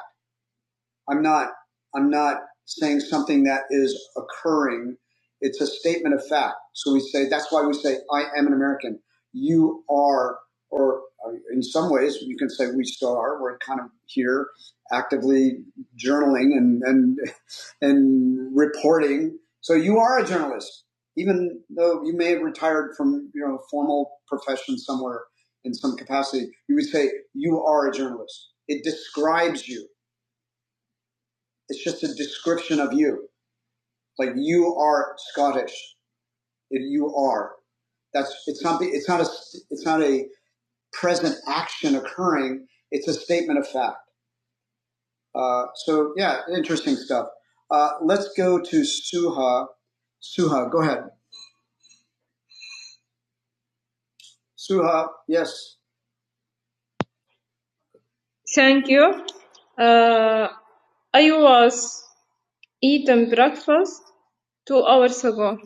A: I'm not I'm not saying something that is occurring. It's a statement of fact. So we say that's why we say I am an American. You are, or uh, in some ways you can say we still are. We're kind of here actively journaling and and and reporting. So you are a journalist, even though you may have retired from you know formal profession somewhere in some capacity. You would say you are a journalist. It describes you it's just a description of you. Like you are Scottish. You are. That's it's not it's not a it's not a present action occurring. It's a statement of fact. Uh, so yeah, interesting stuff. Uh, let's go to Suha. Suha, go ahead. Suha, yes. Thank you. Uh, I was eating breakfast two hours ago.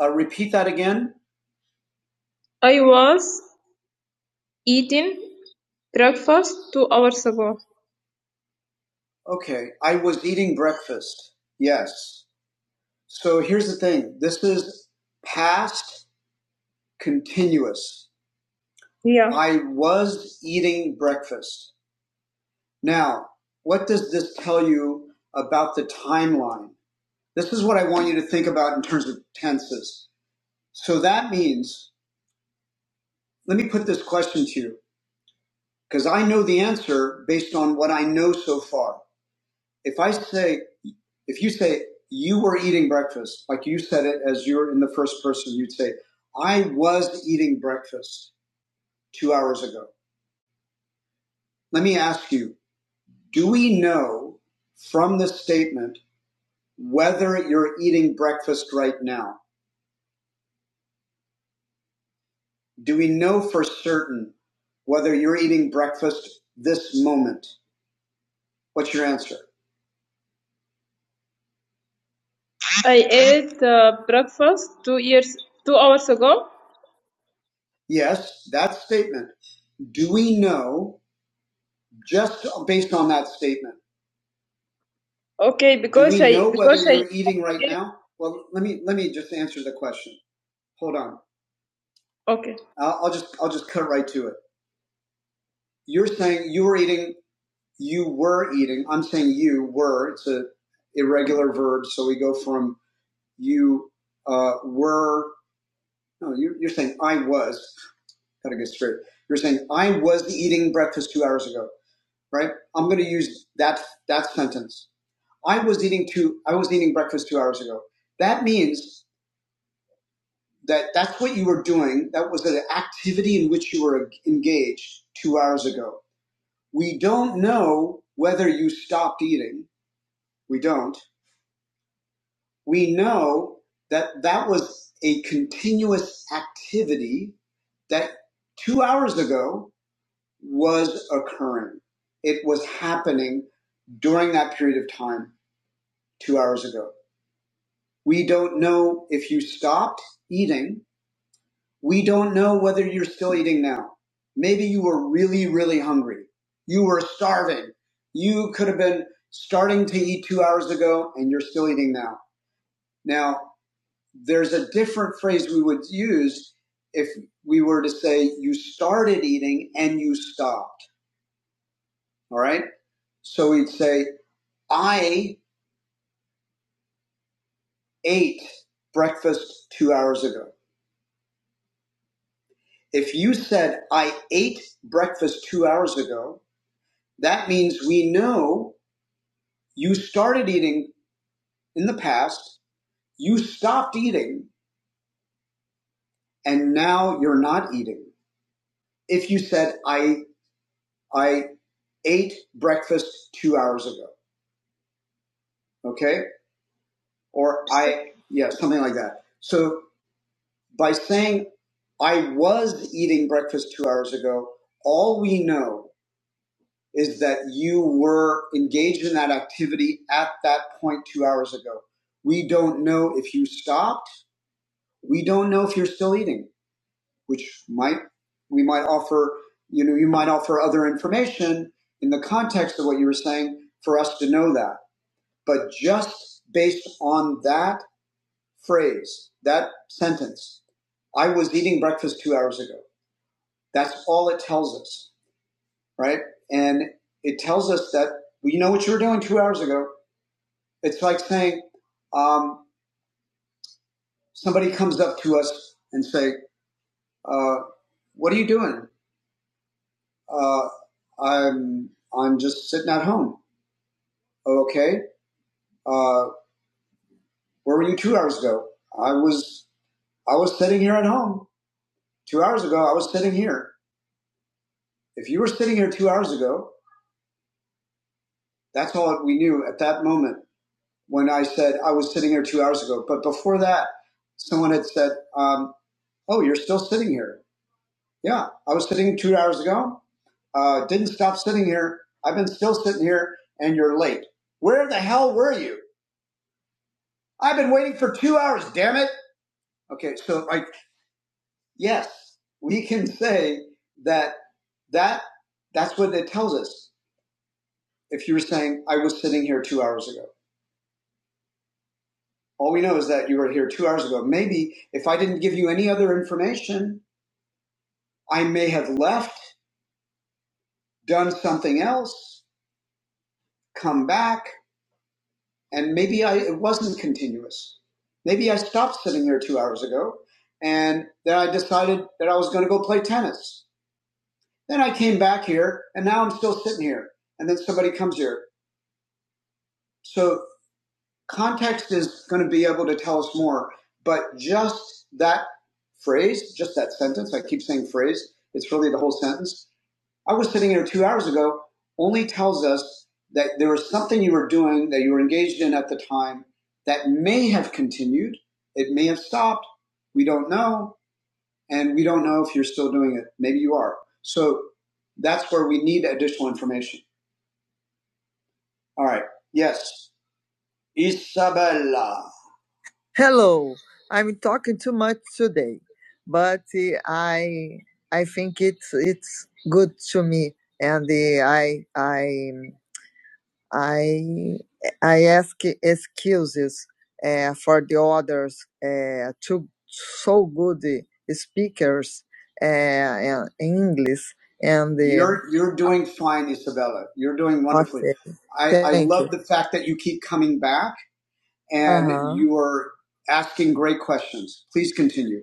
A: Uh, repeat that again. I was eating breakfast two hours ago. Okay, I was eating breakfast. Yes. So here's the thing this is past continuous. Yeah. I was eating breakfast. Now, what does this tell you about the timeline? This is what I want you to think about in terms of tenses. So that means, let me put this question to you, because I know the answer based on what I know so far. If I say, if you say you were eating breakfast, like you said it as you're in the first person, you'd say, I was eating breakfast two hours ago. Let me ask you, do we know from this statement whether you're eating breakfast right now? Do we know for certain whether you're eating breakfast this moment? What's your answer? I ate uh, breakfast two years, two hours ago. Yes, that statement. Do we know? just based on that statement. Okay, Do because do we know I know whether I you're eating right okay. now? Well, let me let me just answer the question. Hold on. okay I'll, I'll just I'll just cut right to it. You're saying you were eating. You were eating. I'm saying you were. It's a irregular verb, so we go from you uh, were. No, you're, you're saying I was. Gotta get straight. You're saying I was eating breakfast two hours ago, right? I'm gonna use that that sentence. I was eating two. I was eating breakfast two hours ago. That means that that's what you were doing. That was the activity in which you were engaged two hours ago. We don't know whether you stopped eating. We don't. We know that that was a continuous activity that two hours ago was occurring. It was happening during that period of time two hours ago. We don't know if you stopped eating. We don't know whether you're still eating now. Maybe you were really, really hungry. You were starving. You could have been starting to eat two hours ago and you're still eating now. Now, there's a different phrase we would use if we were to say you started eating and you stopped. All right. So we'd say, I ate breakfast two hours ago. If you said, I ate breakfast two hours ago, that means we know you started eating in the past, you stopped eating, and now you're not eating. If you said, I, I ate breakfast two hours ago, okay? Or I, yeah, something like that. So by saying, I was eating breakfast two hours ago, all we know is that you were engaged in that activity at that point two hours ago. We don't know if you stopped. We don't know if you're still eating, which might, we might offer, you know, you might offer other information in the context of what you were saying for us to know that. But just based on that phrase, that sentence, I was eating breakfast two hours ago. That's all it tells us, right? And it tells us that we know what you were doing two hours ago It's like saying um, somebody comes up to us and say, uh, "What are you doing?" Uh, "I'm I'm just sitting at home." "Oh, okay. Uh, where were you two hours ago? I was I was sitting here at home two hours ago. I was sitting here. If you were sitting here two hours ago, that's all that we knew at that moment when I said I was sitting here two hours ago. But before that, someone had said, um, "Oh, you're still sitting here." Yeah, I was sitting two hours ago. Uh, didn't stop sitting here. I've been still sitting here, and you're late. Where the hell were you? I've been waiting for two hours. Damn it! Okay, so like, yes, we can say that that that's what it tells us. If you were saying I was sitting here two hours ago, all we know is that you were here two hours ago. Maybe if I didn't give you any other information, I may have left, done something else, come back. and maybe I it wasn't continuous. Maybe I stopped sitting there two hours ago, and then I decided that I was going to go play tennis. Then I came back here, and now I'm still sitting here. And then somebody comes here. So context is going to be able to tell us more. But just that phrase, just that sentence, I keep saying phrase. It's really the whole sentence I was sitting here two hours ago only tells us that there was something you were doing that you were engaged in at the time that may have continued. It may have stopped. We don't know. And we don't know if you're still doing it. Maybe you are. So that's where we need additional information. All right. Yes. Isabella. You're doing fine, Isabella. You're doing well. I the fact that you keep coming back and you are asking great questions. Please continue.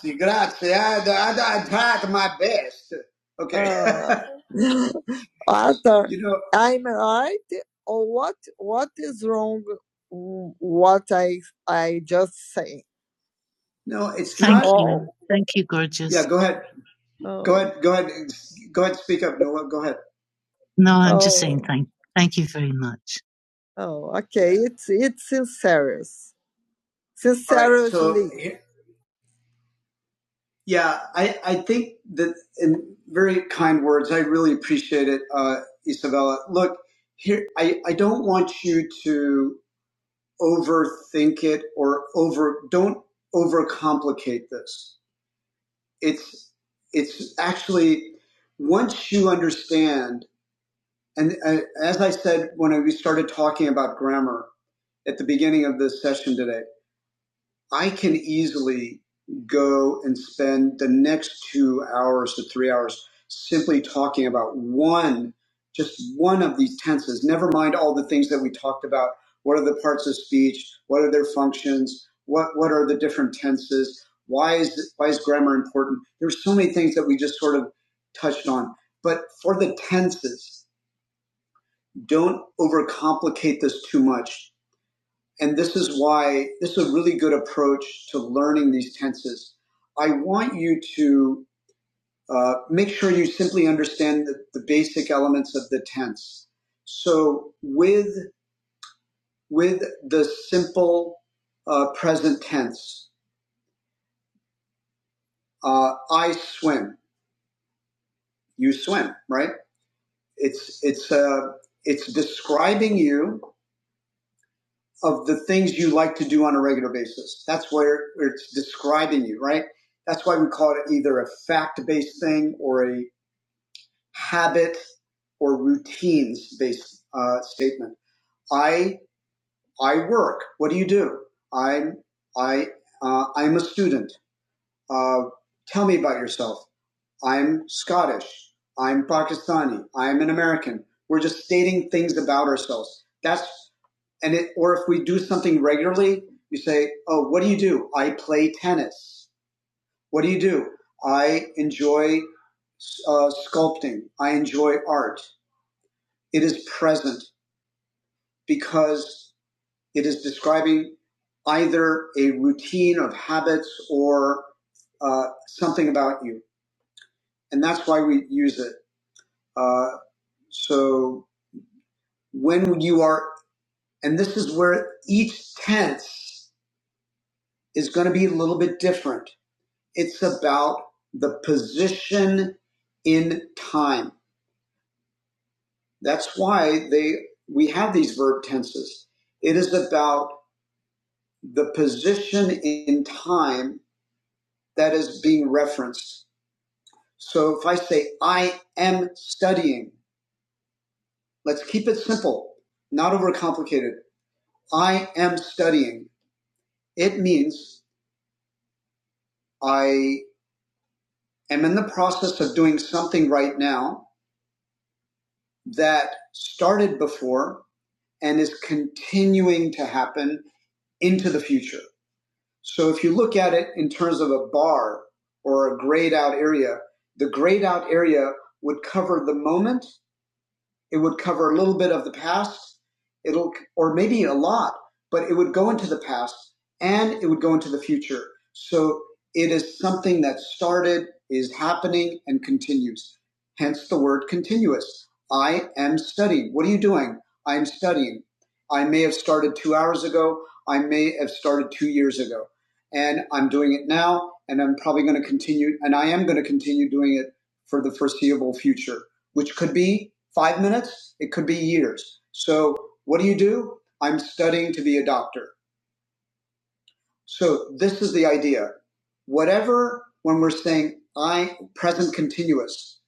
A: Grazie, grazie. I, I, I tried my best. Okay, you know, no, it's go ahead, Oh. go Oh, ahead, go ahead, go ahead. Speak up, Noah. Go ahead. Yeah, I, I think that in very kind words. I really appreciate it, uh, Isabella. Look, here, I, I don't want you to overthink it or over. Don't overcomplicate this. It's it's actually once you understand. And uh, as I said when we started talking about grammar at the beginning of this session today, I can easily go and spend the next two hours to three hours simply talking about one, just one of these tenses, never mind all the things that we talked about. What are the parts of speech? What are their functions? What, what are the different tenses? Why is, why is grammar important? There's so many things that we just sort of touched on. But for the tenses, don't overcomplicate this too much. And this is why this is a really good approach to learning these tenses. I want you to uh, make sure you simply understand the, the basic elements of the tense. So with with the simple uh, present tense, uh, I swim, you swim, right? It's it's uh, it's describing you of the things you like to do on a regular basis. That's where it's describing you, right? That's why we call it either a fact based thing or a habit or routines based uh, statement. I I work. What do you do? I'm I uh, I'm a student. Uh, tell me about yourself. I'm Scottish. I'm Pakistani. I'm an American. We're just stating things about ourselves. That's, and it, or if we do something regularly, you say, Oh, what do you do? I play tennis. What do you do? I enjoy uh, sculpting. I enjoy art. It is present because it is describing either a routine of habits or uh, something about you. And that's why we use it. Uh, So when you are, and this is where each tense is going to be a little bit different. It's about the position in time. That's why they, we have these verb tenses. It is about the position in time that is being referenced. So if I say, I am studying, let's keep it simple, not overcomplicated. I am studying. It means I am in the process of doing something right now that started before and is continuing to happen into the future. So if you look at it in terms of a bar or a grayed out area, the grayed out area would cover the moment It would cover a little bit of the past, it'll or maybe a lot, but it would go into the past and it would go into the future. So it is something that started, is happening, and continues. Hence the word continuous. I am studying. What are you doing? I'm studying. I may have started two hours ago. I may have started two years ago. And I'm doing it now, and I'm probably going to continue, and I am going to continue doing it for the foreseeable future which could be five minutes, it could be years. So, what do you do? I'm studying to be a doctor. So, this is the idea. Whatever, when we're saying I, present continuous,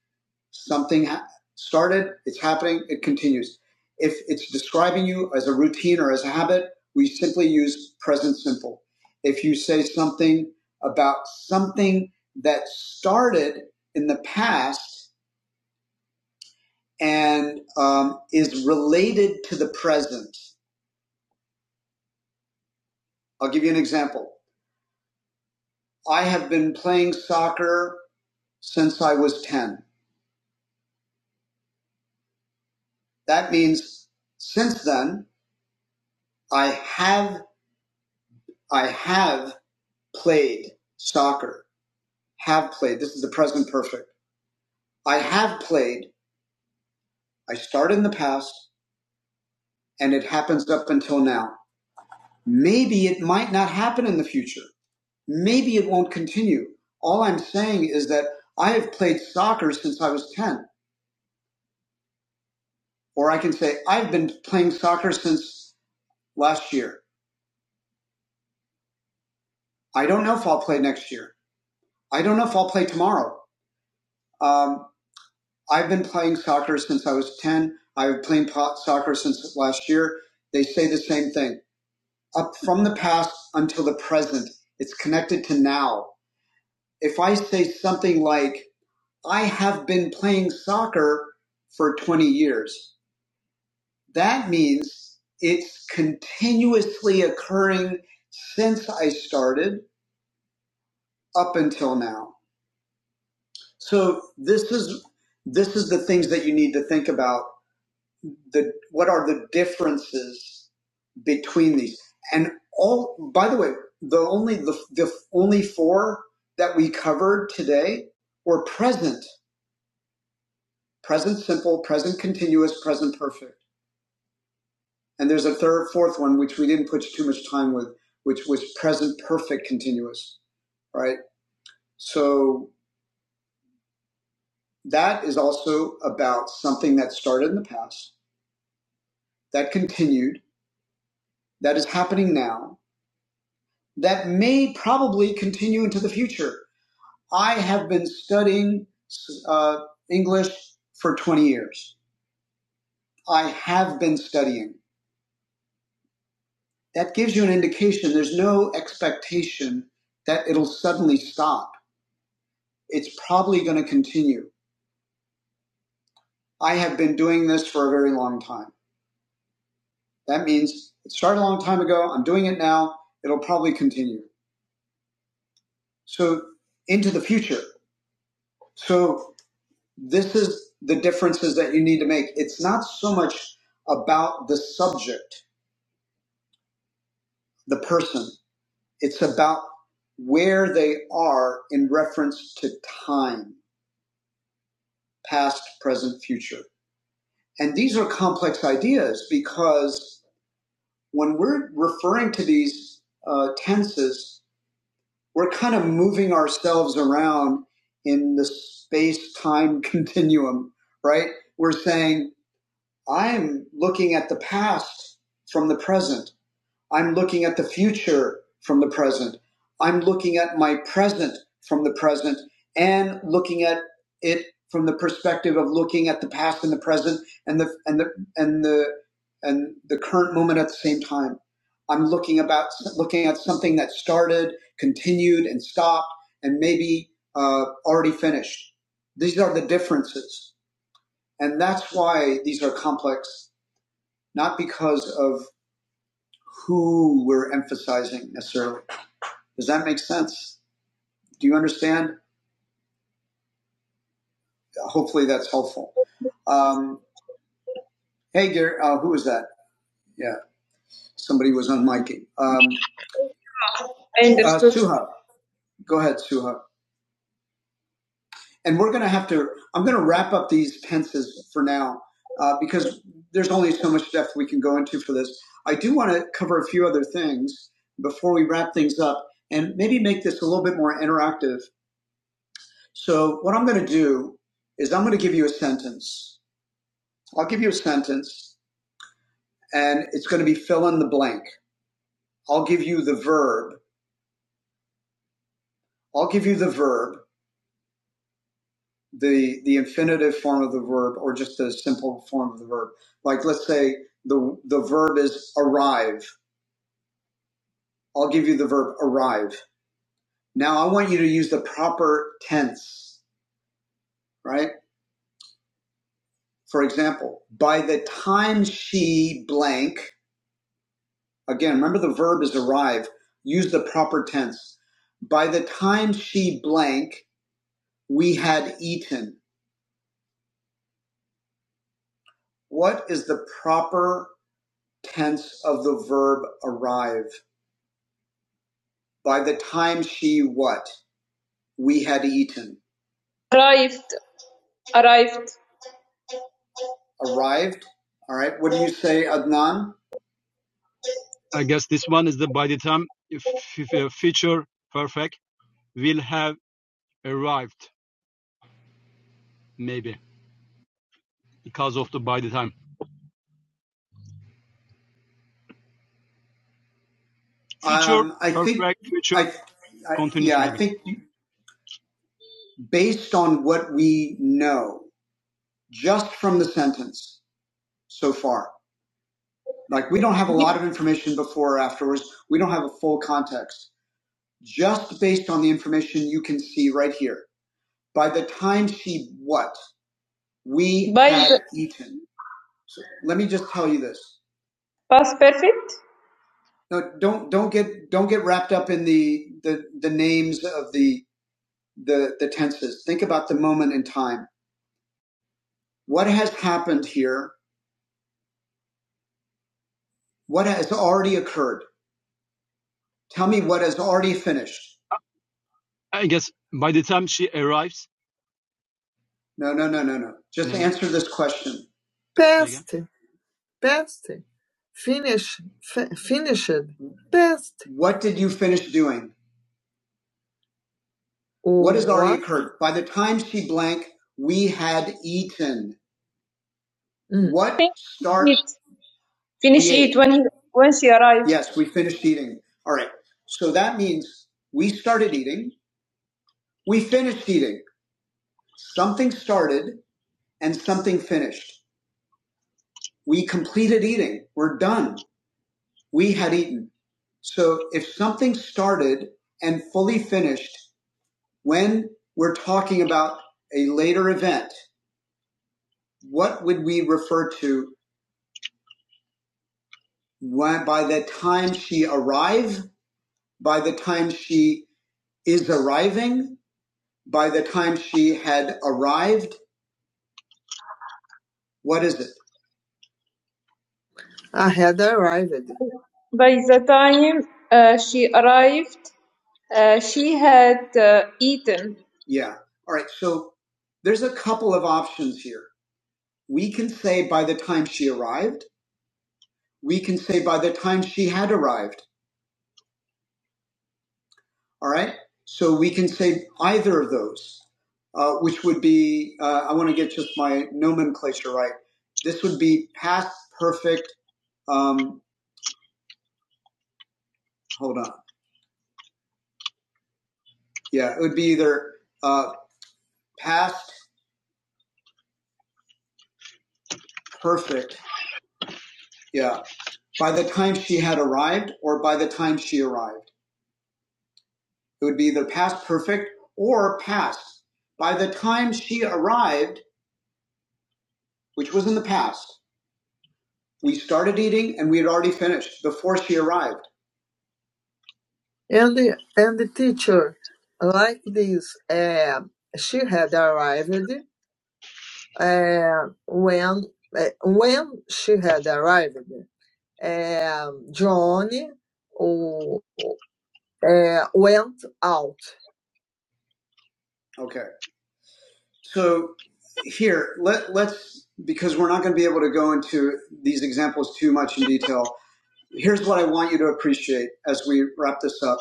A: something ha- started, it's happening, it continues. If it's describing you as a routine or as a habit, we simply use present simple. If you say something about something that started in the past and um, is related to the present. I'll give you an example. I have been playing soccer since I was 10. That means since then I have I have played soccer. Have played. This is the present perfect. I have played. I start in the past and it happens up until now. Maybe it might not happen in the future. Maybe it won't continue. All I'm saying is that I have played soccer since I was 10. Or I can say, I've been playing soccer since last year. I don't know if I'll play next year. I don't know if I'll play tomorrow. Um, I've been playing soccer since I was 10. I've been playing po- soccer since last year. They say the same thing. Up from the past until the present, it's connected to now. If I say something like, I have been playing soccer for 20 years. That means it's continuously occurring since I started up until now. So this is this is the things that you need to think about. The what are the differences between these? And all by the way, the only the, the only four that we covered today were present, present simple, present continuous, present perfect. And there's a third, fourth one, which we didn't put too much time with, which was present perfect continuous, right? So that is also about something that started in the past, that continued, that is happening now, that may probably continue into the future. I have been studying uh, English for 20 years. I have been studying. That gives you an indication. There's no expectation that it'll suddenly stop it's probably going to continue. I have been doing this for a very long time. That means it started a long time ago. I'm doing it now. It'll probably continue. So into the future. So this is the differences that you need to make. It's not so much about the subject, the person. It's about where they are in reference to time, past, present, future. And these are complex ideas because when we're referring to these uh, tenses, we're kind of moving ourselves around in the space time continuum, right? We're saying, I'm looking at the past from the present. I'm looking at the future from the present. I'm looking at my present from the present and looking at it from the perspective of looking at the past and the present and the and the and the and the current moment at the same time. I'm looking about looking at something that started, continued, and stopped, and maybe uh, already finished. These are the differences, and that's why these are complex, not because of who we're emphasizing necessarily. Does that make sense? Do you understand? Hopefully that's helpful. Um, hey, Gary, uh, who was that? Yeah, somebody was on miking. Um, Uh, Suha. Go ahead, Suha. And we're going to have to, I'm going to wrap up these pences for now uh, because there's only so much depth we can go into for this. I do want to cover a few other things before we wrap things up and maybe make this a little bit more interactive So what I'm going to do is I'm going to give you a sentence. I'll give you a sentence and it's going to be fill in the blank. I'll give you the verb. I'll give you the verb, the, the infinitive form of the verb or just the simple form of the verb. Like let's say the, the verb is arrive. I'll give you the verb arrive. Now I want you to use the proper tense, right? For example, by the time she blank, Again, remember the verb is arrive. Use the proper tense. By the time she blank, we had eaten. What is the proper tense of the verb arrive? By the time she what? We had eaten. Arrived. Arrived. Arrived. All right. What do you say, Adnan? Um, I, I think based on what we know, just from the sentence so far. Like we don't have a lot of information before or afterwards. We don't have a full context. Just based on the information you can see right here. By the time she what? We by had the, eaten. So let me just tell you this. Past perfect? No, don't don't get don't get wrapped up in the the, the names of the, the the tenses. Think about the moment in time. What has happened here? What has already occurred? Tell me what has already finished. No, no, no, no, no. Just mm-hmm. answer this question. What did you finish doing? Her. By the time she blank, we had eaten. What Finish starts? Finish We when he when she arrived. Yes, we finished eating. All right. So that means we started eating, we finished eating. Something started and something finished. We completed eating. We're done. We had eaten. So if something started and fully finished, when we're talking about a later event, what would we refer to when, by the time she arrived? by the time she is arriving, by the time she had arrived? What is it? By the time uh, she arrived, uh, she had uh, eaten. Yeah. All right. So there's a couple of options here. We can say by the time she arrived, we can say by the time she had arrived. All right. So we can say either of those, uh, which would be, uh, I want to get just my nomenclature right. This would be past perfect. Um, hold on. Yeah. It would be either uh, past perfect. Yeah. By the time she had arrived or by the time she arrived. It would be either past perfect or past. By the time she arrived, which was in the past, we started eating and we had already finished before she arrived. Okay. So here, let, let's, because we're not going to be able to go into these examples too much in detail. Here's what I want you to appreciate as we wrap this up.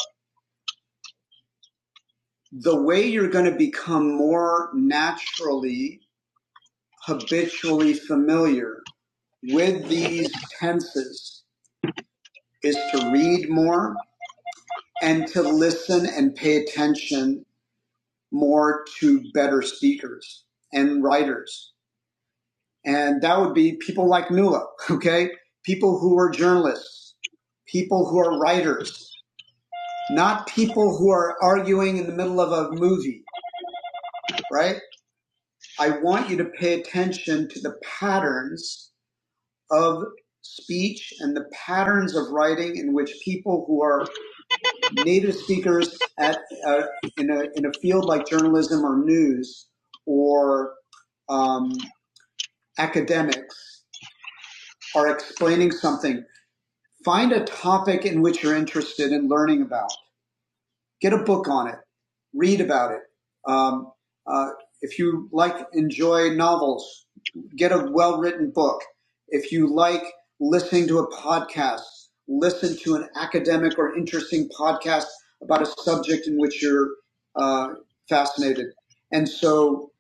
A: The way you're going to become more naturally, habitually familiar with these tenses is to read more and to listen and pay attention more to better speakers and writers And that would be people like Nuala, okay? People who are journalists, people who are writers, not people who are arguing in the middle of a movie, right? I want you to pay attention to the patterns of speech and the patterns of writing in which people who are native speakers at, uh, in, a, in a field like journalism or news or um, academics are explaining something Find a topic in which you're interested in learning about. Get a book on it. Read about it. Um, uh, if you like, enjoy novels. Get a well-written book. If you like listening to a podcast, listen to an academic or interesting podcast about a subject in which you're uh, fascinated. And so,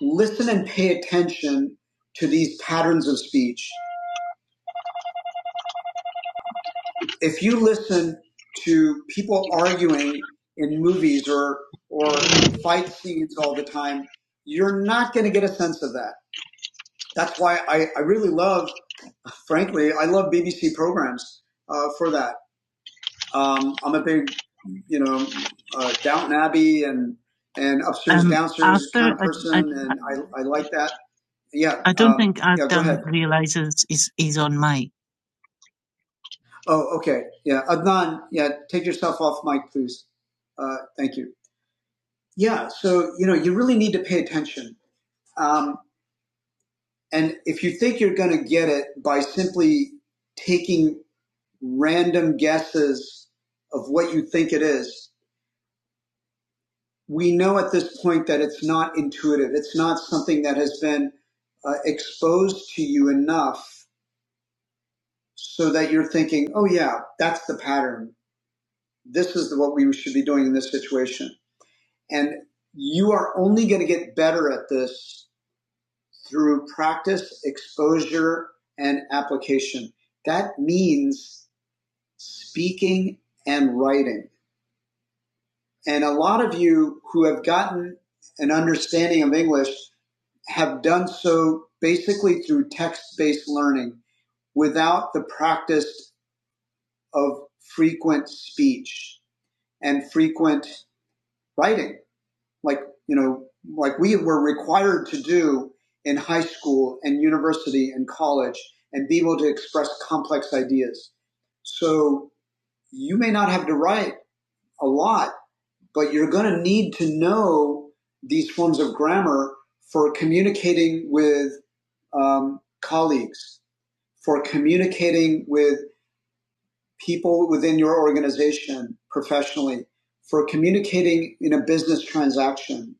A: listen and pay attention to these patterns of speech if you listen to people arguing in movies or or fight scenes all the time, you're not going to get a sense of that. That's why I, I really love, frankly, I love BBC programs uh, for that. Um, I'm a big, you know, uh, Downton Abbey and and upstairs. Downstairs, I, I like that. Yeah. Oh, okay. Yeah. Adnan, yeah, take yourself off mic, please. Uh, thank you. Yeah. So, you know, you really need to pay attention. Um, And if you think you're going to get it by simply taking random guesses of what you think it is, we know at this point that it's not intuitive. It's not something that has been uh, exposed to you enough so that you're thinking, oh, yeah, that's the pattern. This is what we should be doing in this situation. And you are only going to get better at this through practice, exposure, and application. That means speaking and writing. And a lot of you who have gotten an understanding of English have done so basically through text based learning without the practice of frequent speech and frequent writing, like, you know, like we were required to do in high school and university and college and be able to express complex ideas. So you may not have to write a lot but you're going to need to know these forms of grammar for communicating with um, colleagues, for communicating with people within your organization professionally, for communicating in a business transaction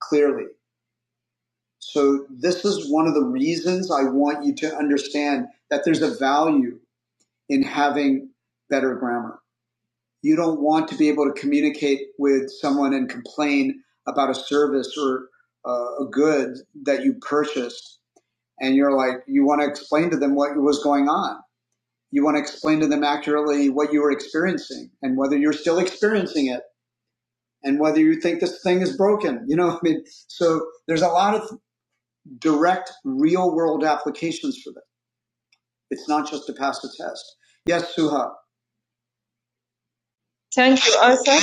A: clearly. So, this is one of the reasons I want you to understand that there's a value in having better grammar. you don't want to be able to communicate with someone and complain about a service or uh, a good that you purchased and you're like you want to explain to them what was going on you want to explain to them accurately what you were experiencing and whether you're still experiencing it and whether you think this thing is broken you know i mean so there's a lot of direct real world applications for that it's not just to pass a test yes suha Thank you, Arthur.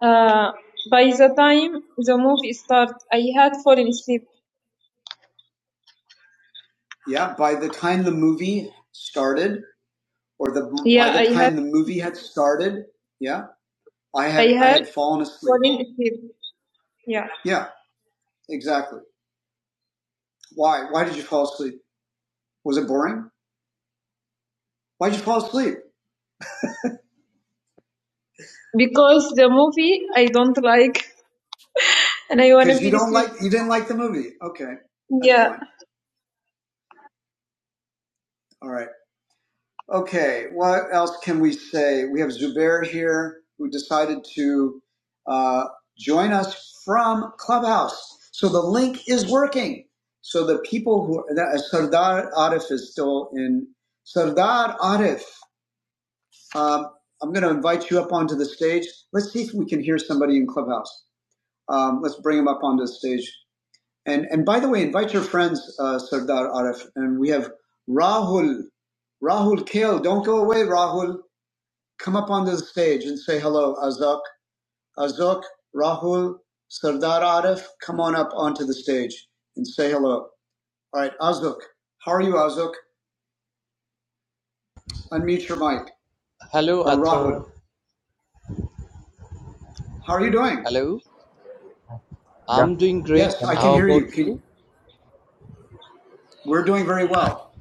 A: Uh, by the time the movie started, I had fallen asleep. Yeah, by the time the movie started, or the Yeah, by the I had time had, the movie had started, yeah, I had, I had I had fallen asleep. fallen asleep. Yeah. Yeah, exactly. Why? Why did you fall asleep? Was it boring? Why did you fall asleep? Because the movie I don't like and I wanna Because you don't asleep. like you didn't like the movie. Okay, that's Yeah. fine. All right. Okay, what else can we say? We have Zubair here who decided to uh, join us from Clubhouse. So the link is working. So the people who, that, Sardar Arif is still in. Sardar Arif, um, I'm going to invite you up onto the stage. Let's see if we can hear somebody in Clubhouse. Um, let's bring him up onto the stage. And, and by the way, invite your friends, uh, Sardar Arif. And we have Rahul. Rahul Kale, don't go away, Rahul come up onto the stage and say hello, Azok. Azok, Rahul, Sardar Arif, come on up onto the stage and say hello. All right, Azok, how are you, Azok? Unmute your mic.
H: Hello,
A: Or Rahul,
H: Arthur.
A: how are you doing?
H: Hello. I'm
I: Yeah,
H: doing great.
A: Yes,
I: can you
A: I
H: How
I: hear
A: can
I: me?
A: hear
H: about
A: you. Can,
H: you?
A: we're doing very well.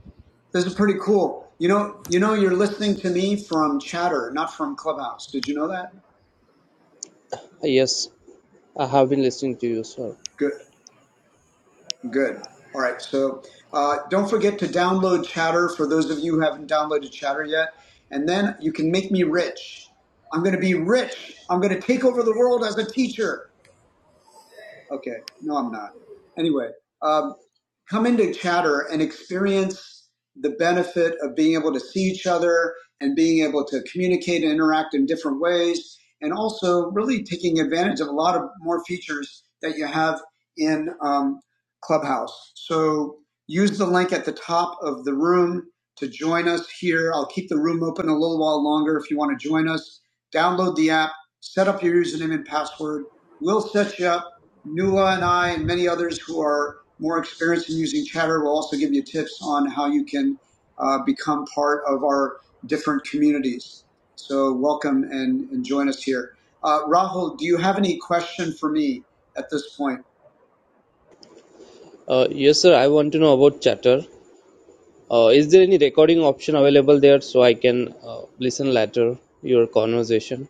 A: This is pretty cool. You know, you know, you're listening to me from Chatter, not from Clubhouse. Did you know that?
H: Yes, I have been listening to you, sir.
A: Good. Good. All right. So uh, don't forget to download Chatter for those of you who haven't downloaded Chatter yet. And then you can make me rich. I'm going to be rich. I'm going to take over the world as a teacher. Okay. No, I'm not. Anyway, um, come into chatter and experience the benefit of being able to see each other and being able to communicate and interact in different ways and also really taking advantage of a lot of more features that you have in um, clubhouse so use the link at the top of the room to join us here i'll keep the room open a little while longer if you want to join us download the app set up your username and password we'll set you up Nuala and i and many others who are more experience in using Chatter. We'll also give you tips on how you can uh, become part of our different communities. So welcome and, and join us here. Uh, Rahul, do you have any question for me at this point?
H: Uh, yes, sir. I want to know about Chatter. Uh, is there any recording option available there so I can uh, listen later your conversation?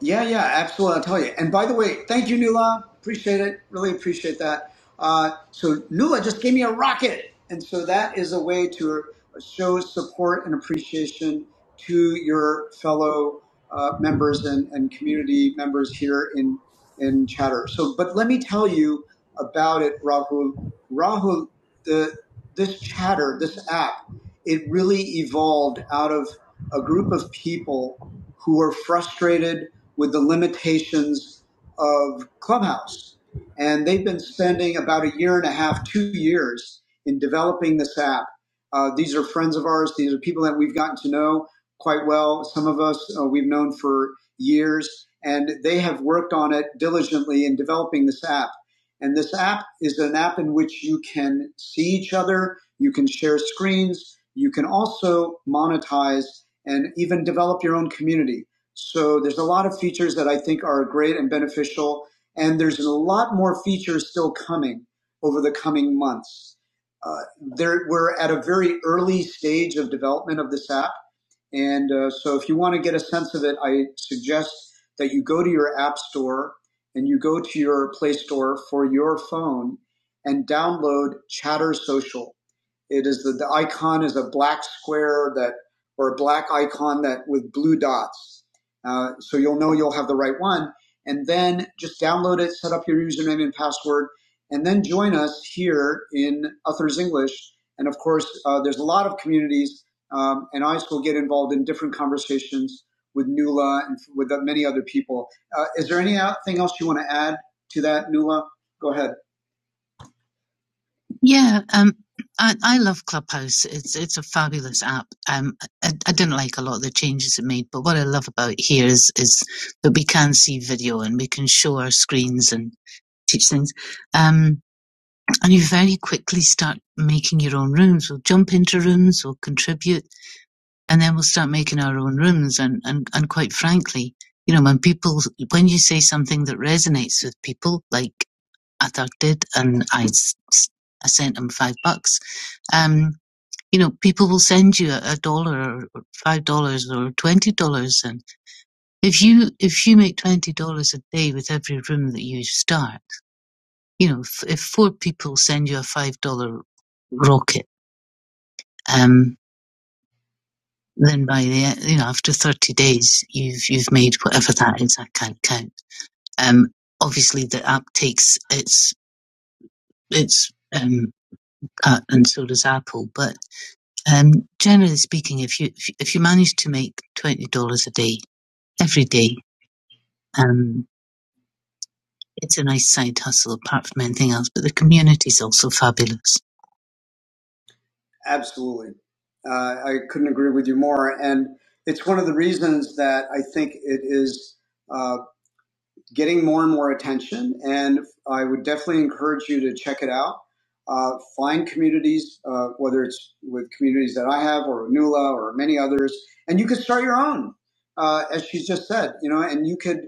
A: Yeah, yeah, absolutely. I'll tell you. And by the way, thank you, Nula. Appreciate it. Really appreciate that. Uh, so Nula just gave me a rocket, and so that is a way to show support and appreciation to your fellow uh, members and, and community members here in in Chatter. So, but let me tell you about it, Rahul. Rahul, the this Chatter, this app, it really evolved out of a group of people who were frustrated with the limitations of Clubhouse. And they've been spending about a year and a half, two years in developing this app. Uh, these are friends of ours. These are people that we've gotten to know quite well. Some of us uh, we've known for years, and they have worked on it diligently in developing this app. And this app is an app in which you can see each other, you can share screens, you can also monetize and even develop your own community. So there's a lot of features that I think are great and beneficial, and there's a lot more features still coming over the coming months. Uh, there, we're at a very early stage of development of this app and uh, so if you want to get a sense of it, I suggest that you go to your app store and you go to your Play Store for your phone and download Chatter Social. It is the, the icon is a black square that or a black icon that with blue dots. Uh, so you'll know you'll have the right one. And then just download it, set up your username and password, and then join us here in Uthers English. And of course, uh, there's a lot of communities um, and I will get involved in different conversations with Nula and with uh, many other people. Uh, is there anything else you want to add to that, Nula? Go ahead. Absolutely. Uh, I couldn't agree with you more. And it's one of the reasons that I think it is. uh, getting more and more attention. And I would definitely encourage you to check it out. Uh, find communities, uh, whether it's with communities that I have or Nula or many others, and you could start your own, uh, as she's just said, you know, and you could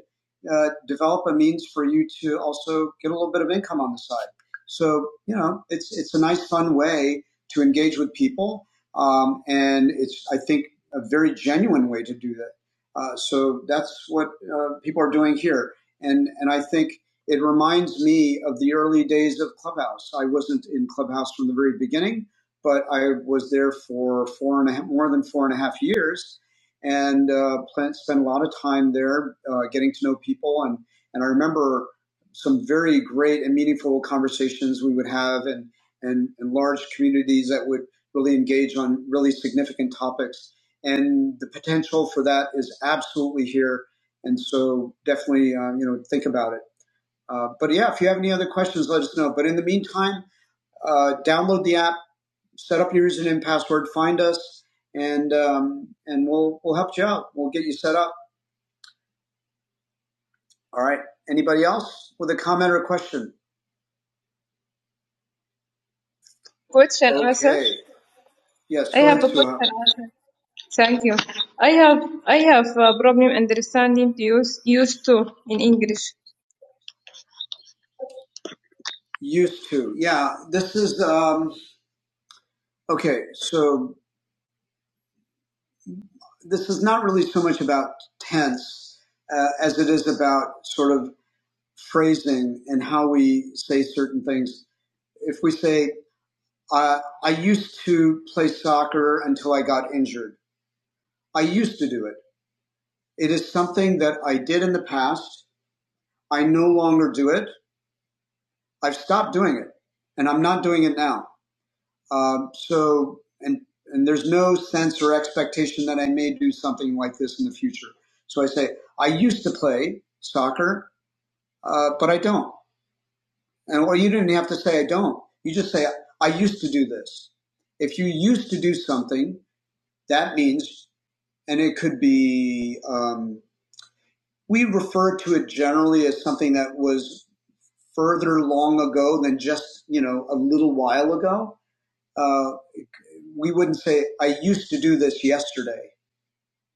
A: uh, develop a means for you to also get a little bit of income on the side. So, you know, it's it's a nice, fun way to engage with people, um, and it's I think a very genuine way to do that. Uh, so that's what uh, people are doing here and and I think it reminds me of the early days of Clubhouse. I wasn't in Clubhouse from the very beginning, but I was there for four and a half, more than four and a half years, and uh, spent a lot of time there, uh, getting to know people, and and I remember some very great and meaningful conversations we would have, and and, and large communities that would really engage on really significant topics, and the potential for that is absolutely here and so definitely, um, you know, think about it. Uh, but yeah, if you have any other questions, let us know. But in the meantime, uh, download the app, set up your username and password, find us, and um, and we'll we'll help you out. We'll get you set up. All right. Anybody else with a comment or a question? Question, Asif. Okay. Myself. Yes. I have a question. Thank you. I have I have a problem understanding the use used to in English. Used to. Yeah. This is um, okay. So this is not really so much about tense uh, as it is about sort of phrasing and how we say certain things. If we say, uh, I used to play soccer until I got injured, I used to do it. It is something that I did in the past. I no longer do it. I've stopped doing it and I'm not doing it now. Um, so, and, and there's no sense or expectation that I may do something like this in the future. So I say, I used to play soccer Uh, but I don't. And or you didn't have to say I don't. You just say I used to do this. If you used to do something, that means, and it could be. Um, we refer to it generally as something that was further long ago than just you know a little while ago. Uh, we wouldn't say I used to do this yesterday.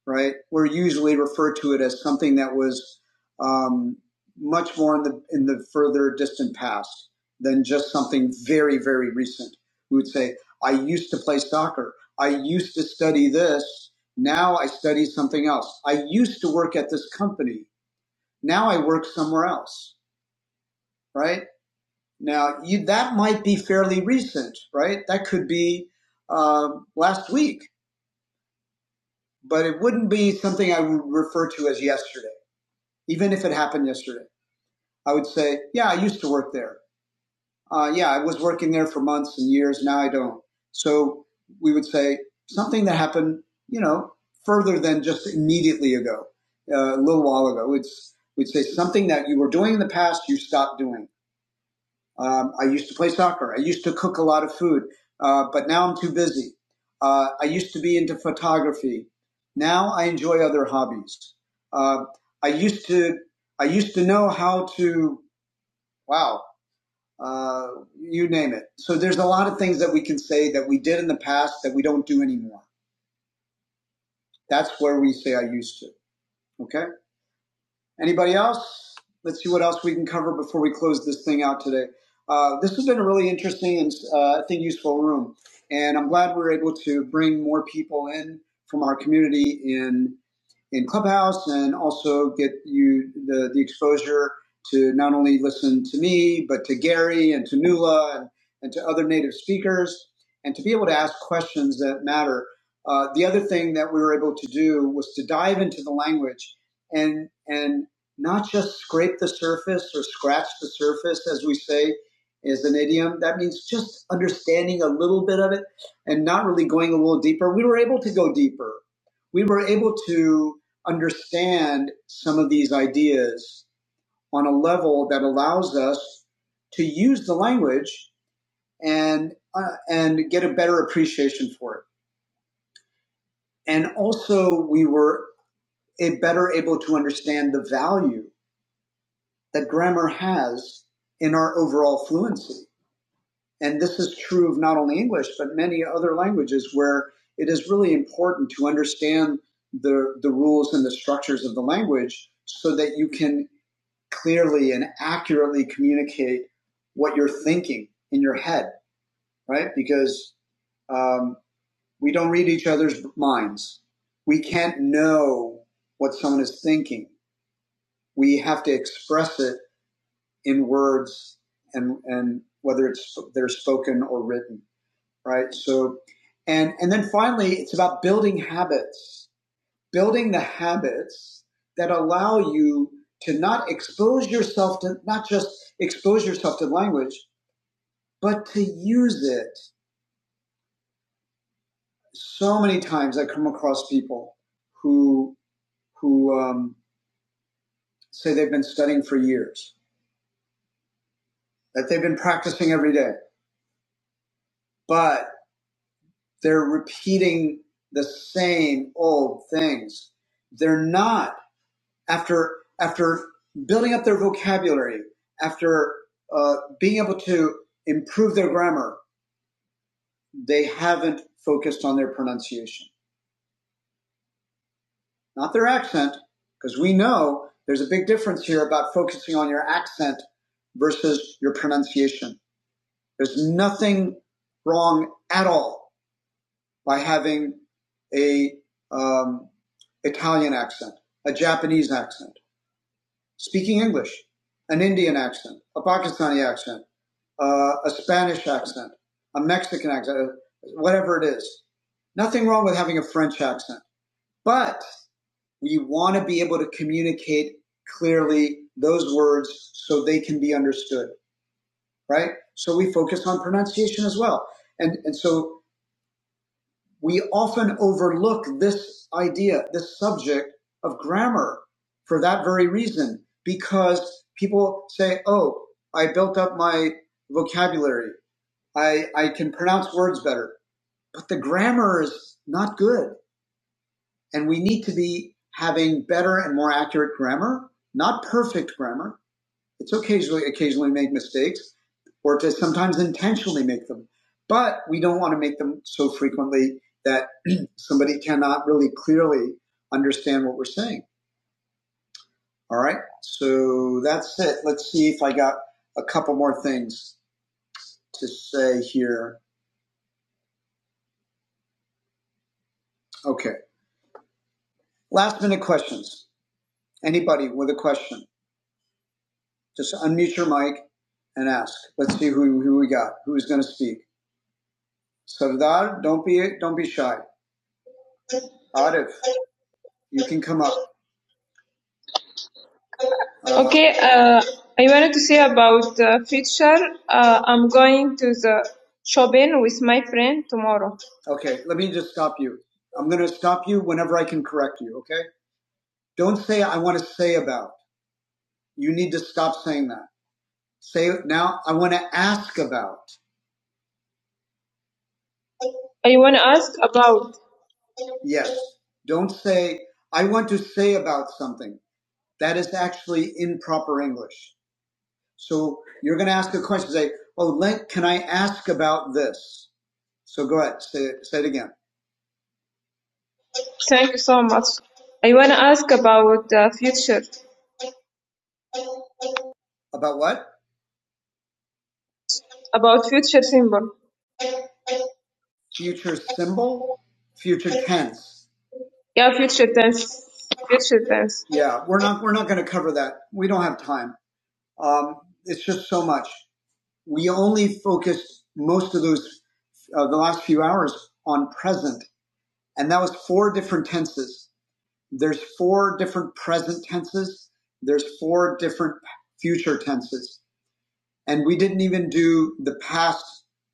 A: right? We're usually referred to it as something that was um, much more in the in the further distant past than just something very very recent. We would say, "I used to play soccer. I used to study this. Now I study something else. I used to work at this company. Now I work somewhere else." Right now, you, that might be fairly recent, right? That could be um last week, but it wouldn't be something I would refer to as yesterday even if it happened yesterday. I would say, yeah, I used to work there. Uh, yeah, I was working there for months and years. Now I don't. So we would say something that happened, you know, further than just immediately ago, uh, a little while ago. It's, we'd say something that you were doing in the past, you stopped doing. Um, I used to play soccer. I used to cook a lot of food, uh, but now I'm too busy. Uh, I used to be into photography. Now I enjoy other hobbies. Uh, I used to I used to know how to wow uh, you name it. So there's a lot of things that we can say that we did in the past that we don't do anymore. That's where we say I used to. Okay. Anybody else? Let's see what else we can cover before we close this thing out today. Uh, this has been a really interesting and uh, I think useful room, and I'm glad we are able to bring more people in from our community in in Clubhouse and also get you the, the exposure to not only listen to me, but to Gary and to Nula and, and to other native speakers and to be able to ask questions that matter. Uh, the other thing that we were able to do was to dive into the language and, and not just scrape the surface or scratch the surface, as we say, is an idiom. That means just understanding a little bit of it and not really going a little deeper. We were able to go deeper we were able to understand some of these ideas on a level that allows us to use the language and uh, and get a better appreciation for it. And also, we were a better able to understand the value that grammar has in our overall fluency. And this is true of not only English but many other languages, where it is really important to understand the the rules and the structures of the language so that you can clearly and accurately communicate what you're thinking in your head, right? Because um, we don't read each other's minds. We can't know what someone is thinking. We have to express it in words and, and whether it's they're spoken or written, right? So, and, and then finally, it's about building habits building the habits that allow you to not expose yourself to not just expose yourself to language, but to use it. So many times I come across people who who um, say they've been studying for years, that they've been practicing every day, but they're repeating the same old things. They're not after after building up their vocabulary, after uh, being able to improve their grammar, they haven't focused on their pronunciation, not their accent, because we know there's a big difference here about focusing on your accent versus your pronunciation. There's nothing wrong at all by having a um, Italian accent, a Japanese accent, speaking English, an Indian accent, a Pakistani accent, uh, a Spanish accent, a Mexican accent, whatever it is. Nothing wrong with having a French accent, but we want to be able to communicate clearly those words so they can be understood, right? So we focus on pronunciation as well. And, and so we often overlook this idea, this subject of grammar for that very reason, because people say, oh, I built up my vocabulary. I, I can pronounce words better. But the grammar is not good. And we need to be having better and more accurate grammar, not perfect grammar, it's occasionally occasionally make mistakes, or to sometimes intentionally make them, but we don't want to make them so frequently that somebody cannot really clearly understand what we're saying. All right, so that's it. Let's see if I got a couple more things to say here. Okay, last minute questions. Anybody with a question, just unmute your mic and ask. Let's see who, who we got. Who's going to speak? Sardar, don't be don't be shy. Arif, you can come up. Okay, uh, I wanted to say about the future. Uh, I'm going to the shopping with my friend tomorrow. Okay, let me just stop you. I'm going to stop you whenever I can correct you, okay? Don't say, I want to say about. You need to stop saying that. Say now, I want to ask about. I want to ask about. Yes. Don't say, I want to say about something. That is actually improper English. So you're going to ask a question. Say, "Oh, Link, can I ask about this?" So go ahead. Say it, say it again. Thank you so much. I want to ask about the uh, future, About what? about future symbol. Future symbol, future tense. Yeah, future tense. Future tense. Yeah, we're not we're not going to cover that. We don't have time. Um, it's just so much. We only focused most of those uh, the last few hours on present And that was four different tenses. There's four different present tenses. There's four different future tenses. And we didn't even do the past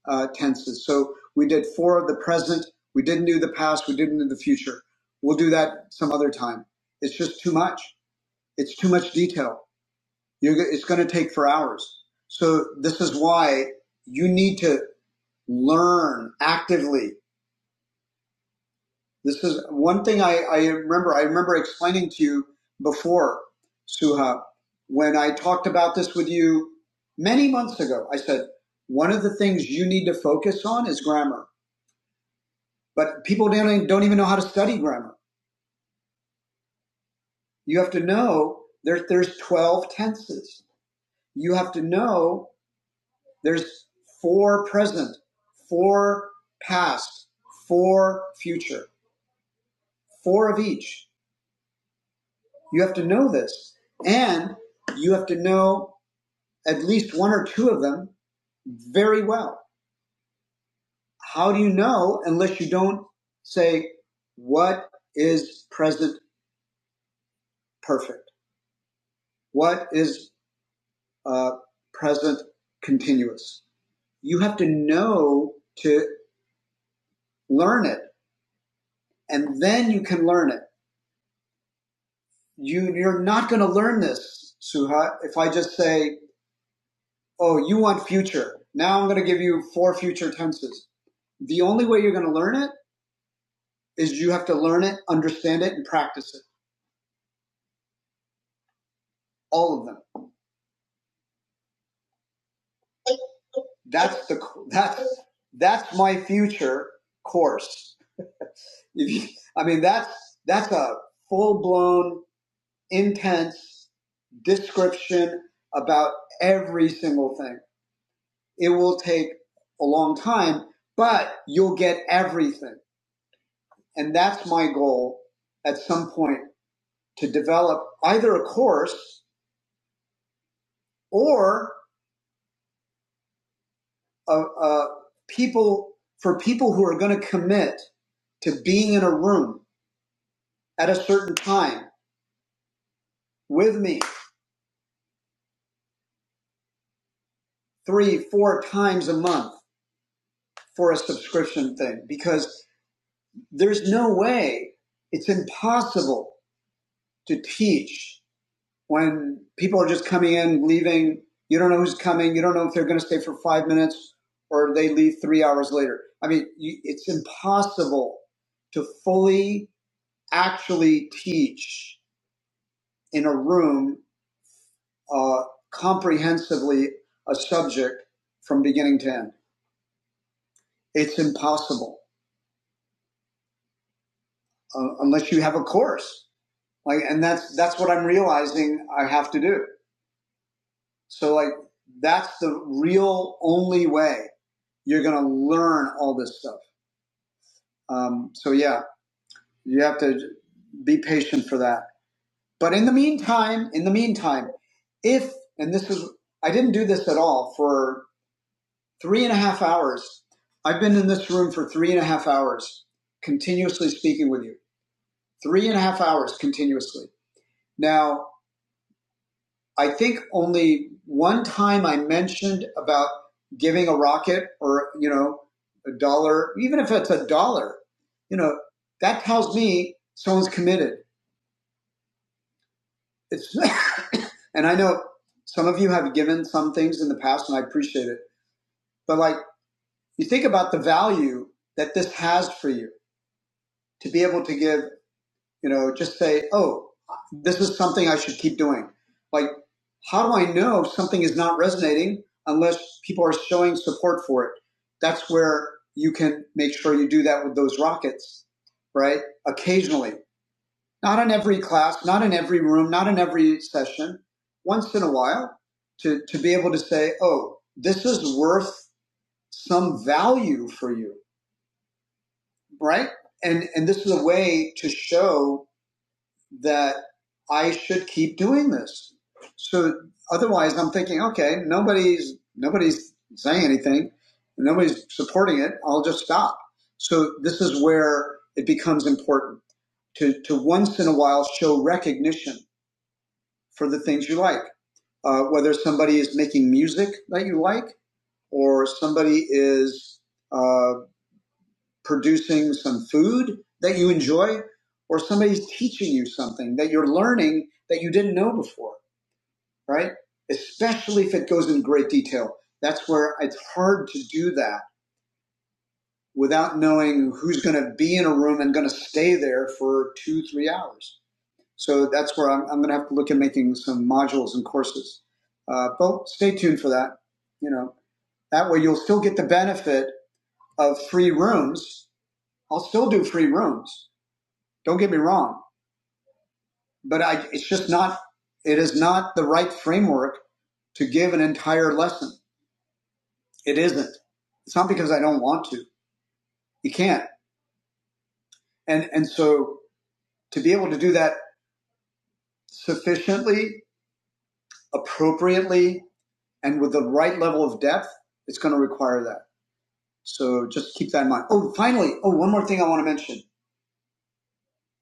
A: uh, tenses. So we did four of the present. We didn't do the past. We didn't do the future. We'll do that some other time. It's just too much. It's too much detail. You're, go- it's going to take for hours. So this is why you need to learn actively This is one thing I, I remember. I remember explaining to you before, Suha, when I talked about this with you many months ago. I said, one of the things you need to focus on is grammar, but people don't even, don't even know how to study grammar. You have to know there, there's 12 tenses. You have to know there's four present, four past, four future, four of each. You have to know this. And you have to know at least one or two of them very well. How do you know unless you don't say, what is present perfect? What is uh, present continuous? You have to know to learn it, and then you can learn it. You, you're not going to learn this, Suha, if I just say, oh, you want future. Now I'm going to give you four future tenses. The only way you're going to learn it is you have to learn it, understand it, and practice it. All of them. That's the that's that's my future course. If you, I mean, that's that's a full blown, intense description about every single thing. It will take a long time, but you'll get everything, and that's my goal at some point to develop either a course or a, a people for people who are going to commit to being in a room at a certain time with me three, four times a month for a subscription thing because there's no way it's impossible to teach when people are just coming in, leaving. You don't know who's coming. You don't know if they're going to stay for five minutes or they leave three hours later. I mean, you, it's impossible to fully actually teach in a room uh, comprehensively a subject from beginning to end. It's impossible uh, unless you have a course. Like, and that's that's what I'm realizing I have to do. So like that's the real only way you're going to learn all this stuff. Um, so yeah, you have to be patient for that. But in the meantime, in the meantime, if and this is I didn't do this at all for three and a half hours. I've been in this room for three and a half hours, continuously speaking with you. Three and a half hours continuously. Now, I think only one time I mentioned about giving a rocket or, you know, a dollar, even if it's a dollar, you know, that tells me someone's committed. It's, and I know some of you have given some things in the past and I appreciate it, but like you think about the value that this has for you to be able to give You know, just say, oh, this is something I should keep doing. Like, how do I know something is not resonating unless people are showing support for it? That's where you can make sure you do that with those rockets, right? Occasionally, not in every class, not in every room, not in every session, once in a while to, to be able to say, oh, this is worth some value for you, right? And, and this is a way to show that I should keep doing this. So otherwise, I'm thinking, okay, nobody's nobody's saying anything, nobody's supporting it. I'll just stop. So this is where it becomes important to to once in a while show recognition for the things you like. Uh, whether somebody is making music that you like, or somebody is uh, producing some food that you enjoy, or somebody's teaching you something that you're learning that you didn't know before, right? Especially if it goes in great detail. That's where it's hard to do that without knowing who's going to be in a room and going to stay there for two, three hours. So that's where I'm, I'm going to have to look at making some modules and courses. Uh, but stay tuned for that. You know, that way you'll still get the benefit of free rooms. I'll still do free rooms Don't get me wrong, but I, it's just not, it is not the right framework to give an entire lesson. It isn't. It's not because I don't want to. You can't. And, and so to be able to do that sufficiently, appropriately, and with the right level of depth, it's going to require that. So just keep that in mind. Oh, finally, oh, one more thing I want to mention.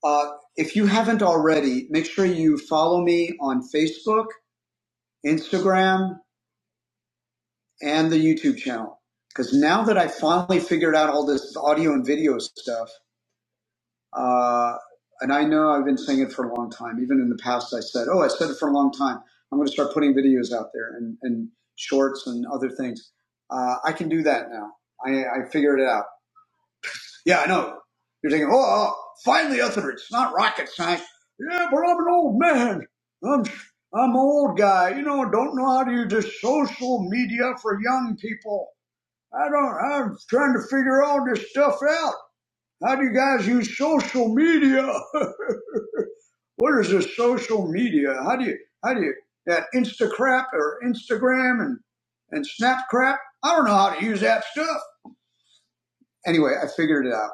A: Uh, if you haven't already, make sure you follow me on Facebook, Instagram, and the YouTube channel. Because now that I finally figured out all this audio and video stuff, uh, and I know I've been saying it for a long time. Even in the past, I said, "Oh, I said it for a long time. I'm going to start putting videos out there and, and shorts and other things." Uh, I can do that now. I, I figured it out. Yeah, I know. You're thinking, "Oh, oh, finally, Uther, it's not rocket science." Yeah, but I'm an old man. I'm I'm an old guy. You know, don't know how to use this social media for young people. I don't, I'm trying to figure all this stuff out. How do you guys use social media? what is this social media? How do you, how do you, that Instacrap or Instagram and, and Snapcrap? I don't know how to use that stuff. Anyway, I figured it out.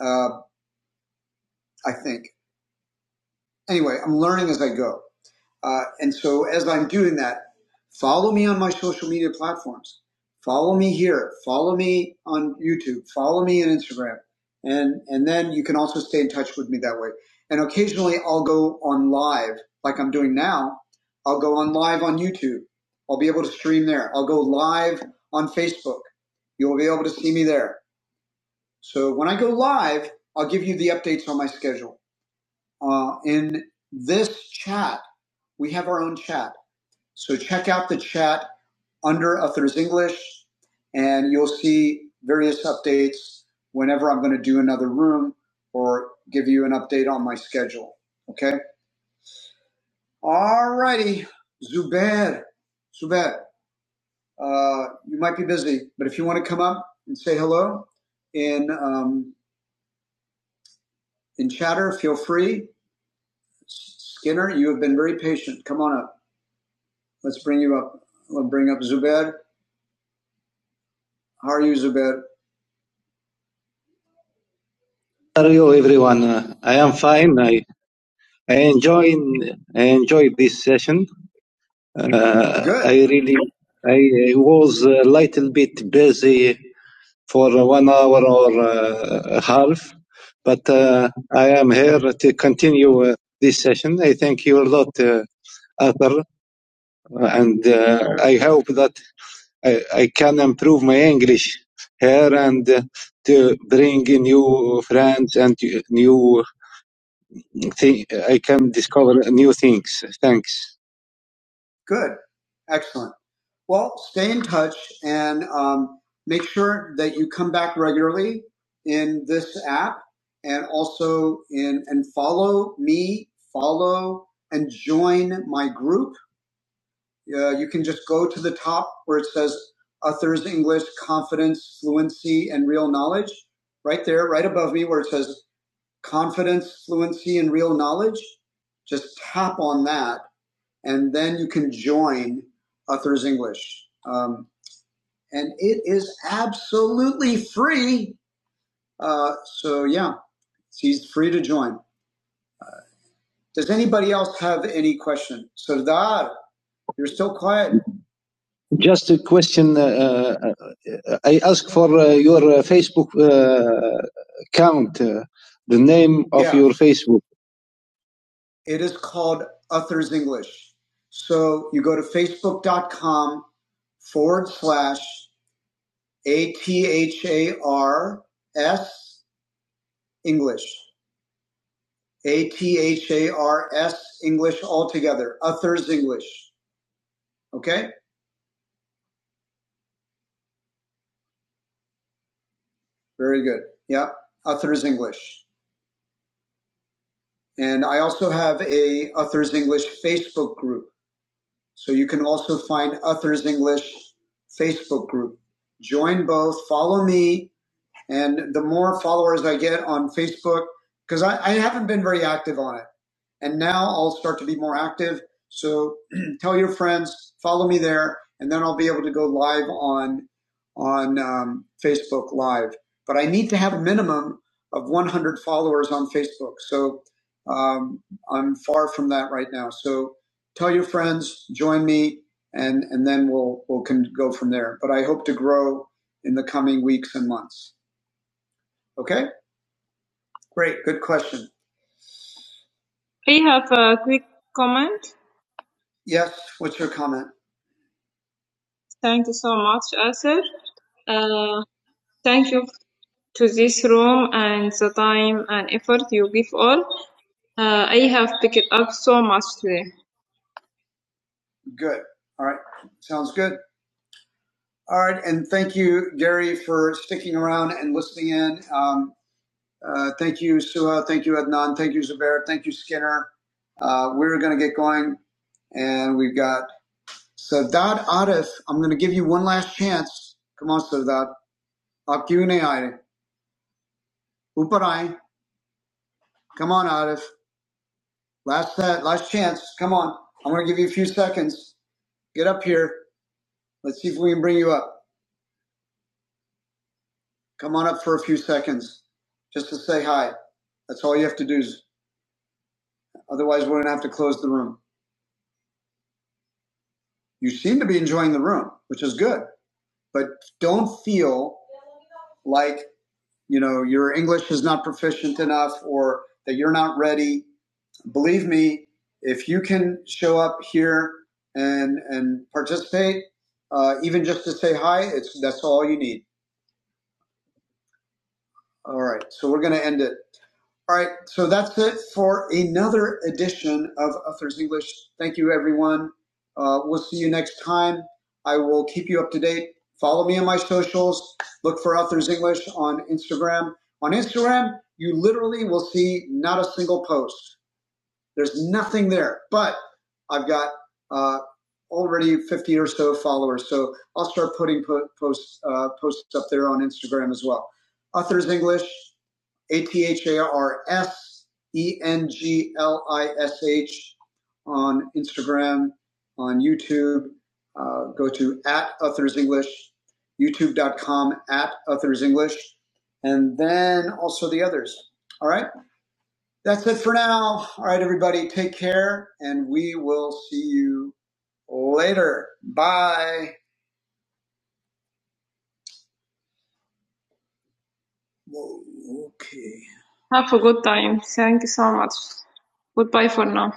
A: Uh, I think. Anyway, I'm learning as I go. Uh, and so as I'm doing that, follow me on my social media platforms. Follow me here. Follow me on YouTube. Follow me on Instagram. And, and then you can also stay in touch with me that way. And occasionally I'll go on live like I'm doing now. I'll go on live on YouTube. I'll be able to stream there. I'll go live on Facebook. You'll be able to see me there. So when I go live, I'll give you the updates on my schedule. Uh, in this chat, we have our own chat so check out the chat under Authors English, and you'll see various updates whenever I'm going to do another room or give you an update on my schedule. Okay. All righty, Zubair, Zubair, uh, you might be busy, but if you want to come up and say hello in um, in chatter, feel free. S- Skinner, you have been very patient. Come on up. Let's bring you up. We'll bring up Zubair. How are you, Zubair? How are you, everyone? Uh, I am fine. I I enjoy I enjoyed this session. Uh, Good. I really I was a little bit busy for one hour or uh, a half, but uh, I am here to continue uh, this session. I thank you a lot, uh, Arthur, and uh, I hope that I, I can improve my English here and uh, to bring new friends and new thi- I can discover new things. Thanks. Good. Excellent. Well, stay in touch and um, make sure that you come back regularly in this app and also in and follow me, follow and join my group. Uh, you can just go to the top where it says Authors English Confidence, Fluency, and Real Knowledge. Right there, right above me, where it says confidence, fluency, and real knowledge, just tap on that, and then you can join Authors English. Um, and it is absolutely free. Uh, so yeah, he's free to join. Does anybody else have any question? Sardar, you're still quiet. Just a question. Uh, uh, I ask for uh, your uh, Facebook uh, account, uh, the name of Yeah. your Facebook. It is called Uther's English. So you go to facebook.com forward slash A T H A R S English. A T H A R S English altogether. Uther's English. Okay? Very good. Yeah. Uther's English. And I also have a Uther's English Facebook group. So you can also find Uther's English Facebook group. Join both. Follow me And the more followers I get on Facebook, because I, I haven't been very active on it. And now I'll start to be more active. So tell your friends, follow me there, and then I'll be able to go live on on um, Facebook Live. But I need to have a minimum of 100 followers on Facebook. So um, I'm far from that right now. So tell your friends, join me, and and then we'll we'll can go from there. But I hope to grow in the coming weeks and months. Okay, great, good question. I have a quick comment. Yes, what's your comment? Thank you so much, Asir. Uh, thank you to this room and the time and effort you give all. Uh, I have picked up so much today. Good. All right. Sounds good. All right. And thank you, Gary, for sticking around and listening in. Um, uh, thank you, Suha. Thank you, Adnan. Thank you, Zubair. Thank you, Skinner. Uh, we're going to get going. And we've got Sadat Arif, I'm going to give you one last chance. Come on, Sadat. Akyune Aire. Uparai. Come on, Arif. Last set, last chance. Come on. I'm going to give you a few seconds. Get up here. Let's see if we can bring you up. Come on up for a few seconds just to say hi. That's all you have to do. Is, otherwise, we're going to have to close the room. You seem to be enjoying the room, which is good, but don't feel like you know, your English is not proficient enough or that you're not ready. Believe me, if you can show up here and and participate, uh, even just to say hi, it's that's all you need. All right, so we're going to end it. All right, so that's it for another edition of Authors English. Thank you, everyone. Uh, we'll see you next time. I will keep you up to date. Follow me on my socials. Look for Authors English on Instagram. On Instagram, you literally will see not a single post. There's nothing there, but I've got uh, already 50 or so followers. So I'll start putting po- posts uh, posts up there on Instagram as well. Authors English, A T H A R S E N G L I S H on Instagram, on YouTube. Uh, go to at Authors English, YouTube.com at Authors English, and then also the others. All right. That's it for now. All right, everybody, take care, and we will see you later. Bye. Whoa, okay. Have a good time. Thank you so much. Goodbye for now.